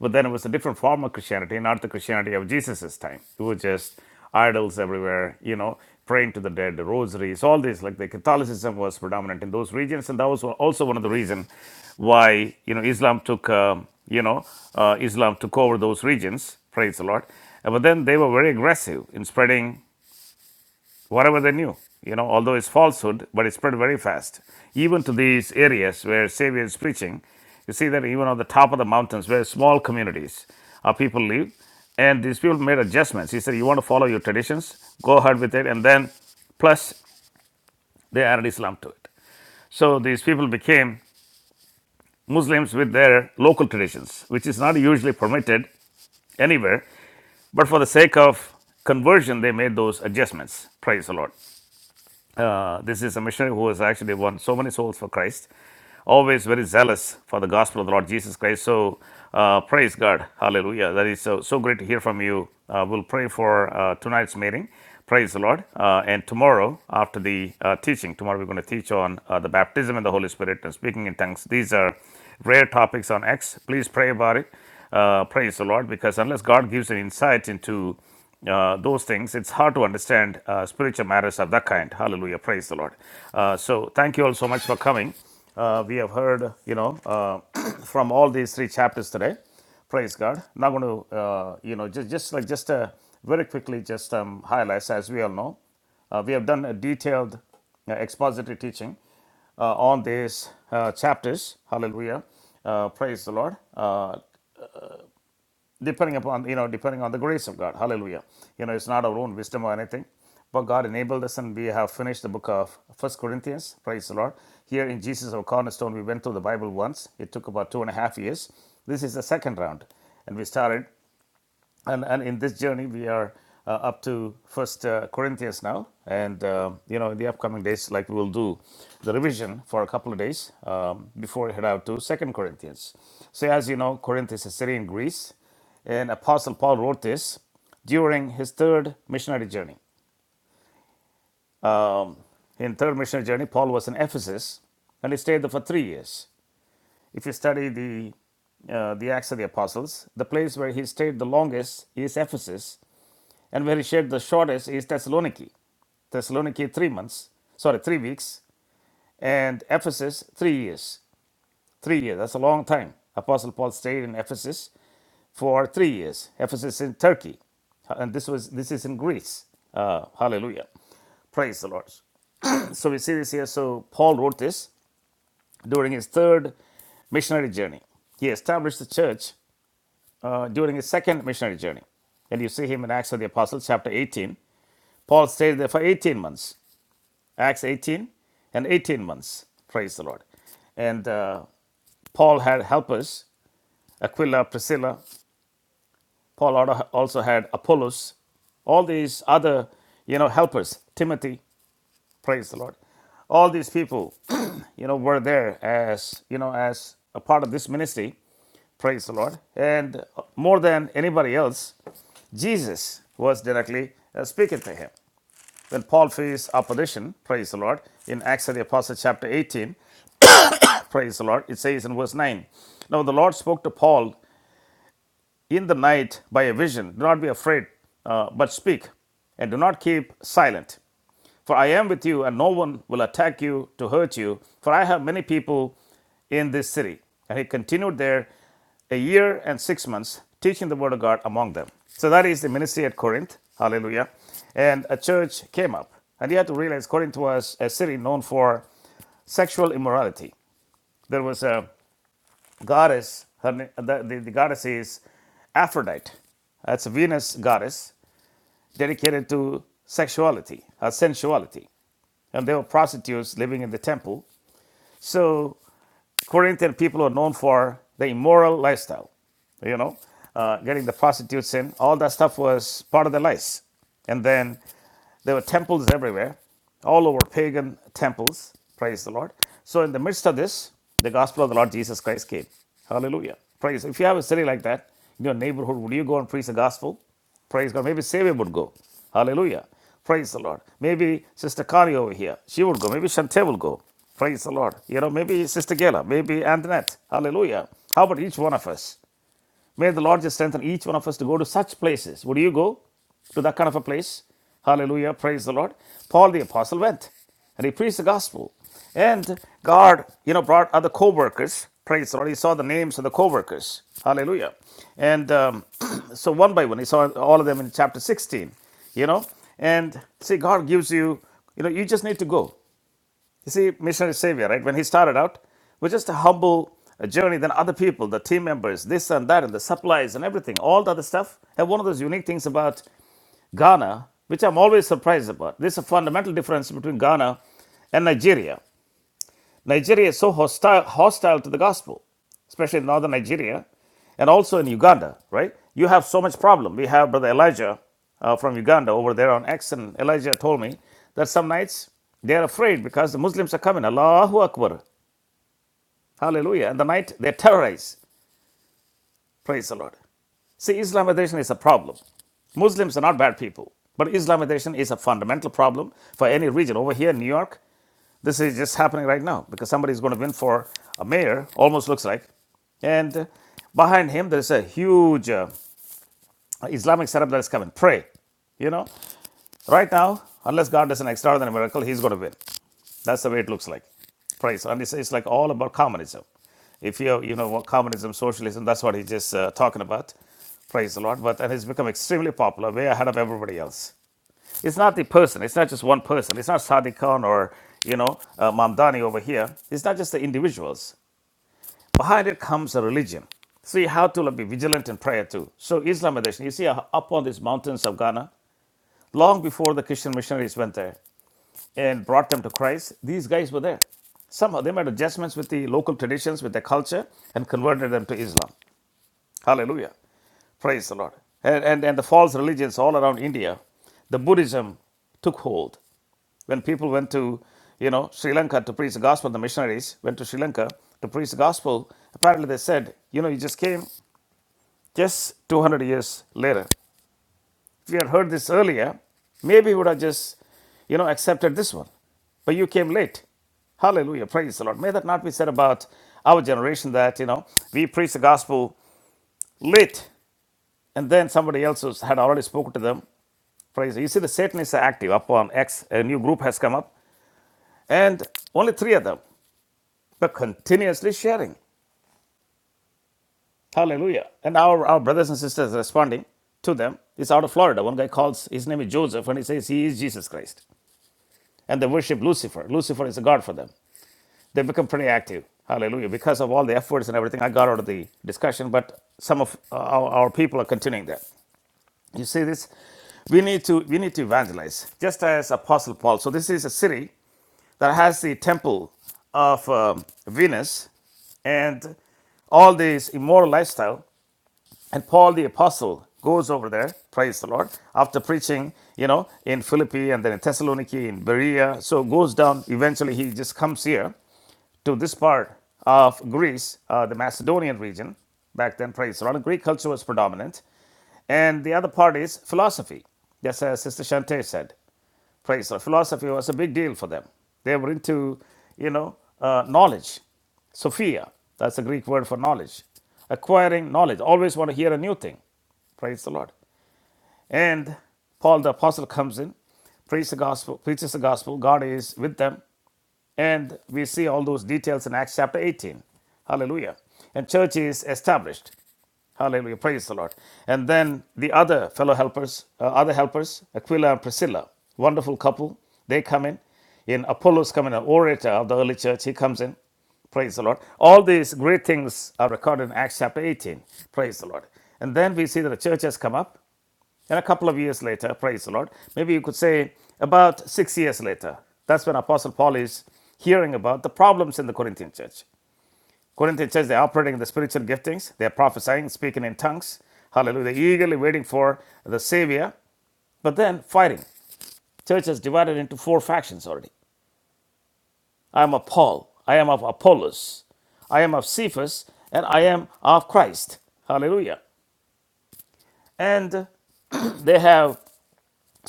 [SPEAKER 1] But then it was a different form of Christianity, not the Christianity of Jesus' time. It was just idols everywhere, you know, praying to the dead, the rosaries, all this. Like the Catholicism was predominant in those regions, and that was also one of the reasons why you know Islam took, um, you know, uh, Islam took over those regions. Praise the Lord. Uh, But then they were very aggressive in spreading whatever they knew, you know, although it's falsehood, but it spread very fast. Even to these areas where Savior is preaching, you see that even on the top of the mountains where small communities of people live, and these people made adjustments. He said, You want to follow your traditions, go ahead with it, and then plus they added Islam to it. So these people became Muslims with their local traditions, which is not usually permitted anywhere, but for the sake of conversion, they made those adjustments. Praise the Lord. Uh, this is a missionary who has actually won so many souls for Christ, always very zealous for the gospel of the Lord Jesus Christ. So, uh, praise God. Hallelujah. That is so, so great to hear from you. Uh, we'll pray for uh, tonight's meeting. Praise the Lord. Uh, and tomorrow, after the uh, teaching, tomorrow we're going to teach on uh, the baptism in the Holy Spirit and speaking in tongues. These are rare topics on X. Please pray about it. Uh, praise the Lord, because unless God gives an insight into uh, those things, it's hard to understand uh, spiritual matters of that kind. Hallelujah. Praise the Lord. Uh, so, thank you all so much for coming. Uh, we have heard, you know, uh, [clears throat] from all these three chapters today. Praise God. Now, going to, uh, you know, just, just like just uh, very quickly, just um, highlights, as we all know, uh, we have done a detailed uh, expository teaching uh, on these uh, chapters. Hallelujah. Uh, praise the Lord. Uh, depending upon you know depending on the grace of god hallelujah you know it's not our own wisdom or anything but god enabled us and we have finished the book of first corinthians praise the lord here in jesus our cornerstone we went through the bible once it took about two and a half years this is the second round and we started and and in this journey we are uh, up to first uh, corinthians now and uh, you know in the upcoming days like we will do the revision for a couple of days um, before we head out to second corinthians so as you know corinth is a city in greece and apostle paul wrote this during his third missionary journey um, in third missionary journey paul was in ephesus and he stayed there for three years if you study the uh, the acts of the apostles the place where he stayed the longest is ephesus and where he shared the shortest is Thessaloniki. Thessaloniki, three months, sorry, three weeks, and Ephesus, three years. Three years, that's a long time. Apostle Paul stayed in Ephesus for three years. Ephesus in Turkey, and this was this is in Greece. Uh, hallelujah. Praise the Lord. [clears throat] So we see this here. So Paul wrote this during his third missionary journey. He established the church uh, during his second missionary journey. And you see him in Acts of the Apostles, chapter 18. Paul stayed there for 18 months. Acts 18 and 18 months. Praise the Lord. And uh, Paul had helpers, Aquila, Priscilla. Paul also had Apollos, all these other, you know, helpers, Timothy. Praise the Lord. All these people, [clears throat] you know, were there as, you know, as a part of this ministry. Praise the Lord. And more than anybody else, Jesus was directly uh, speaking to him. When Paul faced opposition, praise the Lord, in Acts of the Apostles, chapter 18, Praise the Lord. It says in verse 9 Now the Lord spoke to Paul in the night by a vision. Do not be afraid, uh, but speak, and do not keep silent. For I am with you, and no one will attack you to hurt you, for I have many people in this city. And he continued there a year and six months, teaching the word of God among them. So that is the ministry at Corinth. Hallelujah. And a church came up. And you have to realize Corinth was a city known for sexual immorality. There was a goddess, her, the, the, the goddess is Aphrodite. That's a Venus goddess dedicated to sexuality, uh, sensuality. And there were prostitutes living in the temple. So Corinthian people were known for the immoral lifestyle, you know, uh, getting the prostitutes in. All that stuff was part of their lives. And then there were temples everywhere, all over pagan temples. Praise the Lord. So, in the midst of this, the gospel of the Lord Jesus Christ came. Hallelujah. Praise. If you have a city like that in your neighborhood, would you go and preach the gospel? Praise God. Maybe Savior would go. Hallelujah. Praise the Lord. Maybe Sister Kari over here, she would go. Maybe Shante will go. Praise the Lord. You know, maybe Sister Gela, maybe Antoinette. Hallelujah. How about each one of us? May the Lord just strengthen each one of us to go to such places. Would you go to that kind of a place? Hallelujah. Praise the Lord. Paul the Apostle went and he preached the gospel. And God, you know, brought other co workers. Praise the Lord. He saw the names of the co workers. Hallelujah. And um, [clears throat] so one by one, he saw all of them in chapter 16, you know. And see, God gives you, you know, you just need to go. You see, missionary savior, right? When he started out, was just a humble uh, journey. Then other people, the team members, this and that, and the supplies and everything, all the other stuff. And one of those unique things about Ghana, which I'm always surprised about, there's a fundamental difference between Ghana and Nigeria. Nigeria is so hostile, hostile to the gospel, especially in northern Nigeria and also in Uganda, right? You have so much problem. We have Brother Elijah uh, from Uganda over there on X, and Elijah told me that some nights they are afraid because the Muslims are coming. Allahu Akbar. Hallelujah. And the night they terrorize. Praise the Lord. See, Islamization is a problem. Muslims are not bad people, but Islamization is a fundamental problem for any region. Over here in New York, this is just happening right now because somebody is going to win for a mayor, almost looks like. And uh, behind him, there's a huge uh, Islamic setup that is coming. Pray. You know, right now, unless God does an extraordinary miracle, he's going to win. That's the way it looks like. Price. And it's, it's like all about communism. If you, you know, what communism, socialism, that's what he's just uh, talking about. Praise the Lord. But and he's become extremely popular, way ahead of everybody else. It's not the person. It's not just one person. It's not Sadiq Khan or, you know, uh, Mamdani over here. It's not just the individuals. Behind it comes a religion. So you have to like, be vigilant in prayer too. So Islamization. you see uh, up on these mountains of Ghana, long before the Christian missionaries went there and brought them to Christ, these guys were there. Somehow they made adjustments with the local traditions, with their culture, and converted them to Islam. Hallelujah. Praise the Lord. And, and, and the false religions all around India, the Buddhism took hold. When people went to, you know, Sri Lanka to preach the gospel, the missionaries went to Sri Lanka to preach the gospel. Apparently they said, you know, you just came just 200 years later. If we had heard this earlier, maybe we would have just, you know, accepted this one. But you came late. Hallelujah. Praise the Lord. May that not be said about our generation that, you know, we preach the gospel late and then somebody else who's had already spoken to them. Praise. You see, the Satanists are active upon X. A new group has come up and only three of them, but continuously sharing. Hallelujah. And our, our brothers and sisters responding to them. It's out of Florida. One guy calls, his name is Joseph, and he says he is Jesus Christ. and they worship Lucifer. Lucifer is a god for them. They become pretty active. Hallelujah. Because of all the efforts and everything, I got out of the discussion, but some of uh, our, our people are continuing that. You see this? We need to we need to evangelize, just as Apostle Paul. So this is a city that has the temple of um, Venus and all this immoral lifestyle. And Paul the Apostle goes over there, praise the Lord, after preaching, you know, in Philippi and then in Thessaloniki, in Berea. So goes down, eventually he just comes here to this part of Greece, uh, the Macedonian region, back then Praetorian Greek culture was predominant. And the other part is philosophy. Just as Sister Shante said, praise the Lord. philosophy was a big deal for them. They were into, you know, uh, knowledge. Sophia, that's a Greek word for knowledge. Acquiring knowledge. Always want to hear a new thing. Praise the Lord. And Paul the apostle comes in, preaches the gospel, preaches the gospel. God is with them. And we see all those details in Acts chapter 18. Hallelujah. And church is established. Hallelujah. Praise the Lord. And then the other fellow helpers, uh, other helpers, Aquila and Priscilla, wonderful couple. They come in. In Apollos coming, an orator of the early church, he comes in. Praise the Lord. All these great things are recorded in Acts chapter 18. Praise the Lord. And then we see that the church has come up. And a couple of years later, praise the Lord, maybe you could say about six years later, that's when Apostle Paul is hearing about the problems in the Corinthian church. Corinthian church, they're operating in the spiritual giftings, they're prophesying, speaking in tongues, hallelujah, They're eagerly waiting for the Savior, but then fighting. Church is divided into four factions already. I am of Paul, I am of Apollos, I am of Cephas, and I am of Christ. Hallelujah. And they have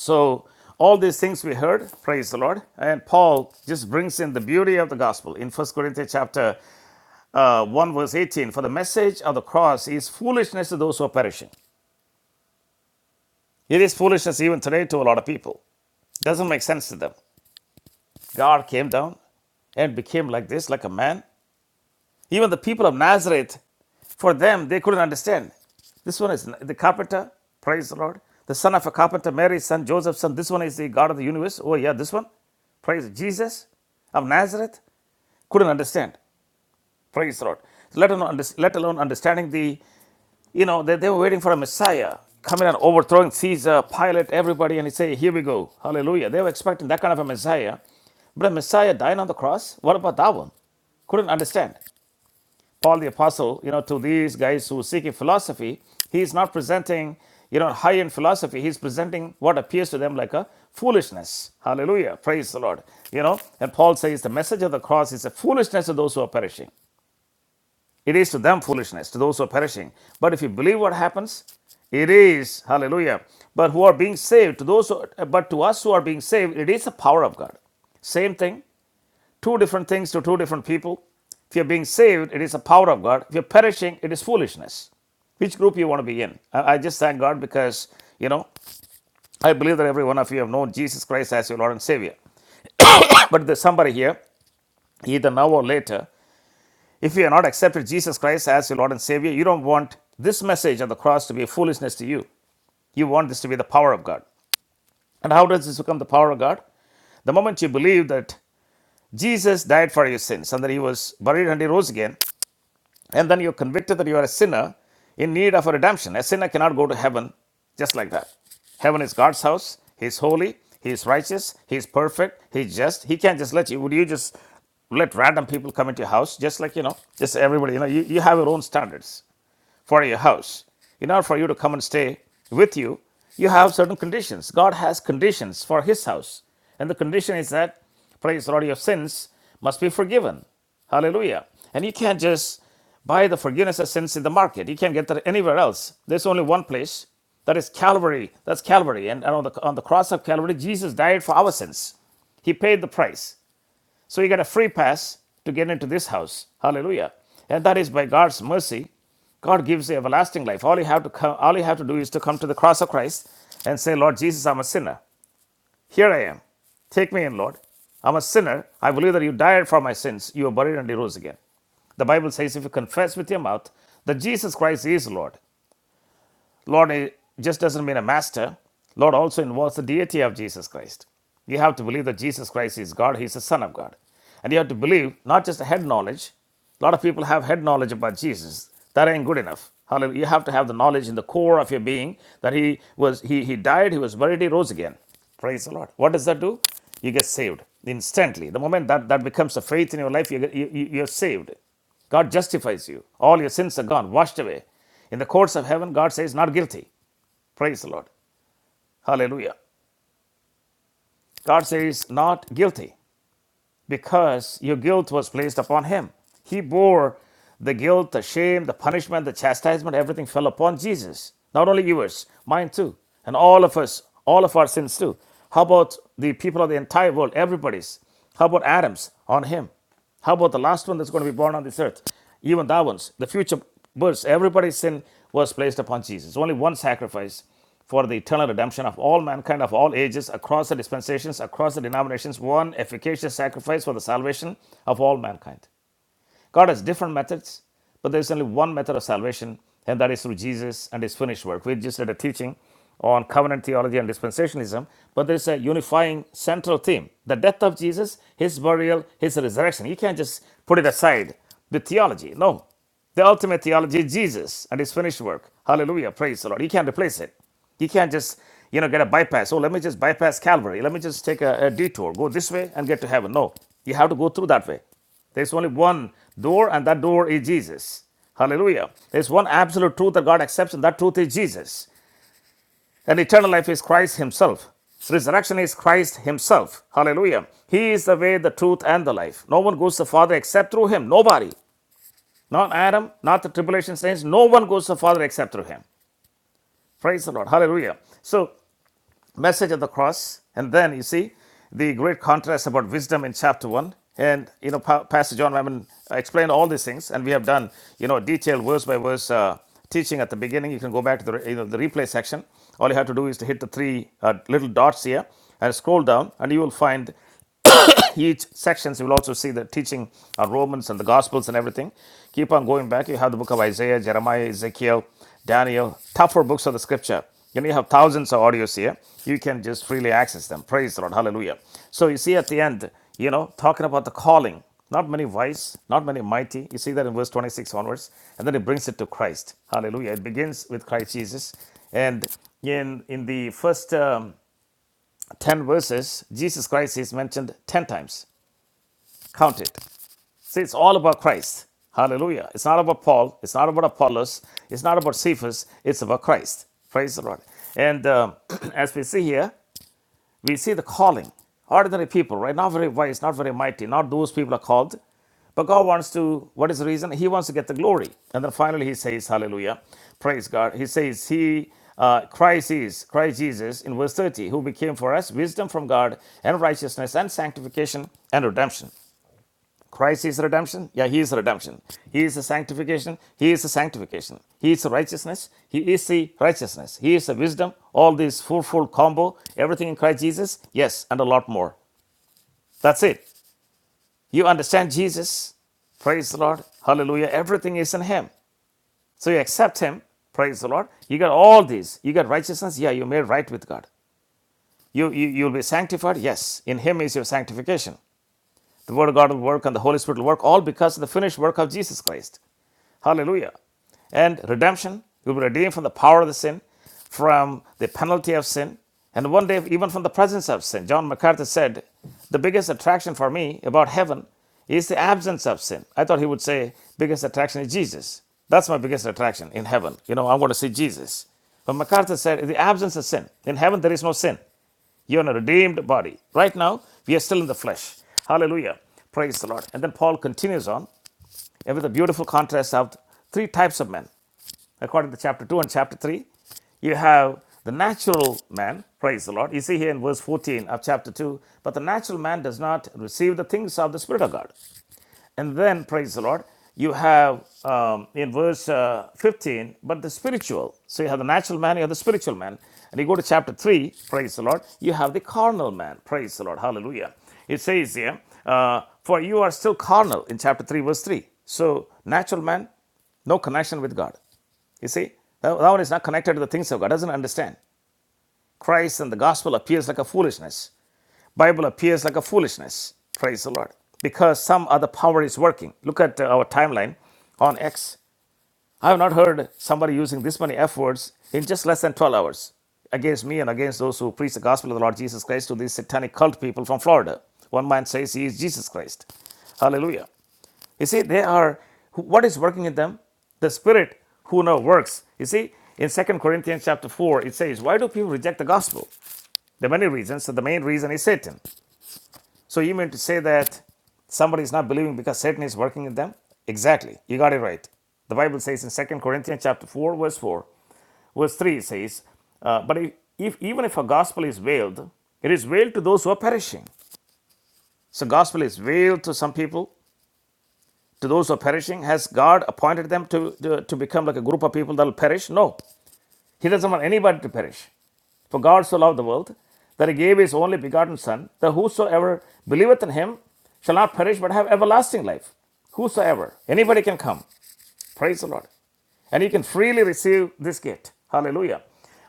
[SPEAKER 1] So, all these things we heard, praise the Lord. And Paul just brings in the beauty of the gospel in First Corinthians chapter uh, 1, verse 18. For the message of the cross is foolishness to those who are perishing. It is foolishness even today to a lot of people. Doesn't make sense to them. God came down and became like this, like a man, Even the people of Nazareth, for them, they couldn't understand. This one is the carpenter, praise the Lord. The son of a carpenter, Mary's son, Joseph's son. This one is the God of the universe. Oh, yeah, this one, praise Jesus of Nazareth, couldn't understand. Praise the Lord. Let alone, let alone understanding the, you know, they, they were waiting for a Messiah coming and overthrowing Caesar, Pilate, everybody, and he say, here we go, hallelujah. They were expecting that kind of a Messiah. But a Messiah dying on the cross, what about that one? Couldn't understand. Paul the Apostle, you know, to these guys who seek a philosophy, he is not presenting, you know, high end philosophy. He's presenting what appears to them like a foolishness. Hallelujah. Praise the Lord. You know, and Paul says the message of the cross is a foolishness to those who are perishing. It is to them foolishness, to those who are perishing. But if you believe what happens, it is, hallelujah. But who are being saved, to those who, but to us who are being saved, it is the power of God. Same thing. Two different things to two different people. If you're being saved, it is the power of God. If you're perishing, it is foolishness. Which group you want to be in? I, just thank God because, you know, I believe that every one of you have known Jesus Christ as your Lord and Savior. But there's somebody here, either now or later, if you have not accepted Jesus Christ as your Lord and Savior, you don't want this message of the cross to be a foolishness to you. You want this to be the power of God. And how does this become the power of God? The moment you believe that Jesus died for your sins and that he was buried and he rose again, and then you're convicted that you are a sinner in need of a redemption. A sinner cannot go to heaven just like that. Heaven is God's house. He is holy. He is righteous. He is perfect. He's just. He can't just let you. Would you just let random people come into your house? Just like, you know, just everybody. You know, you, you have your own standards for your house. In order for you to come and stay with you, you have certain conditions. God has conditions for his house. And the condition is that, praise the Lord, your sins must be forgiven. Hallelujah. And you can't just buy the forgiveness of sins in the market. You can't get that anywhere else. There's only one place. That is Calvary. That's Calvary. And on the, on the cross of Calvary, Jesus died for our sins. He paid the price. So you get a free pass to get into this house. Hallelujah. And that is by God's mercy. God gives you everlasting life. All you have to come, all you have to do is to come to the cross of Christ and say, Lord Jesus, I'm a sinner. Here I am. Take me in, Lord. I'm a sinner. I believe that you died for my sins. You were buried and you rose again. The Bible says if you confess with your mouth that Jesus Christ is Lord Lord eh, just doesn't mean a master. Lord also involves the deity of Jesus Christ. You have to believe that Jesus Christ is God, He's the Son of God. And you have to believe not just head knowledge. A lot of people have head knowledge about Jesus. That ain't good enough. Hallelujah. You have to have the knowledge in the core of your being that He was He He died, He was buried, He rose again. Praise the Lord. What does that do? You get saved instantly. The moment that, that becomes a faith in your life, you get, you, you- you're saved. God justifies you. All your sins are gone, washed away. In the courts of heaven, God says, not guilty. Praise the Lord. Hallelujah. God says, not guilty, because your guilt was placed upon him. He bore the guilt, the shame, the punishment, the chastisement, everything fell upon Jesus. Not only yours, mine too, and all of us, all of our sins too. How about the people of the entire world, everybody's? How about Adam's on him? How about the last one that's going to be born on this earth? Even that one's, the future births, everybody's sin was placed upon Jesus. Only one sacrifice for the eternal redemption of all mankind of all ages, across the dispensations, across the denominations, one efficacious sacrifice for the salvation of all mankind. God has different methods, but there's only one method of salvation, and that is through Jesus and his finished work. We just did a teaching on covenant theology and dispensationalism, but there's a unifying central theme the death of Jesus, his burial, his resurrection. You can't just put it aside with theology. No. The ultimate theology is Jesus and his finished work. Hallelujah. Praise the Lord. You can't replace it. You can't just, you know, get a bypass. Oh, let me just bypass Calvary. Let me just take a, a detour, go this way and get to heaven. No, you have to go through that way. There's only one door, and that door is Jesus. Hallelujah. There's one absolute truth that God accepts, and that truth is Jesus. And eternal life is Christ Himself. Resurrection is Christ Himself. Hallelujah. He is the way, the truth, and the life. No one goes to the Father except through Him. Nobody. Not Adam, not the tribulation saints. No one goes to the Father except through Him. Praise the Lord. Hallelujah. So message of the cross and then you see the great contrast about wisdom in chapter 1 and you know pa- pastor john Mammon explained all these things and we have done you know detailed verse by verse uh, teaching at the beginning you can go back to the you know the replay section all you have to do is to hit the three uh, little dots here and scroll down and you will find each sections you will also see the teaching of romans and the gospels and everything keep on going back you have the book of isaiah jeremiah ezekiel daniel tougher books of the scripture you know you have thousands of audios here you can just freely access them praise the lord hallelujah so you see at the end you know talking about the calling not many wise, not many mighty. You see that in verse 26 onwards. And then it brings it to Christ. Hallelujah. It begins with Christ Jesus. And in, in the first um, 10 verses, Jesus Christ is mentioned 10 times. Count it. See, it's all about Christ. Hallelujah. It's not about Paul. It's not about Apollos. It's not about Cephas. It's about Christ. Praise the Lord. And um, [clears throat] as we see here, we see the calling. Ordinary people, right? Not very wise, not very mighty. Not those people are called. But God wants to, what is the reason? He wants to get the glory. And then finally he says, Hallelujah. Praise God. He says, He, uh, Christ is, Christ Jesus, in verse 30, who became for us wisdom from God and righteousness and sanctification and redemption. Christ is redemption. Yeah, He is redemption. He is the sanctification. He is the sanctification. He is the righteousness. He is the righteousness. He is the wisdom. All this fourfold combo, everything in Christ Jesus. Yes, and a lot more. That's it. You understand Jesus. Praise the Lord. Hallelujah. Everything is in Him. So you accept Him. Praise the Lord. You got all these. You got righteousness. Yeah, you're made right with God. You, you, you'll be sanctified. Yes. In Him is your sanctification. The Word of God will work and the Holy Spirit will work, all because of the finished work of Jesus Christ. Hallelujah. And redemption, you'll be redeemed from the power of the sin, from the penalty of sin, and one day even from the presence of sin. John MacArthur said, The biggest attraction for me about heaven is the absence of sin. I thought he would say, Biggest attraction is Jesus. That's my biggest attraction in heaven. You know, I want to see Jesus. But MacArthur said, The absence of sin. In heaven, there is no sin. You're in a redeemed body. Right now, we are still in the flesh. Hallelujah. Praise the Lord. And then Paul continues on and with a beautiful contrast of three types of men. According to chapter 2 and chapter 3, you have the natural man, praise the Lord. You see here in verse 14 of chapter 2, but the natural man does not receive the things of the Spirit of God. And then, praise the Lord, you have um, in verse uh, 15, but the spiritual. So you have the natural man, you have the spiritual man. And you go to chapter 3, praise the Lord, you have the carnal man, praise the Lord, hallelujah. It says here, uh, for you are still carnal in chapter 3, verse 3. So, natural man, no connection with God. You see, that that one is not connected to the things of God, doesn't understand. Christ and the gospel appears like a foolishness. Bible appears like a foolishness. Praise the Lord. Because some other power is working. Look at uh, our timeline on X. I have not heard somebody using this many F words in just less than 12 hours against me and against those who preach the gospel of the Lord Jesus Christ to these satanic cult people from Florida. One man says he is Jesus Christ. Hallelujah. You see, they are what is working in them? The spirit who now works. You see, in Second Corinthians chapter 4, it says, Why do people reject the gospel? There are many reasons. So the main reason is Satan. So you meant to say that somebody is not believing because Satan is working in them? Exactly. You got it right. The Bible says in Second Corinthians chapter 4, verse 4, verse 3 it says, uh, but if, if even if a gospel is veiled, it is veiled to those who are perishing. So gospel is veiled to some people, to those who are perishing. Has God appointed them to, to, to become like a group of people that will perish? No. He doesn't want anybody to perish. For God so loved the world that he gave his only begotten Son, that whosoever believeth in him shall not perish but have everlasting life. Whosoever, anybody can come. Praise the Lord. And you can freely receive this gift. Hallelujah.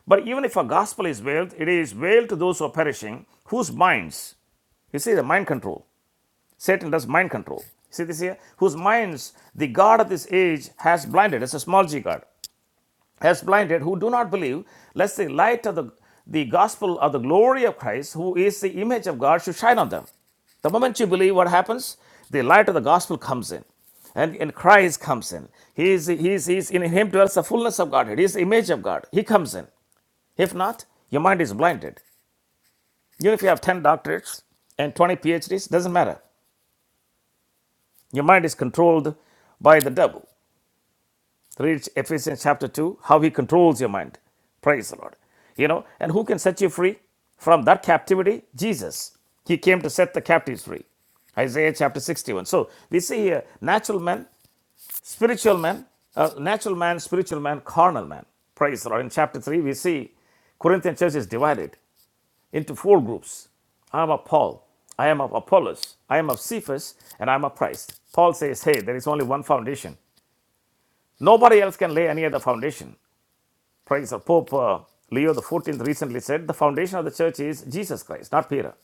[SPEAKER 1] But even if a gospel is veiled, it is veiled to those who are perishing, whose minds, you see the mind control. Satan does mind control. See this here? Whose minds the God of this age has blinded. It's a small g God as blinded, who do not believe, lest the light of the, the gospel of the glory of Christ, who is the image of God, should shine on them. The moment you believe, what happens? The light of the gospel comes in. And, and Christ comes in. He is, he is, he is, in him dwells the fullness of Godhead. He is the image of God. He comes in. If not, your mind is blinded. Even if you have 10 doctorates and 20 PhDs, doesn't matter. Your mind is controlled by the devil. Read Ephesians chapter 2, how he controls your mind. Praise the Lord. You know, and who can set you free from that captivity? Jesus. He came to set the captives free. Isaiah chapter 61. So we see here natural man, spiritual man, uh, natural man, spiritual man, carnal man. Praise the Lord. In chapter 3, we see Corinthian church is divided into four groups. I am of Paul, I am of Apollos, I am of Cephas, and I am of Christ. Paul says, Hey, there is only one foundation. Nobody else can lay any other foundation. Praise Pope uh, Leo the Fourteenth recently said the foundation of the church is Jesus Christ, not Peter.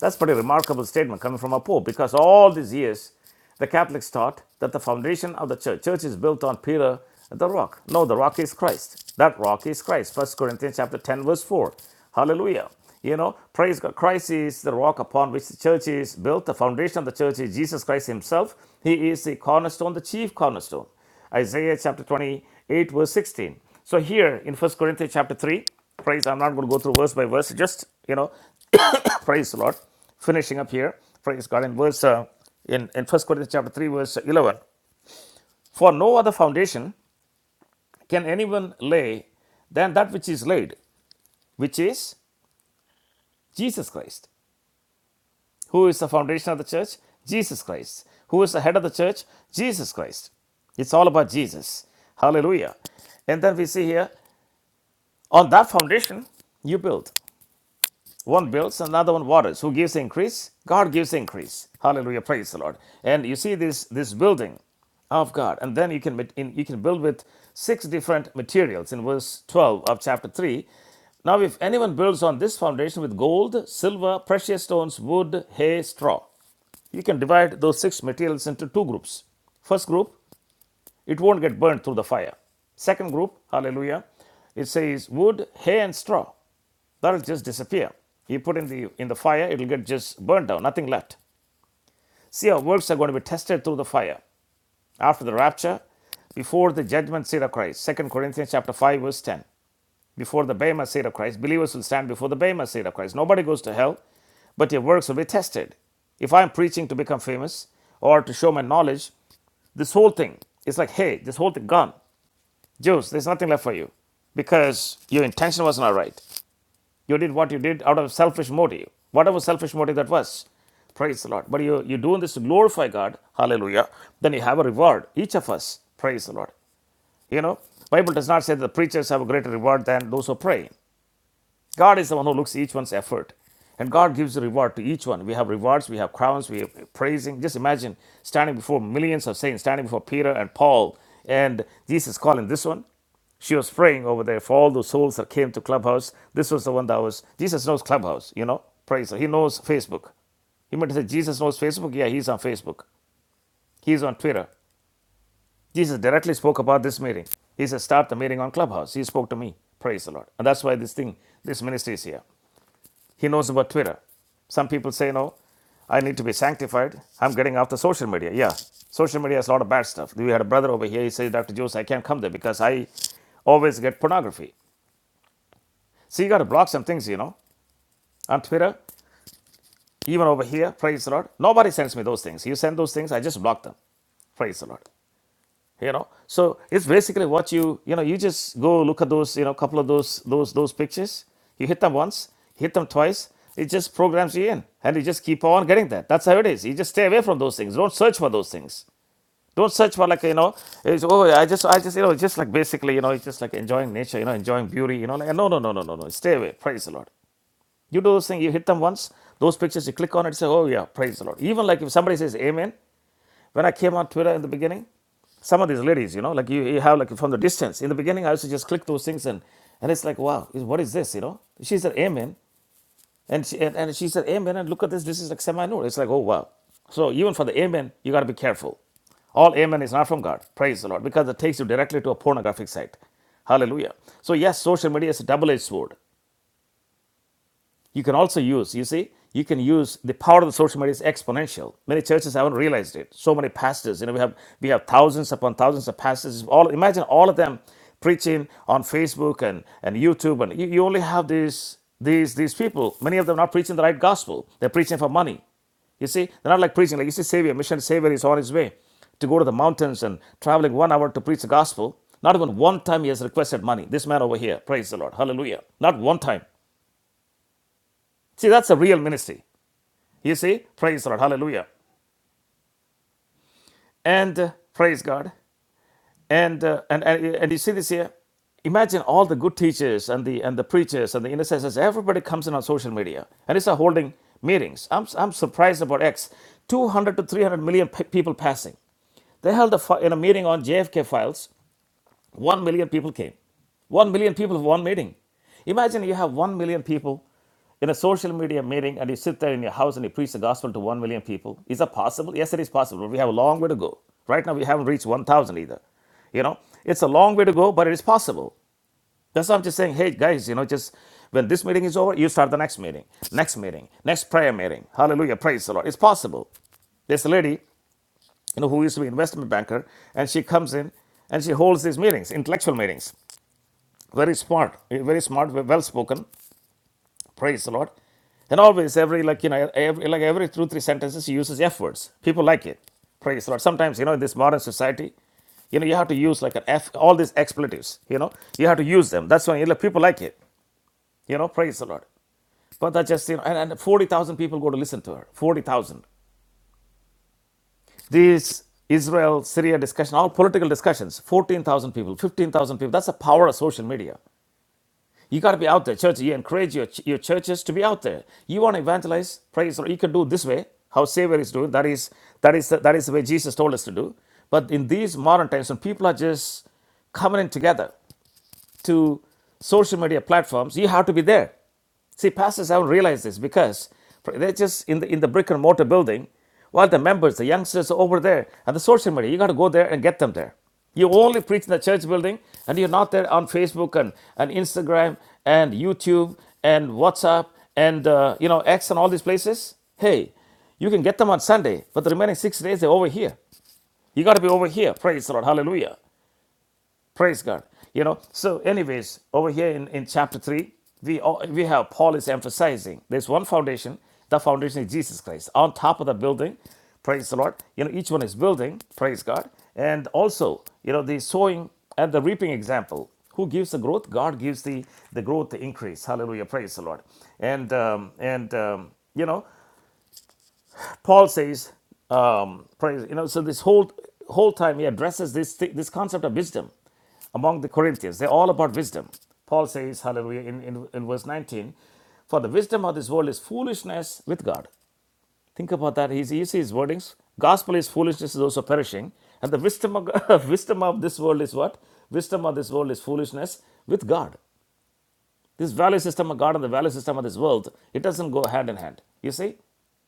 [SPEAKER 1] That's a pretty remarkable statement coming from a Pope because all these years, the Catholics taught that the foundation of the church, church is built on Peter, the rock. No, the rock is Christ. That rock is Christ. First Corinthians chapter 10, verse 4. Hallelujah. You know, praise God. Christ is the rock upon which the church is built. The foundation of the church is Jesus Christ himself. He is the cornerstone, the chief cornerstone. Isaiah chapter 28, verse 16. So here in First Corinthians chapter 3, praise, I'm not going to go through verse by verse, just, you know, Praise the Lord. Finishing up here, praise God. In verse uh, in in First Corinthians chapter three, verse eleven. For no other foundation can anyone lay than that which is laid, which is Jesus Christ. Who is the foundation of the church? Jesus Christ. Who is the head of the church? Jesus Christ. It's all about Jesus. Hallelujah. And then we see here, on that foundation you build. One builds, another one waters. Who gives increase? God gives increase. Hallelujah. Praise the Lord. And you see this this building of God. And then you can you can build with six different materials in verse 12 of chapter 3. Now if anyone builds on this foundation with gold, silver, precious stones, wood, hay, straw, you can divide those six materials into two groups. First group it won't get burned through the fire. Second group, hallelujah, it says wood, hay, and straw. That'll just disappear. You put in the in the fire, it'll get just burnt down, nothing left. See, our works are going to be tested through the fire after the rapture, before the judgment seat of Christ. Second Corinthians chapter 5, verse 10. Before the Bema seat of Christ, believers will stand before the Bema seat of Christ. Nobody goes to hell, but your works will be tested. If I'm preaching to become famous or to show my knowledge, this whole thing is like, hey, this whole thing gone. Jews, there's nothing left for you because your intention was not right. You did what you did out of a selfish motive, whatever selfish motive that was. Praise the Lord. But you, you're doing this to glorify God. Hallelujah. Then you have a reward, each of us. Praise the Lord. You know, Bible does not say that the preachers have a greater reward than those who pray. God is the one who looks at each one's effort. And God gives a reward to each one. We have rewards, we have crowns, we have praising. Just imagine standing before millions of saints, standing before Peter and Paul, and Jesus calling this one. She was praying over there for all those souls that came to Clubhouse. This was the one that was, Jesus knows Clubhouse, you know, praise. He knows Facebook. He might say, Jesus knows Facebook. Yeah, he's on Facebook. He's on Twitter. Jesus directly spoke about this meeting. He said, start the meeting on Clubhouse. He spoke to me. Praise the Lord. And that's why this thing, this ministry is here. He knows about Twitter. Some people say, no, I need to be sanctified. I'm getting off the social media. Yeah, social media has a lot of bad stuff. We had a brother over here. He says, Dr. Jose, I can't come there because I always get pornography. So you got to block some things, you know, on Twitter, even over here. Praise the Lord. Nobody sends me those things. You send those things, I just block them. Praise the Lord. you know so it's basically what you you know you just go look at those you know couple of those those those pictures you hit them once hit them twice it just programs you in and you just keep on getting that that's how it is you just stay away from those things don't search for those things don't search for like you know it's, oh i just i just you know just like basically you know it's just like enjoying nature you know enjoying beauty you know like no no no no no no stay away praise the lord you do those things you hit them once those pictures you click on it say oh yeah praise the lord even like if somebody says amen when I came on Twitter in the beginning, some of these ladies, you know, like you, you have like from the distance. In the beginning, I used to just click those things and and it's like, wow, what is this? You know, she said amen, and she and, and she said amen, and look at this. This is like semi-nude. It's like, oh wow. So even for the amen, you got to be careful. All amen is not from God. Praise the Lord, because it takes you directly to a pornographic site. Hallelujah. So yes, social media is a double-edged sword. You can also use, you see, you can use the power of the social media is exponential. Many churches haven't realized it. So many pastors, you know, we have we have thousands upon thousands of pastors. All imagine all of them preaching on Facebook and, and YouTube, and you, you only have these these these people. Many of them not preaching the right gospel. They're preaching for money. You see, they're not like preaching. Like you see, Savior, mission Savior is on his way to go to the mountains and traveling one hour to preach the gospel. Not even one time he has requested money. This man over here, praise the Lord, hallelujah. Not one time. See, that's a real ministry. You see, praise the Lord, hallelujah, and uh, praise God, and, uh, and and and you see this here. Imagine all the good teachers and the and the preachers and the intercessors. Everybody comes in on social media and it's a holding meetings. I'm I'm surprised about X. 200 to 300 million pe- people passing. They held a, in a meeting on JFK files One million people came. One million people for one meeting. Imagine you have one million people in a social media meeting and you sit there in your house and you preach the gospel to one million people. Is that possible? Yes, it is possible. We have a long way to go. Right now, we haven't reached 1,000 either. You know, it's a long way to go, but it is possible. That's why I'm just saying, hey, guys, you know, just when this meeting is over, you start the next meeting, next meeting, next prayer meeting. Hallelujah. Praise the Lord. It's possible. There's a lady, you know, who used to be an investment banker, and she comes in and she holds these meetings, intellectual meetings very smart, very smart, well well spoken. Praise the Lord. And always, every like you know, every, like every two three sentences, he uses F words. People like it. Praise the Lord. Sometimes you know, in this modern society, you know, you have to use like an F, all these expletives. You know, you have to use them. That's why you know, people like it. You know, praise the Lord. But that just you know, and, and forty thousand people go to listen to her. Forty thousand. These Israel Syria discussion, all political discussions. Fourteen thousand people, fifteen thousand people. That's the power of social media. You got to be out there, church. You encourage your, your churches to be out there. You want to evangelize? Praise the Lord. You can do it this way. How Savior is doing. That is that is that is the way Jesus told us to do. But in these modern times, when people are just coming in together, to social media platforms, you have to be there. See, pastors haven't realized this because they're just in the, in the brick and mortar building, while the members, the youngsters are over there at the social media. You got to go there and get them there. You only preach in the church building and you're not there on Facebook and, and Instagram and YouTube and WhatsApp and, uh, you know, X and all these places. Hey, you can get them on Sunday, but the remaining six days, they're over here. You got to be over here. Praise the Lord. Hallelujah. Praise God. You know, so anyways, over here in, in chapter 3, we, all, we have Paul is emphasizing there's one foundation. The foundation is Jesus Christ. On top of the building, praise the Lord. You know, each one is building, praise God. And also, you know, the sowing and the reaping example. Who gives the growth? God gives the, the growth, the increase. Hallelujah. Praise the Lord. And, um, and um, you know, Paul says, um, praise, you know, so this whole whole time he addresses this thi- this concept of wisdom among the Corinthians. They're all about wisdom. Paul says, hallelujah, in, in, in verse 19, for the wisdom of this world is foolishness with God. Think about that. He's, you see his wordings. Gospel is foolishness to those who are perishing. And the wisdom of, [laughs] wisdom of this world is what? Wisdom of this world is foolishness with God. This value system of God and the value system of this world, it doesn't go hand in hand. You see?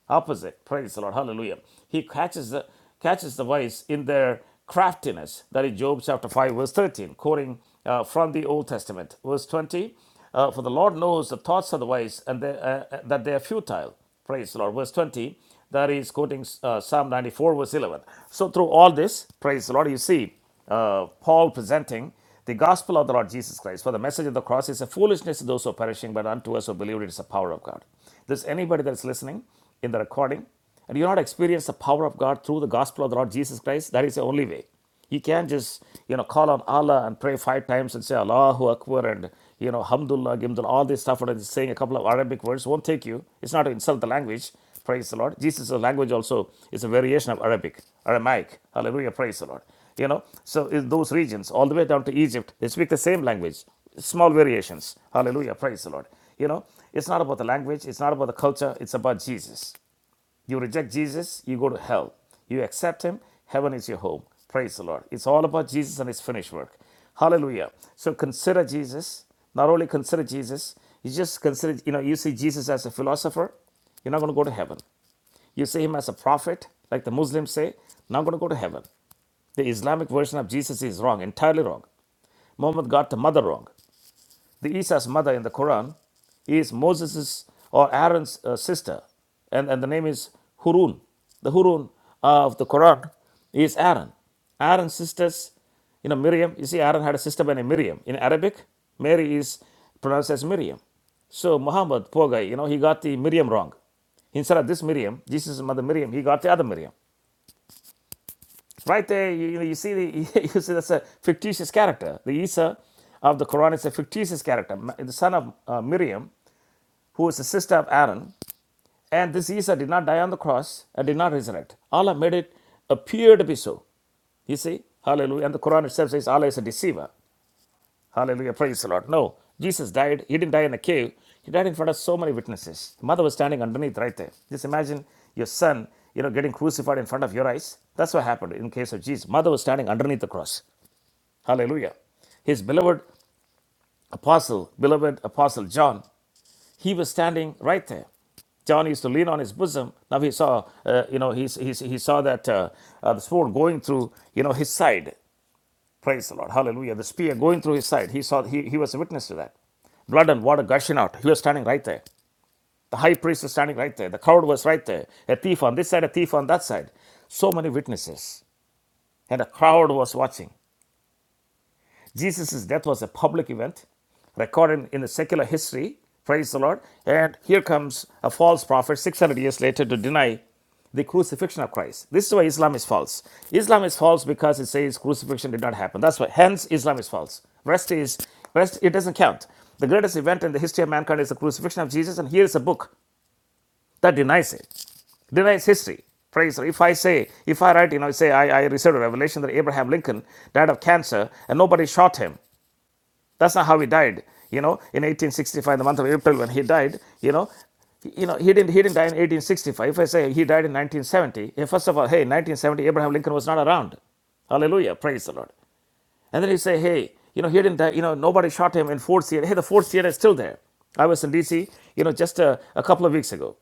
[SPEAKER 1] Opposite. Praise the Lord. Hallelujah. He catches the catches the wise in their craftiness. That is Job chapter 5, verse 13, quoting uh, from the Old Testament. Verse 20. Uh, for the Lord knows the thoughts of the wise and they, uh, uh, that they are futile. Praise the Lord. Verse 20, that is quoting uh, Psalm 94, verse 11. So, through all this, praise the Lord, you see uh, Paul presenting the gospel of the Lord Jesus Christ. For the message of the cross is a foolishness to those who are perishing, but unto us who believe it is the power of God. There's anybody that's listening in the recording, and you not experience the power of God through the gospel of the Lord Jesus Christ. That is the only way. You can't just you know call on Allah and pray five times and say Allahu Akbar and you know Hamdulillah, Gimdullah, all this stuff and just saying a couple of Arabic words won't take you. It's not to insult the language, Praise the Lord. Jesus' language also is a variation of Arabic, Aramaic. Hallelujah. Praise the Lord. You know, so in those regions, all the way down to Egypt, they speak the same language, small variations. Hallelujah. Praise the Lord. You know, it's not about the language, it's not about the culture, it's about Jesus. You reject Jesus, you go to hell. You accept him, heaven is your home. Praise the Lord. It's all about Jesus and his finished work. Hallelujah. So consider Jesus. Not only consider Jesus, you just consider, you know, you see Jesus as a philosopher, you're not going to go to heaven. You see him as a prophet, like the Muslims say, now I'm going to go to heaven. The Islamic version of Jesus is wrong, entirely wrong. Muhammad got the mother wrong the Isa's mother in the Quran is Moses' or Aaron's uh, sister, and, and the name is Hurun. The Hurun uh, of the Quran is Aaron. Aaron's sisters, you know, Miriam, you see, Aaron had a sister by name Miriam. In Arabic, Mary is pronounced as Miriam. So Muhammad, poor guy, you know, he got the Miriam wrong. Instead of this Miriam, Jesus' mother Miriam, he got the other Miriam. Right there, you, you know, you see the [laughs] you see that's a fictitious character. The Isa of the Quran is a fictitious character, the son of uh, Miriam, who is the sister of Aaron. And this Isa did not die on the cross and did not resurrect. Allah made it appear to be so. You see, Hallelujah. And the Quran itself says Allah is a deceiver. Hallelujah. Praise the Lord. No, Jesus died. He didn't die in a cave. He died in front of so many witnesses. The mother was standing underneath right there. Just imagine your son, you know, getting crucified in front of your eyes. That's what happened in case of Jesus. Mother was standing underneath the cross. Hallelujah. His beloved apostle, beloved apostle John, he was standing right there. John used to lean on his bosom. Now he saw, uh, you know, he he's, he saw that uh, uh, the sword going through, you know, his side. Praise the Lord. Hallelujah. The spear going through his side. He saw, he, he was a witness to that. Blood and water gushing out. He was standing right there. The high priest was standing right there. The crowd was right there. A thief on this side, a thief on that side. So many witnesses. And the crowd was watching. Jesus' death was a public event recorded in the secular history. Praise the Lord. And here comes a false prophet 600 years later to deny the crucifixion of Christ. This is why Islam is false. Islam is false because it says crucifixion did not happen. That's why. Hence, Islam is false. Rest is, rest, it doesn't count. The greatest event in the history of mankind is the crucifixion of Jesus. And here is a book that denies it, denies history. Praise the Lord. If I say, if I write, you know, say I, I received a revelation that Abraham Lincoln died of cancer and nobody shot him. That's not how he died. You know, in 1865, in the month of April, when he died, you know, you know, he didn't he didn't die in 1865. If I say he died in 1970, eh, first of all, hey, 1970, Abraham Lincoln was not around. Hallelujah, praise the Lord. And then you say, hey, you know, he didn't die. You know, nobody shot him in Fort Theater. Hey, the Fort Theater is still there. I was in D.C. You know, just a, a couple of weeks ago.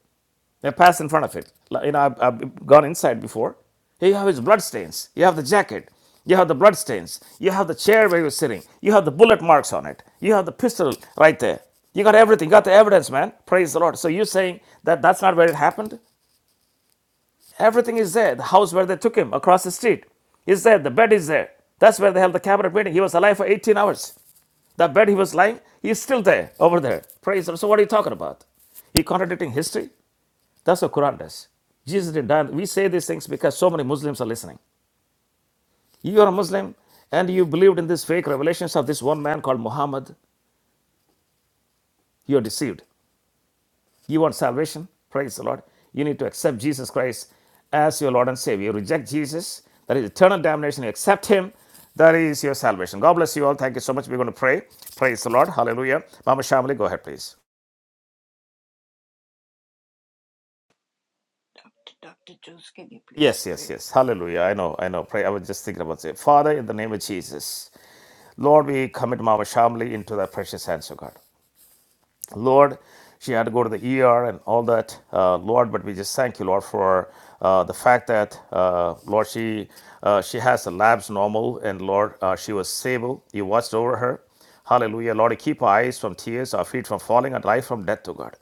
[SPEAKER 1] They pass in front of it. Like, You know, I've, I've gone inside before. Here you have his blood stains. You have the jacket. You have the blood stains. You have the chair where you're sitting. You have the bullet marks on it. You have the pistol right there. You got everything. You got the evidence, man. Praise the Lord. So you're saying that that's not where it happened? Everything is there. The house where they took him across the street is there. The bed is there. That's where they held the cabinet meeting. He was alive for 18 hours. The bed he was lying, he's still there, over there. Praise the Lord. So what are you talking about? He contradicting history? That's what Quran does. Jesus didn't die. We say these things because so many Muslims are listening. You are a Muslim and you believed in these fake revelations of this one man called Muhammad. You are deceived. You want salvation? Praise the Lord. You need to accept Jesus Christ as your Lord and Savior. You reject Jesus, that is eternal damnation. You accept Him, that is your salvation. God bless you all. Thank you so much. We're going to pray. Praise the Lord. Hallelujah. Mama Shamali, go ahead, please. Yes, yes, yes. Hallelujah. I know, I know. Pray. I was just thinking about it. Father, in the name of Jesus. Lord, we commit Mama Shamli into thy precious hands, O God. Lord, she had to go to the ER and all that, uh, Lord, but we just thank you, Lord, for uh, the fact that, uh, Lord, she uh, she has the labs normal, and Lord, uh, she was stable. You watched over her. Hallelujah. Lord, keep our eyes from tears, our feet from falling, and life from death, O God.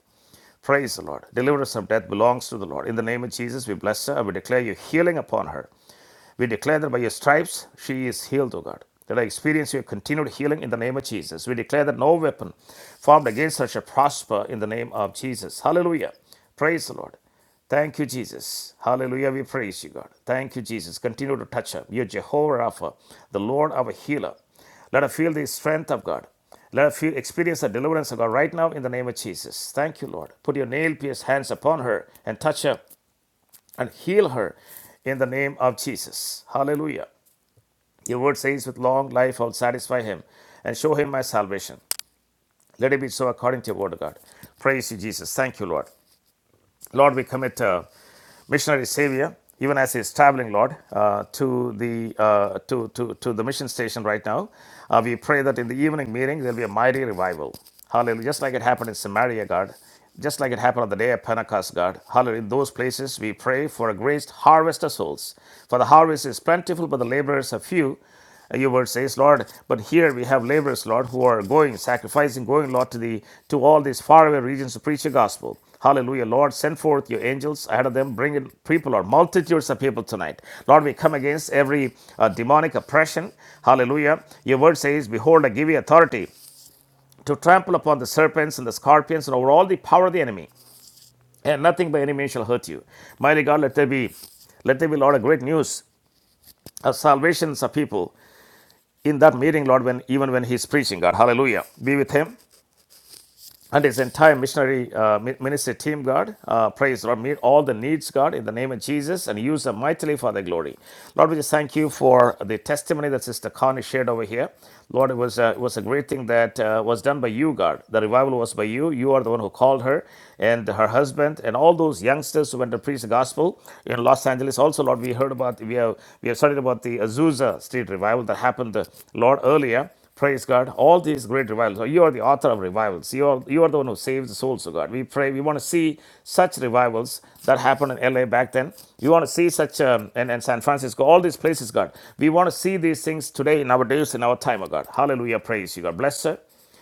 [SPEAKER 1] Praise the Lord. Deliverance from death belongs to the Lord. In the name of Jesus, we bless her. We declare your healing upon her. We declare that by your stripes she is healed, O God. That I experience your continued healing in the name of Jesus. We declare that no weapon formed against her shall prosper in the name of Jesus. Hallelujah. Praise the Lord. Thank you, Jesus. Hallelujah. We praise you, God. Thank you, Jesus. Continue to touch her. You're Jehovah Rapha, the Lord our healer. Let us feel the strength of God. Let us feel, experience the deliverance of God right now in the name of Jesus. Thank you, Lord. Put your nail pierced hands upon her and touch her and heal her in the name of Jesus. Hallelujah. Your word says, With long life I'll satisfy him and show him my salvation. Let it be so according to your word, God. Praise you, Jesus. Thank you, Lord. Lord, we commit uh, missionary Savior, even as he's traveling, Lord, uh, to the uh, to, to to the mission station right now. Uh, we pray that in the evening meeting there'll be a mighty revival. Hallelujah! Just like it happened in Samaria, God. Just like it happened on the day of Pentecost, God. Hallelujah. In those places, we pray for a great harvest of souls. For the harvest is plentiful, but the laborers are few. Your word says, Lord, but here we have laborers, Lord, who are going, sacrificing, going, Lord, to the to all these faraway regions to preach your gospel. Hallelujah. Lord, send forth your angels ahead of them. Bring in people or multitudes of people tonight. Lord, we come against every uh, demonic oppression. Hallelujah. Your word says, Behold, I give you authority to trample upon the serpents and the scorpions and over all the power of the enemy, and nothing by any means shall hurt you. Mighty God, let there be let there be, Lord, a great news of salvations of people in that meeting, Lord, when even when He is preaching, God. Hallelujah. Be with Him and his entire missionary uh, ministry team, God. Uh, praise the Lord. Meet all the needs, God, in the name of Jesus, and use them mightily for their glory. Lord, we just thank you for the testimony that Sister Connie shared over here. Lord, it was, uh, it was a great thing that uh, was done by you, God. The revival was by you. You are the one who called her and her husband and all those youngsters who went to preach the gospel in Los Angeles. Also, Lord, we heard about, we have, we have studied about the Azusa Street revival that happened, uh, Lord, earlier. Praise God. All these great revivals. Oh, You are the author of revivals. You are, you are the one who saves the souls of God. We pray. We want to see such revivals that happened in LA back then. You want to see such um, and, and San Francisco, all these places, God. We want to see these things today in our days, in our time, oh God. Hallelujah. Praise you, God. Bless her.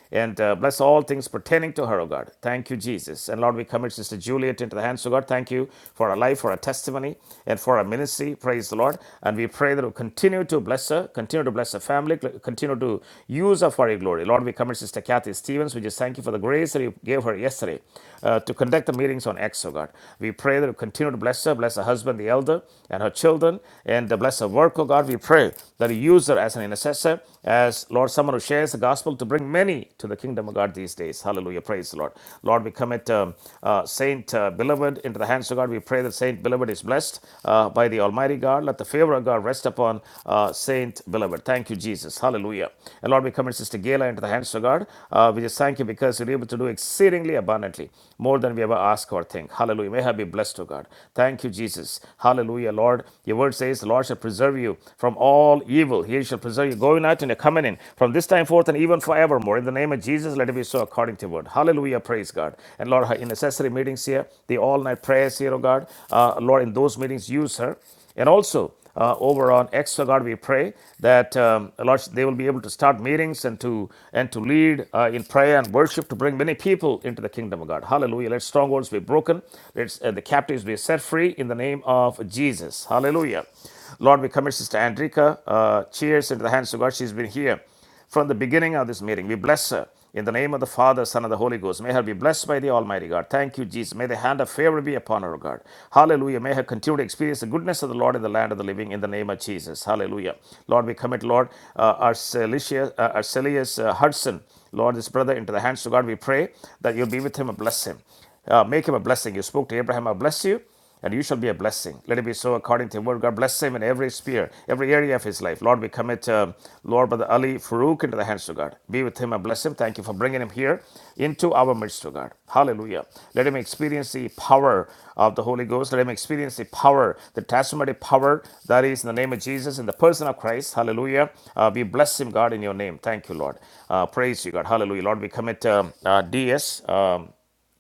[SPEAKER 1] And uh, bless all things pertaining to her, O God. Thank you, Jesus. And Lord, we commit Sister Juliet into the hands of God. Thank you for her life, for her testimony, and for her ministry. Praise the Lord. And we pray that you continue to bless her, continue to bless her family, continue to use her for your glory. Lord, we commit Sister Kathy Stevens. We just thank you for the grace that you gave her yesterday uh, to conduct the meetings on X, O God. We pray that you continue to bless her, bless her husband, the elder, and her children, and uh, bless her work, O God. We pray that you use her as an intercessor, as Lord, someone who shares the gospel to bring bring many to the kingdom of God these days. Hallelujah. Praise the Lord. Lord, we commit um, uh, Saint uh, Beloved into the hands of God. We pray that Saint Beloved is blessed uh, by the Almighty God. Let the favor of God rest upon uh, Saint Beloved. Thank you, Jesus. Hallelujah. And Lord, we commit Sister Gayla into the hands of God. Uh, we just thank you because you're able to do exceedingly abundantly, more than we ever ask or think. Hallelujah. May her be blessed, O God. Thank you, Jesus. Hallelujah, Lord. Your word says, The Lord shall preserve you from all evil. He shall preserve you going out and your coming in from this time forth and even forevermore. In the name of Jesus, let it be so according to your word. Hallelujah. Praise God. And Lord, her in necessary meetings here, the all night prayers here, oh God, uh, Lord, in those meetings, use her. And also, uh, over on X, oh God, we pray that um, Lord, they will be able to start meetings and to and to lead uh, in prayer and worship to bring many people into the kingdom of God. Hallelujah! Let strongholds be broken. Let uh, the captives be set free in the name of Jesus. Hallelujah! Lord, we commit Sister Andrika. Uh, cheers into the hands of God. She's been here from the beginning of this meeting. We bless her in the name of the Father, Son, and the Holy Ghost. May her be blessed by the Almighty God. Thank you, Jesus. May the hand of favor be upon her, O God. Hallelujah. May her continue to experience the goodness of the Lord in the land of the living in the name of Jesus. Hallelujah. Lord, we commit, Lord, uh, our uh, our uh, Hudson. Lord, this brother into the hands of God. We pray that you'll be with him and bless him. Uh, make him a blessing. You spoke to Abraham, I'll bless you, and you shall be a blessing. Let it be so according to the word. God bless him in every sphere, every area of his life. Lord, we commit um, Lord Brother Ali Farooq into the hands of God. Be with him and bless him. Thank you for bringing him here into our midst, to God. Hallelujah. Let him experience the power of the Holy Ghost. Let him experience the power, the transformative power that is in the name of Jesus, in the person of Christ. Hallelujah. Uh, we bless him, God, in your name. Thank you, Lord. Uh, praise you, God. Hallelujah. Lord, we commit um, uh, DS. Um,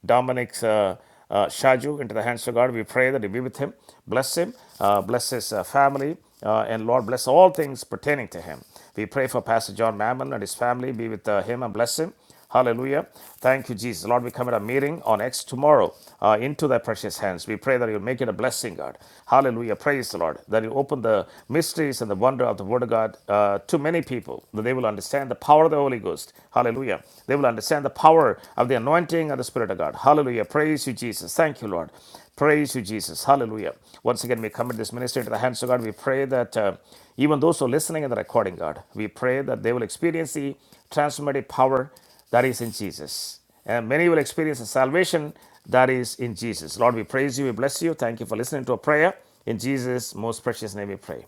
[SPEAKER 1] Dominic uh, uh, Shaju into the hands of God. We pray that you be with him, bless him, uh, bless his uh, family, uh, and Lord, bless all things pertaining to him. We pray for Pastor John Mammon and his family. Be with uh, him and bless him. Hallelujah. Thank you, Jesus. Lord, we come at a meeting on X tomorrow uh, into thy precious hands. We pray that you'll make it a blessing, God. Hallelujah. Praise the Lord. That you open the mysteries and the wonder of the Word of God uh, to many people, that they will understand the power of the Holy Ghost. Hallelujah. They will understand the power of the anointing of the Spirit of God. Hallelujah. Praise you, Jesus. Thank you, Lord. Praise you, Jesus. Hallelujah. Once again, we commit this ministry to the hands of God. We pray that uh, even those who are listening in the recording, God, we pray that they will experience the transformative power that is in Jesus. And many will experience the salvation that is in Jesus. Lord, we praise you, we bless you. Thank you for listening to our prayer. In Jesus' most precious name we pray.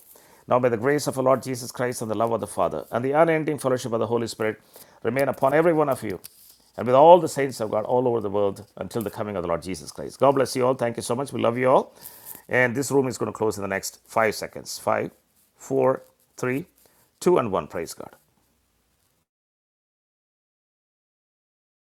[SPEAKER 1] Now, may the grace of our Lord Jesus Christ and the love of the Father and the unending fellowship of the Holy Spirit remain upon every one of you and with all the saints of God all over the world until the coming of the Lord Jesus Christ. God bless you all. Thank you so much. We love you all. And this room is going to close in the next five seconds. Five, four, three, two, and one. Praise God.